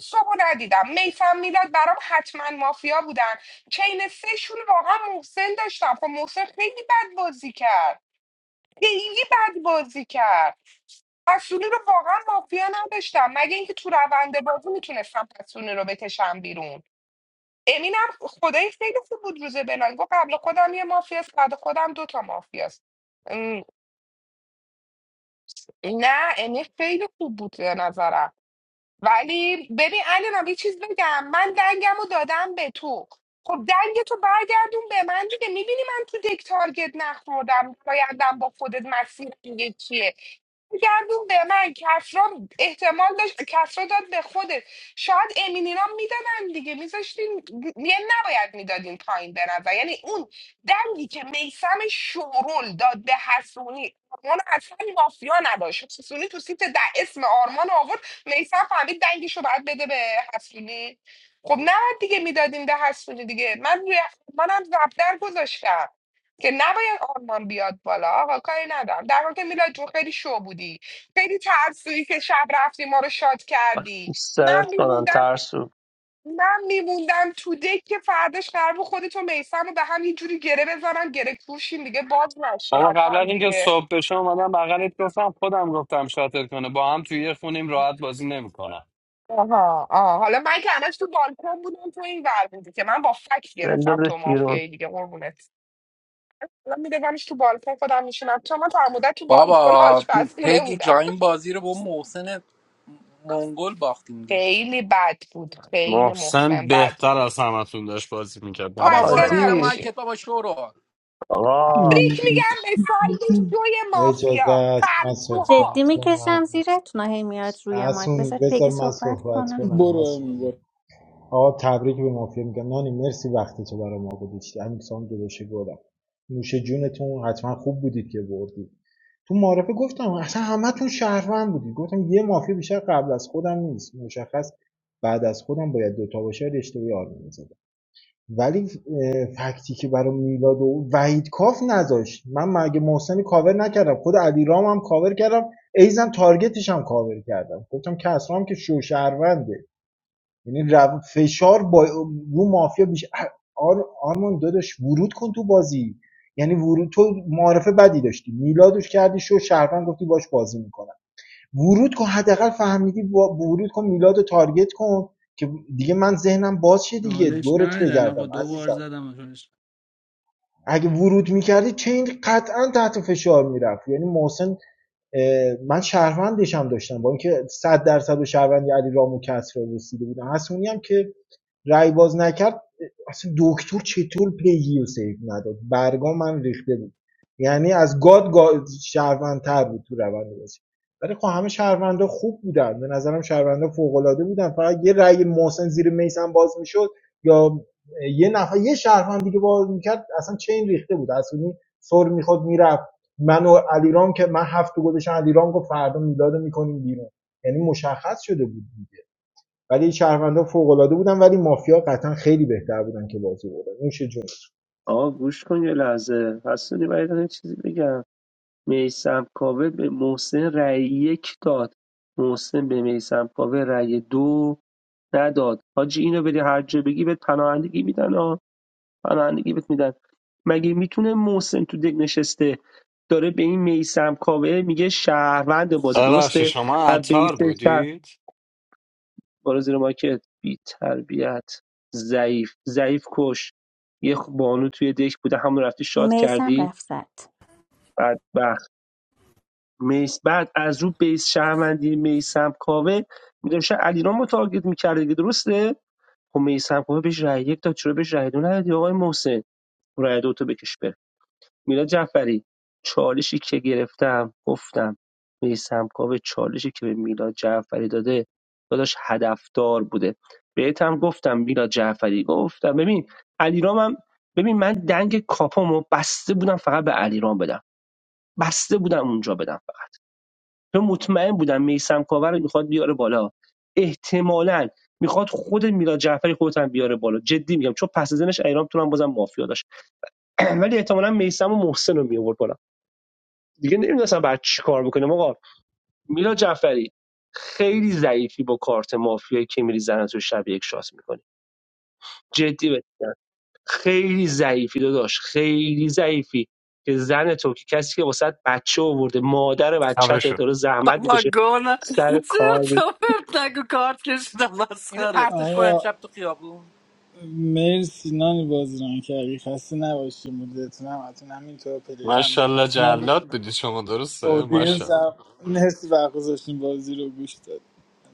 صبح ندیدم میسم میلاد برام حتما مافیا بودن چین سهشون واقعا محسن داشتم خب محسن خیلی بد بازی کرد خیلی بد بازی کرد حسونی رو واقعا مافیا نداشتم مگه اینکه تو روند بازی میتونستم حسونی رو بکشم بیرون امینم خدای خیلی خوب بود روز بلان گفت قبل خودم یه مافیاست بعد خودم دوتا مافیاست ام، نه امین خیلی خوب بود به نظرم ولی ببین الانم یه چیز بگم من دنگم رو دادم به تو خب دنگ تو برگردون به من دیگه میبینی من تو دک تارگت نخوردم بایدم با خودت مسیر دیگه چیه برگردون به من کسرا احتمال داشت کسرا داد به خودت شاید امینینا میدادن دیگه میذاشتین یه نباید میدادین پایین به نظر یعنی اون دنگی که میسم شورول داد به حسونی آرمان اصلا مافیا نداشت حسونی تو سیت ده اسم آرمان رو آورد میسم فهمید دنگش رو باید بده به حسونی خب نه دیگه میدادیم به حسونی دیگه من روی منم زبدر گذاشتم که نباید آرمان بیاد بالا آقا کاری ندارم در حال که میلاد جون خیلی شو بودی خیلی ترسویی که شب رفتی ما رو شاد
خاک
کردی
بر
من
سرت کنم
میموندم
ترسو
من میموندم تو دک که فرداش قرار بود خودت و میسم رو به هم یه جوری گره بزنم گره کوشیم دیگه باز نشین
آقا
از
قبل
هم
از اینکه
دیگه
صبح بشه اومدم بغلت گفتم خودم گفتم شاتل کنه با هم توی یه خونیم راحت بازی نمیکنم
آها آه حالا من که همش تو بالکن بودم تو این ور بودی که من با فکس گرفتم
بندازش
تو
بیرون
مافیایی دیگه قربونت حالا میدونمش تو بالکن خودم میشینم تو من تا مدت تو بالکن
بابا
آشپزخونه
پگی
بودم
جایم بازی رو با محسن منگل باختیم دیگه
خیلی بد بود خیلی
محسن
محسن بد بود.
بهتر از همتون داشت بازی میکرد به
بابا
خسته
بار
نظرم
زیر
حاجی
نباشید
مایکت بابا شورو
آقا
تبریک میگم به ساید شوی
اجازه
مافیا
است من صحبت
ترسوها
جدی میکشم
کنم
زیرتون هی میاد روی مایک
حسونی
بذار
بذار
پگی
من
صحبت
صحبت
کنم
کنم
برو امی
حسونی
برو
آقا تبریک به مافیا میگم نانی مرسی وقتی تو برای ما گذاشتی همین سام داداش نوش جونتون حتما خوب بودید که بردید تو معرفه گفتم اصلا همتون شهروند بودید گفتم یه مافیا بیشتر قبل از خودم نیست مشخص بعد از خودم باید دوتا باشه رشته آرمی میزدم ولی فکتی که برای میلاد و وحید کاف نذاشت من مگه محسن کاور نکردم خود علی هم کاور کردم ایزن تارگتش هم کاور کردم گفتم کسرام که شو شوشهرونده یعنی رو- فشار با... رو مافیا بیش آر... آرمان داداش ورود کن تو بازی یعنی ورود تو معارفه بدی داشتی میلادش کردی شو شهروند گفتی باش بازی میکنم ورود کن حداقل فهمیدی با... ورود کن میلادو رو تارگت کن که دیگه من ذهنم باز شه دیگه
نالش
دورت
ندن آقا
بگردم
دو بار
عزیزم
زدم آخرش
اگه ورود میکردی چین قطعا تحت فشار میرفت یعنی محسن من شهروندش هم داشتم با اینکه صد درصد به شهروندی علی رامو کسرا رسیده بودم حسونی هم که رای باز نکرد اصلا دکتر چطور پیگی رو سیف نداد برگام من ریخته بود یعنی از گاد, گاد شهروندتر بود تو روند بازی ولی خب همه شهروندا خوب بودن به نظرم شهروندا فوق العاده بودن فقط یه رای محسن زیر میسم باز میشد یا یه نفر یه شهروند دیگه باز میکرد اصلا چین ریخته بود اصلا سر میخواد میرفت من و علیرام که من هفت تا گذاشتم علیرام گفت فردا میلادو میکنیم بیرون یعنی مشخص شده بود ولی شهروندا فوق‌العاده بودن ولی مافیا قطعا خیلی بهتر بودن که بازی بردن نوش جون
آقا گوش کن یه لحظه حسونی باید یه چیزی بگم میسم کاوه به محسن رأی یک داد محسن به میسم کاوه رأی دو نداد حاجی اینو بری هر جا بگی به پناهندگی میدن آه. پناهندگی بهت میدن مگه میتونه محسن تو دک نشسته داره به این میسم کاوه میگه شهروند بازی
ببخشید
درسته
شما
از بیس
عطار
شهر
بودید
بالا زیر ماکت بی تربیت ضعیف ضعیف کش یه خ- بانو توی دک بوده همون رفتی شاد
میسم
کردی
رفت زد
بعد بخت میس بعد از رو بیس شهروندی میسم کاوه میدونشه علیرام رو تارگت میکرده دیگه درسته خب میسم کاوه بهش رأی یک داد چرا بهش رأی دو ندادی آقای محسن رأی دو تو بکش بره میلاد جعفری چالشی که گرفتم گفتم میسم کاوه چالشی که به میلاد جعفری داده داداش هدفدار بوده بهت هم گفتم میلاد جعفری گفتم ببین علیرام هم ببین من دنگ کاپامو بسته بودم فقط به علیرام بدم بسته بودم اونجا بدم فقط چون مطمئن بودم میسم کاوه رو میخواد بیاره بالا احتمالاً میخواد خود میلاد جعفری خودت هم بیاره بالا جدی میگم چون پس ازنش ایرام تو هم بازم مافیا داشت <clears throat> ولی احتمالاً میسم و محسن رو میآورد بالا دیگه نمیدونستم بعد چی کار بکنم آقا میلا جعفری خیلی ضعیفی با کارت مافیایی که میری زنه تو شب یک شات میکنی جدی بهت خیلی ضعیفی داداش خیلی ضعیفی که زن تو که کسی که واسه بچه آورده مادر
تمه
بچت
شد
داره زحمت
اما
میکشه
گونه
سر کار
زرت
میره
و پرت نگو کارت کشیدم
اینو
مسخره
پرتش کنم
آقا
شب تو خیابون
مرسی نانی بازی ران کردی خسته نباشی مدتون هم اتون همینطور پلیر هم میگه
ماشاءالله
خسته نباشی
جلاد بودی شما درسته
اودینس
ماشاءالله
هم مرسی وقت گذاشتین بازی رو گوش دادین.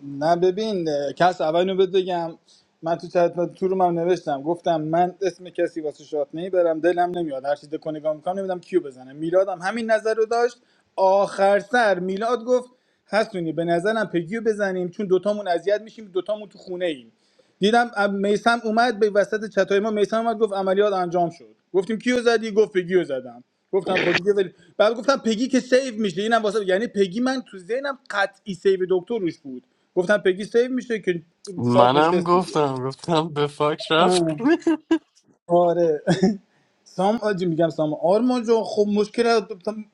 نه ببین کس اول اینو بهت بگم من تو چت تو رو هم نوشتم گفتم من اسم کسی واسه شات نمیبرم دلم نمیاد هر چیز کنگام میکنم نمیدونم کیو بزنم میلادم همین نظر رو داشت آخر سر میلاد گفت هستونی به نظرم پگیو بزنیم چون دوتامون اذیت میشیم دوتامون تو خونه ایم دیدم میسم اومد به وسط چتای ما میسم اومد گفت عملیات انجام شد گفتیم کیو زدی گفت پگیو زدم گفتم خود دیگه ولی بعد گفتم پگی که سیو میشه اینم واسه یعنی پگی من تو ذهنم قطعی سیو دکتر روش بود گفتم پگی سیو میشه که شاد
منم
نشست دیگه
گفتم گفتم به فاک رفت <laughs>
آره سام آجی میگم سام آرمان جان خب مشکل از-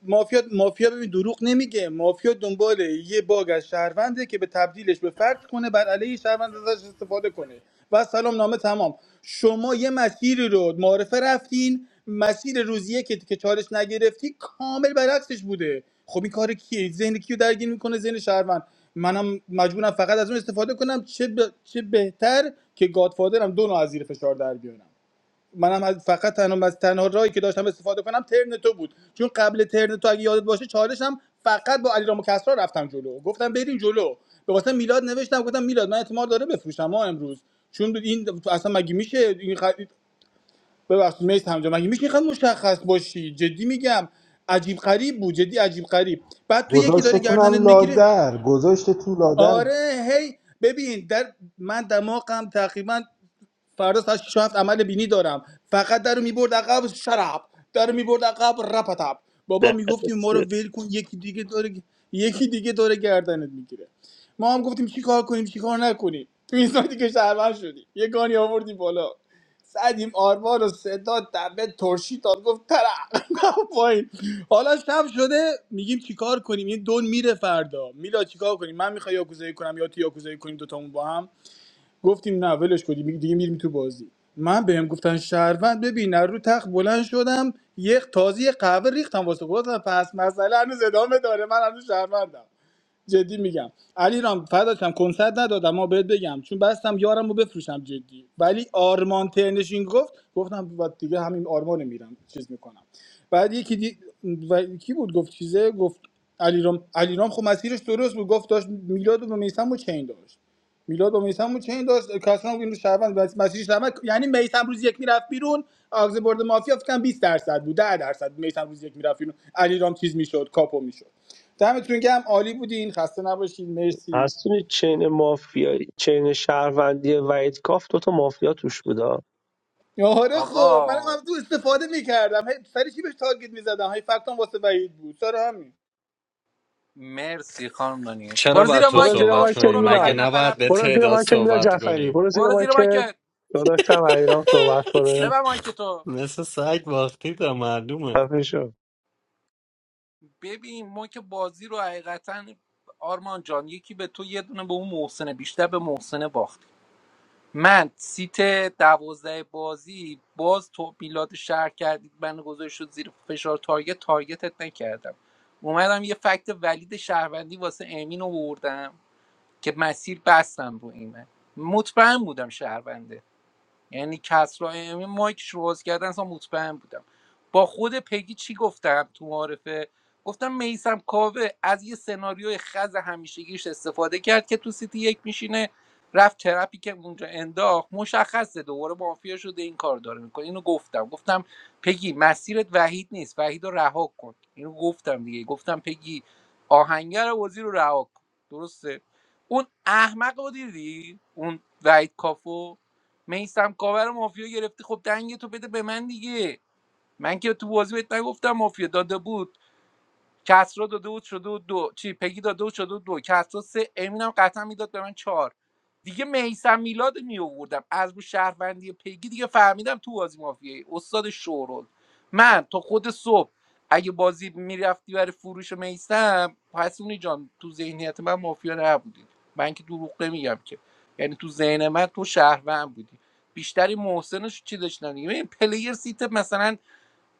مافیا مافیا ببین دروغ نمیگه مافیا دنبال یه باگ از شهرونده که به تبدیلش به فرد کنه بر علیه شهروند
Okay.
ازش استفاده کنه و سلام نامه تمام شما یه مسیری رو معرفه رفتین مسیر روزیه که که چالش نگرفتی کامل برعکسش بوده خب این کار کیه ذهن کیو درگیر میکنه ذهن شهروند منم مجبورم فقط از اون استفاده کنم چه, ب... چه بهتر که گادفادرم دو نوع از زیر فشار در بیارم منم از فقط تنها از تنها راهی که داشتم استفاده کنم ترن تو بود چون قبل ترن تو اگه یادت باشه چالشم فقط با علیرام و کسرا رفتم جلو گفتم بریم جلو به واسه میلاد نوشتم گفتم میلاد من احتمال داره بفروشم ما امروز چون این اصلا مگه میشه این خ... ببخشید میست همجا مگه میشه اینقدر مشخص باشی جدی میگم عجیب غریب بود جدی عجیب غریب بعد تو یکی داره گردنت
گذاشتتونم
میگیره
لادر گذاشته تو لادر
آره هی ببین در من دماغم تقریبا فردا ساعت 6 و 7 عمل بینی دارم فقط در میبرد عقب شراب در رو میبرد عقب رپتب بابا میگفتیم ما رو
دسترسه.
ول کن یکی دیگه داره یکی دیگه داره گردنت میگیره ما هم گفتیم چی کار کنیم چی کار نکنیم تو این سایتی که شهروند شدی یه گانی آوردیم بالا زدیم آرمان و صدا دبه ترشی داد گفت ترق <laughs> پایین حالا شب شده میگیم چیکار کنیم این دون میره فردا میلا چیکار کنیم من میخوای یاکوزایی کنم یا تو یاکوزایی کنیم دوتامون با هم گفتیم نه ولش کن دیگه دیگه میریم تو بازی من بهم گفتن شهروند ببین از رو تخت بلند شدم یک تازی قهوه ریختم واسه گفتم پس مسئله هنوز ادامه داره من هنوز شهروندم جدی میگم علی رام فداکم کنسرت ندادم ما بهت بگم چون بستم یارمو رو بفروشم جدی ولی آرمان ترنش این گفت گفتم و دیگه همین آرمان میرم چیز میکنم بعد یکی دی... و... کی بود گفت چیزه گفت علیرام علیرام خب مسیرش درست بود گفت داشت میلاد و میسم و چین داشت میلاد و میسم و چین داشت کسرا اینو شهروند بس مسیج شهروند یعنی میسم روز یک میرفت بیرون آگز برد مافیا فکر کنم 20 درصد بود 10 درصد میسم روز یک میرفت بیرون علیرام چیز میشد کاپو میشد دمتون گرم عالی بودین خسته نباشین مرسی
هستونی چین مافیایی چین شهروندی وحید کاف دوتا مافیا توش بودا
آره خب من
آقا
هم تو استفاده میکردم هی سری چی بهش تارگت میزدم هی فقط واسه بعید بود سر همین
مرسی خانم نانی برو
چرا باید
زیر
تو
برو
مایکت
زیر
بابا
صحبت
آقای چند
شورو
کنیم
میلاد
مگه
لاخرین نفر
نباید
حرف
به
برو
بزنی
زیر
تعداد
من که میلا
صحبت
جعفری
کنیم
برو زیر
برو
من
زیر
که
مایکت
داداشم ایران صحبت کنه
ببر
<laughs>
مایکتو
مثل سگ باختید ها، معلومه
خفه شو
ببین ما که بازی رو حقیقتا آرمان جان یکی به تو یه دونه به اون محسنه بیشتر به محسنه باخت من سیت دوازده بازی باز تو میلاد شهر کردید من گذاشت شد زیر فشار تارگت تارگتت نکردم اومدم یه فکت ولید شهروندی واسه امین آوردم که مسیر بستم رو ایمه مطمئن بودم شهرونده یعنی کسرا امی مایکش رو باز کردن اصلا مطمئن بودم با خود پگی چی گفتم تو معارفه گفتم میسم کاوه از یه سناریوی خز همیشگیش استفاده کرد که تو سیتی یک میشینه رفت ترپی که اونجا انداخت مشخصه دوباره مافیا شده این کار داره میکنه اینو گفتم گفتم پگی مسیرت وحید نیست وحید رو رها کن اینو گفتم دیگه گفتم پگی آهنگر بازی رو رها کن درسته اون احمق رو دیدی اون وحید کافو میسم کاور مافیا گرفتی خب دنگ تو بده به من دیگه من که تو بازی بهت نگفتم مافیا داده بود کسرا داده بود شده بود دو چی پگی داده بود شده بود دو کسرا سه امین قطعا میداد به من چهار دیگه میسم میلاد می آوردم از رو شهروندی پگی دیگه فهمیدم تو بازی مافیایی استاد شورول من تا خود صبح اگه بازی میرفتی برای فروش میسم پسونی جان تو ذهنیت من مافیا نبودی من که دروغ نمیگم که یعنی تو ذهن من تو شهروند بودی بیشتری محسنش چی داشتن دیگه ببین، پلیر سیت مثلا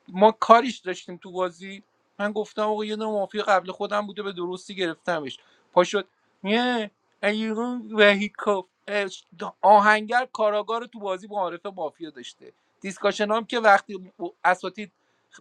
ما کاریش داشتیم تو بازی من گفتم آقا یه دونه مافیا قبل خودم بوده به درستی گرفتمش پا شد یه ایرون وهیکوف آهنگر کاراگار رو تو بازی معارف مافیا داشته دیسکاشن هم که وقتی اساتید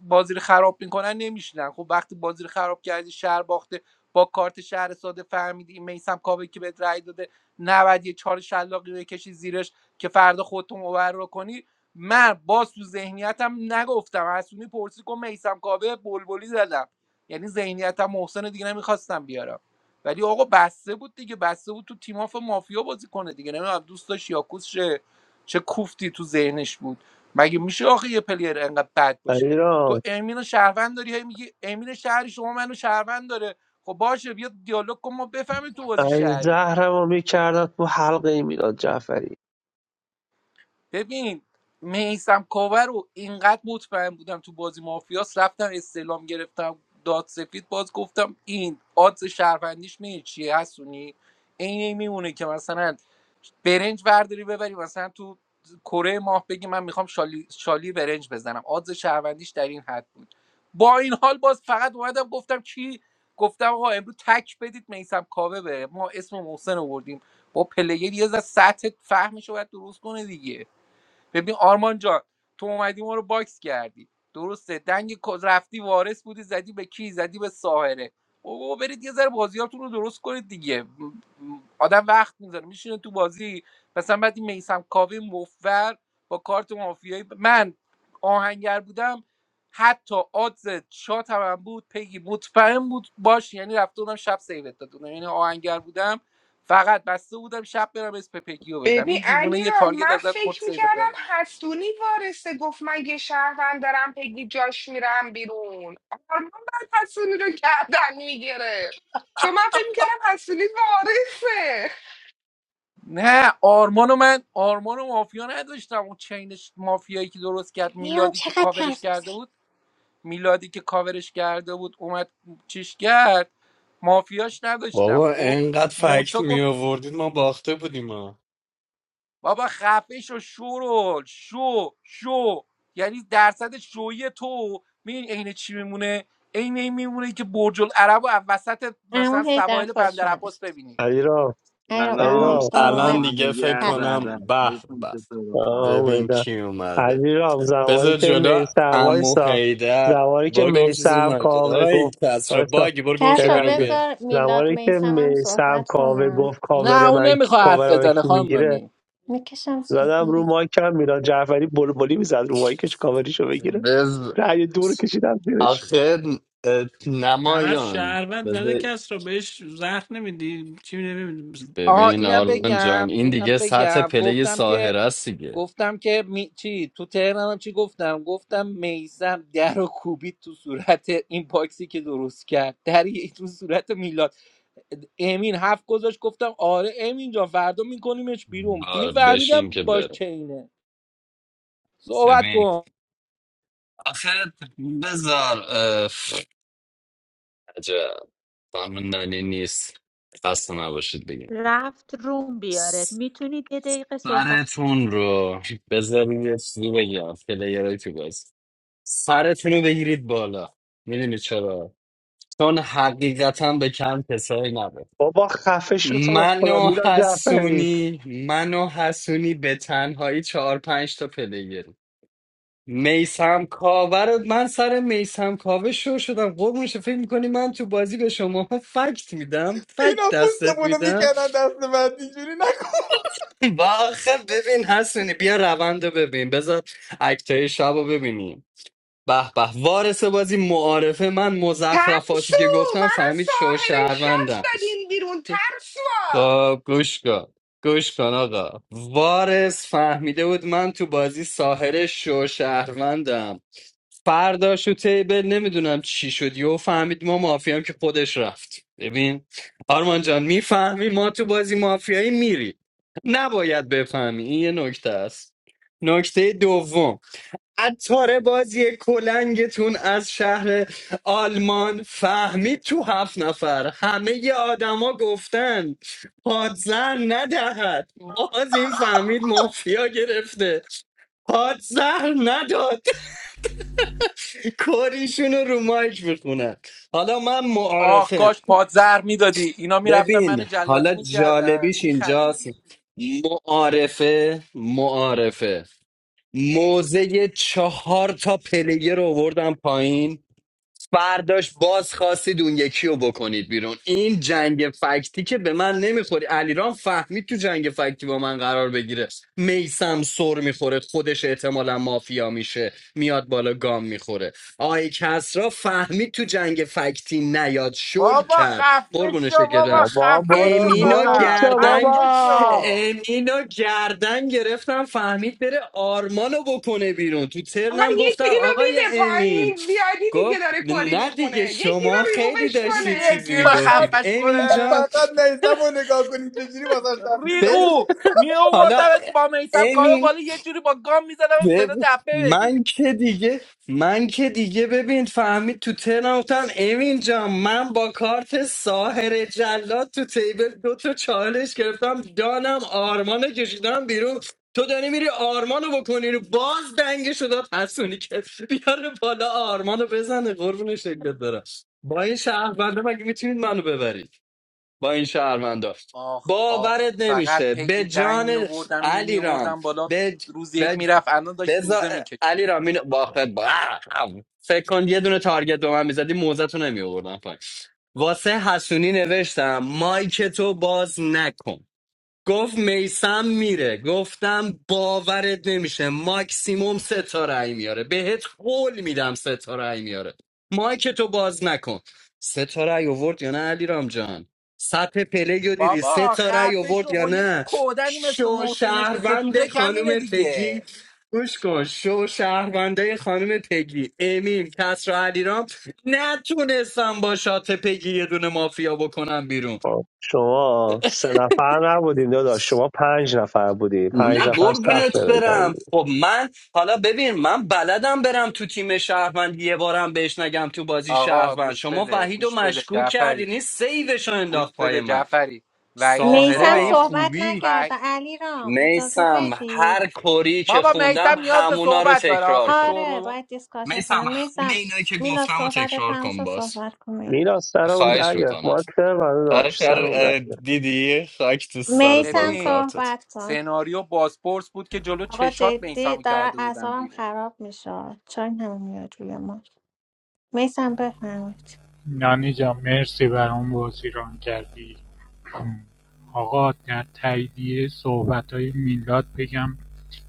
بازی رو خراب میکنن نمیشینن خب وقتی بازی رو خراب کردی شهر باخته با کارت شهر ساده فهمیدی این میسم کابه که بهت رأی داده 90 یه چهار شلاقی بکشی زیرش که فردا خودتون مبرر کنی من باز تو ذهنیتم نگفتم حسونی پرسی کن میسم کاوه بلبلی زدم یعنی ذهنیتم محسن دیگه نمیخواستم بیارم ولی آقا بسته بود دیگه بسته بود تو تیم تیماف مافیا بازی کنه دیگه نمیدونم دوست داشت یاکوس شه چه کوفتی تو ذهنش بود مگه میشه آخه یه پلیر انقدر بد باشه تو
ایران
امین و شهروند داری هی میگی امین شهری شما منو شهروند داره خب باشه بیا دیالوگ کن ما بفهمیم تو بازی
این
شهری
زهرمو میکردن تو حلقه این میلاد جعفری
ببین میسم کاور رو اینقدر مطمئن بودم تو بازی مافیاس رفتم استعلام گرفتم داد سفید باز گفتم این آدز شهروندیش می چیه هستونی این میمونه که مثلا برنج برداری ببری مثلا تو کره ماه بگی من میخوام شالی, شالی برنج بزنم آدز شهروندیش در این حد بود با این حال باز فقط اومدم گفتم کی گفتم آقا امروز تک بدید میسم کاوه بره ما اسم محسن آوردیم با پلیر یه ذره سطح فهمش رو باید درست کنه دیگه ببین آرمان جان تو اومدی ما رو باکس کردی درسته دنگ کز- رفتی وارث بودی زدی به کی زدی به ساحره بابا برید یه ذره بازیاتون رو درست کنید دیگه م- آدم وقت میذاره میشینه تو بازی مثلا بعد این میسم کاوه مفر با کارت مافیایی من آهنگر بودم حتی آدز شات هم, بود پیگی مطمئن بود باش یعنی رفته بودم شب سیوت دادم یعنی آهنگر بودم فقط بسته بودم شب برم اسم پگیو بدم
ببین
این دیوونه
علی
یه
را
تارگت
من
ازت خود
فکر
سیو
میکردم حسونی وارثه گفت مگه شهروند دارم پگی جاش میرم بیرون آرمان بعد حسونی رو گردن میگیره چون من فکر میکردم حسونی وارثه
نه آرمانو من آرمانو مافیا نداشتم اون چینش مافیایی که درست کرد
میان
میلادی که
چقدر
کاورش
حرف
کرده
میزنی
بود میلادی که کاورش کرده بود اومد چیش کرد مافیاش نداشتم
بابا
خب
انقدر فکت
مونتا
می
گفت
آوردید ما باخته بودیم ها
بابا خفه شو شورول شو شو یعنی درصد شوی تو میدونی عین چی میمونه عین این میمونه که برج العرب و وسط
امو
مثلا
هیدر
سواحل
خوش
بندر عباس
شمارش
ببینی
ایران
ایرم امو
ایران
هیدر
الان
اومد
دیگه فکر
سلام سلام
کنم به به
Assalamualaikum.
ببین
اومدم
کی اومده
ایران زمانی
بذار
که
جلو
میسم
امو
وایسا
هیدر
زمانی که
برو گم شو زیر
میسم
مرکز
کاوه
آقا این
گفت
کسرا
وایسا
باگی برو گم
یه
کس
شو
رو
بیرون
لحظه.
بیا
بذار میلاد
زمانی که
میسم هم
میسم
صحبت
کاوه
کنم
گفت
نه
کاور
اون
من
نمیخواد حرف
کاور من
بزنه خانم
میگیره
نانی.
میکشم زیر
زدم رو مایکم میلاد جعفری بلبلی میزد رو مایکش کاوریشو بگیره
بز
رأی دو رو کشیدم زیرش
آخه
طرف
نمایان
شهروند زده
بذار
کس رو بهش زخم نمیدی چی نمیدی
آها
ببین
اینم
آرمان جان
بگم
این
اینم
دیگه سطح
بگم
پله
گفتم که
ساهر است دیگه
گفتم که می... چی تو تهرانم چی گفتم گفتم میسم در و کوبید تو صورت این باکسی که درست کرد در یه- تو صورت میلاد امین هفت گذاشت گفتم آره امین جان فردا میکنیمش بیرون دیگه
آره بشین
فهمیدم
که
باش
بره
چینه صحبت
ببین
کن
آخه بذار اه، عجب خانم نانی نیست خسته نباشید بگم
رفت روم بیاره میتونید یه دقیقه
سرتون رو بذارید یه چیزی بگم پلیرهای تو بازی سرتون رو بگیرید بالا میدونی چرا چون حقیقتا به کم کسایی نبود
بابا خفه شو تو رو خدا
منو
میلاد جعفری
حسونی منو حسونی به تنهایی چهار پنج تا پلیر میسم کاوه رو من سر میسم کاوه شو شدم قربونش فکر میکنی من تو بازی به شما فکت میدم فکت
اینا
دستت
پوستمونو
میدم
میکردن دست بعد اینجوری نکن
و آخه ببین حسنی بیا روند رو ببین بذار اکتای شب رو ببینیم به به وارث بازی معارفه من
ترسو
مزخرفاتی که گفتم
منو
فهمید شو
ساهر شات
شهروندم
دادین بیرون ترسوا
خب گوش کن گوش کن آقا وارث فهمیده بود من تو بازی ساهر شو شهروندم فرداش و تیبل نمیدونم چی شد یهو فهمید ما مافیام که خودش رفت ببین آرمان جان میفهمی ما تو بازی مافیایی میری نباید بفهمی این یه نکته است نکته دوم عطار بازی کلنگتون از شهر آلمان فهمید تو هفت نفر همه ی آدما گفتن پادزر ندهد باز این فهمید مافیا گرفته پادزر نداد کاریشون رو رو مایک بخونن حالا من
آه
معارفه
کاش پادزر میدادی اینا میرفتن
ببین
من جلادی
حالا
میکردن
جالبیش اینجاست
میخندیدی
معارفه معارفه موزه چهار تا پلیگر رو آوردم پایین فرداش باز خواستید اون یکی رو بکنید بیرون این جنگ فکتی که به من نمیخوری علیرام فهمید تو جنگ فکتی با من قرار بگیره میسم سر میخوره خودش احتمالا مافیا میشه میاد بالا گام میخوره آقای کسرا فهمید تو جنگ فکتی نیاد شل
بابا
کرد
خفه
قربون
شو
شکل برم
بابا
بابا
خفه
برو
شو
امینو
گم
فقط
شو
گردنگ
خفه
بابا
شو
امینو گردن گرفتم فهمید بره آرمانو بکنه بیرون تو
آقا
ترنم
یکی
گفتم
اینو
آقای
میده
امین
پایین زیادی دیگه
گفت
داره پاری
نه دیگه
میخونه یکی
شما
رو
خیلی
ریمووش
میشه
داشتید
کنه
چیزی
یکی اینو
فقط
میگفتید
خفش
امین
کنه
جان
فقط نیستم و نگاه کنیم چجوری واسه دست میزنه
بز
ریگو می
حالا
آوردمت با میسم کارو بالا یه جوری با گام میزدم صدا
بب...
دپه
من
بدی
که دیگه من که دیگه ببین فهمید تو ترم گفتم امین جان من با کارت ساهر جلاد تو تیبل دو تا چالش گرفتم دانم آرمان رو کشیدم بیرون تو داری میری آرمان رو بکنی رو باز دنگش داد حسونی که بیاره بالا آرمان رو بزنه قربون شکلت برم با این شهرونده مگه میتونید منو ببرید با این شهروندا
آخ آخ
باورت
فقط
نمیشه به
پیگی دنگ می
جان
آوردم اینو می
علیرام
آوردم بالا روز یک
به
میرفت الان داشت
بزا
روزه
علی
میکشید
رامین باخت با آه! خب. فکر کن یه دونه تارگت به من میزدی موزتو نمیوردم پایین واسه حسونی نوشتم مایک تو باز نکن گفت میسم میره گفتم باورت نمیشه ماکسیموم سه تا رأی میاره بهت قول میدم سه تا رأی میاره مایک تو باز نکن سه تا رأی آورد یا نه علی جان سطح پله رو دیدی سه
بابا
تا رأی
خفه
آورد
شو
یا
خو یه
نه
کودنی مثل
شو
محسن نشسته تو
شهروند
دک همینه
خانم پگی
دیگه
گوش کن شو شهرونده خانم پگی امیل کسرا علیرام نتونستم با شات پگی یه دونه مافیا بکنم بیرون
خب، شما سه نفر نبودیم داداش شما پنج نفر بودیم پنج
نه
نفر سخت
قربونت برم
بجنگی
خب من حالا ببین من بلدم برم تو تیم شهروند یه بارم بهش نگم تو بازی
آقا
شهروند
گوش
شما
بده
وحید و
گوش بده
مشکوک
جعفری
کردین این سیوش رو
گوش
انداخت پای
بده
من
جعفری وعید
ساهره به
میسم
این
کاف
صحبت
خوبی
و
نکرده علی رام اجازه
میسم
بدید
هر کوری که
بابا
خوندم
میسم نیاز به
همونا رو
صحبت داره آخه
تکرار کن
آره
شورو
باید دیسکاشن
میسم
کنم
همه
میسم
اینایی که
میلاد
گفتم رو
صحبت
تکرار کن
تمشا
باز
صحبت کن
میلاد سرم
خواهش
در گرفت
میکنم
مارک سر من داشت
آخر
سرم در
اه،
گرفت
دیدی خاک تو سرت با
میسم
ببین
کارتت
صحبت کن
سناریو بازپرس بود که جلو
آقا
چشات
جدی
میسمو
دارم
کرده بودم
اعصابم
بیرون
خراب میشه چرا هم میاد روی ما میسم بفرمایید
نانی جان مرسی برام بازی ران کردی آقا در تاییدیه صحبت های میلاد بگم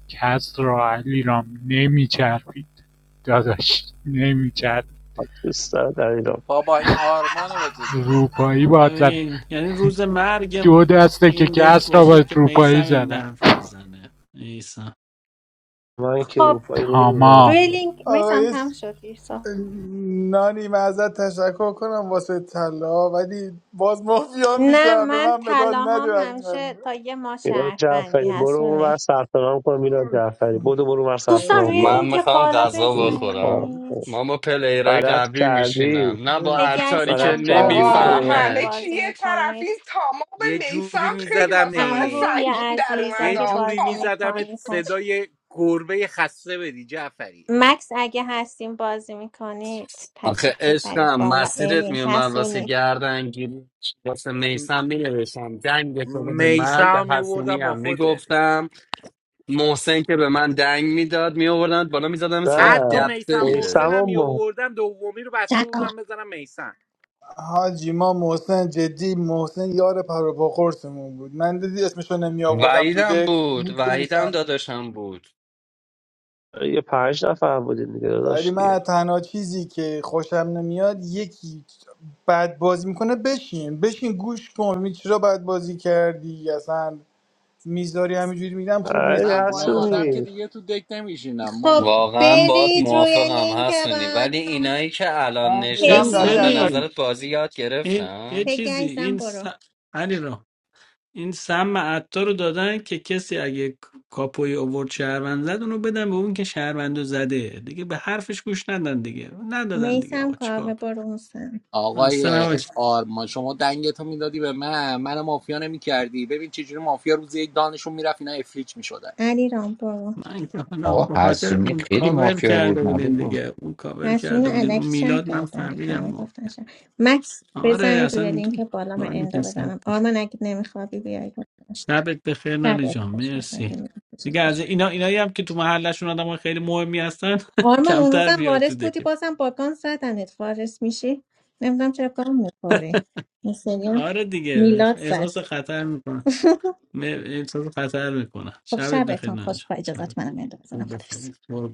کس را علیرام نمیچربید داداش نمیچربید
دوست داره در ایران
بابا این آرمانو بگو دیگه
روپایی باد زد
ببین یعنی روز مرگم
دو دسته که
این دک
کس را
باشه
با
که
روپایی
میسم این
زدم
حرف رو بزنه میسم
من که
خب
روپایی نمیزنی
تمام
روی لینک میسم
آقای
تم
س-
شد دیر
نانی من ازت تشکر کنم واسه طلا ولی باز مافیا
نه
میشم به
من
من مدال نده
طلاهام
وقتی
همیشه
من
تا یه ما
میلاد
شهروندی
جعفری برو اون
هستونه
ور سرطنام کن میلاد جعفری بدو برو اون ور
دوستان
سرطنام
روی
مرسی
من
کن
لینک
میخوام
بالا
غذا بخورم
بزنید
من با پلیرای
غلط
قوی
کردی
میشینم نه با
پگی
عطاری که
غلط
عزیزم برو
کردی
آقا
آرمان
اومد.
اگه
همه
نمیفهمه
چی
بازی
یه طرف
میکنید
این تمام
یه جوری
میسم خیلی واسه من
امو
میزدمت
روحی
سنگین در
عزیز
یه
اگه
اومد
جوری
بازی
میزدمت
میکنید تشریف،
صدای گربه خسته بدی جعفری
مکس اگه هستیم بازی میکنید
آخه
تشریف ببرید
عشقم
بالا
مسیرت
امین
میومد واسه
هستونید
گردنگیری واسه میسم مینوشتم دنگ تو بده من به
میسم میوردم
حسونی
با
هم
خودت
میگفتم محسن که به من دنگ میداد میآوردن بالا میزدم صدا
نه
حتی
دبته
میسم
اون
میدادی
محسنم
سمام ما
میوردم دومی رو بسته
جهان
بودم بزنم میسم
حاجی ما محسن جدی محسن یار پر و پا قرصمون بود من دیدی اسمشو نمی آوردم تو
وحیدم
دک
بود وحیدم
میدونستم
داداشم بود
یه پنج نفر بودیم دیگه
ولی
داشت دیگه
من تنها چیزی که خوشم نمیاد یکی بد بازی میکنه بشین بشین گوش کن می چرا بد بازی کردی اصلا میذاری همینجوری میگم خوب
ای
نیست
من
جدی
با
من
این
خوشم
آدم
حسونی
که
نمیاد
دیگه تو دک نمیشینم
خب
بابا
واقعا باید
برید روی
موافقم
لینک
حسنی
اول
ولی اینایی که الان
من دلم
این
نشستن به
دنی
پگی
ببین
نظرت بازی یاد
این
گرفتن
یه
پگی
چیزی
عزیزم
این س...
برو
علی این سم عطار رو دادن که کسی اگه کاپوی اوورد شهروند زد اونو بدن به اون که شهروند رو زده دیگه به حرفش گوش ندن دیگه ندادن دیگه
میسم
آقا چیکار
کاوه برو موسم
کنم؟ اصلا
آقای
نباش
آرمان شما دنگتو میدادی به من من مافیا نمیکردی ببین چجوری مافیا روز یک دانشون میرفت اینا افلیچ میشدن
علی رام برو
من که حالا به
آقا
خاطر
حسونی
اون
خیلی
کاور
مافیا
کرده
بود معلوم
بودین
بود.
دیگه اون کاور
مسئولین
کرده بودین اون
علکی شهر
میلاد من
کردن دیگه همه
فهمیدم
گفتن شهر مکس
آره
بزنید روی
اصلا
لینک بالا من
دارم
اندو
که صد
بزنم
بشه.
آرمان اگه نمیخوابی بیاید
شبت بخیر نانی
شب
جان
خوش پس اگه
مرسی دیگه
نمی‌خوابی.
از اینا اینایی هم که تو محلشون آدم خیلی مهمی هستن <laughs>
آرمان اون
کمتر
روزم
بیار تو
وارث بودی
دک
بازم باگان زدنت وارث میشی نمیدونم چرا گام میخوری این سری هم
آره دیگه
میلاد زد
احساس خطر میکنم احساس خطر میکنم
خب
شبت بخیر
شبتون خوش
نانجا
با
شبت
اجازت منم اند بزنم
خوب
خدافظ
بخیر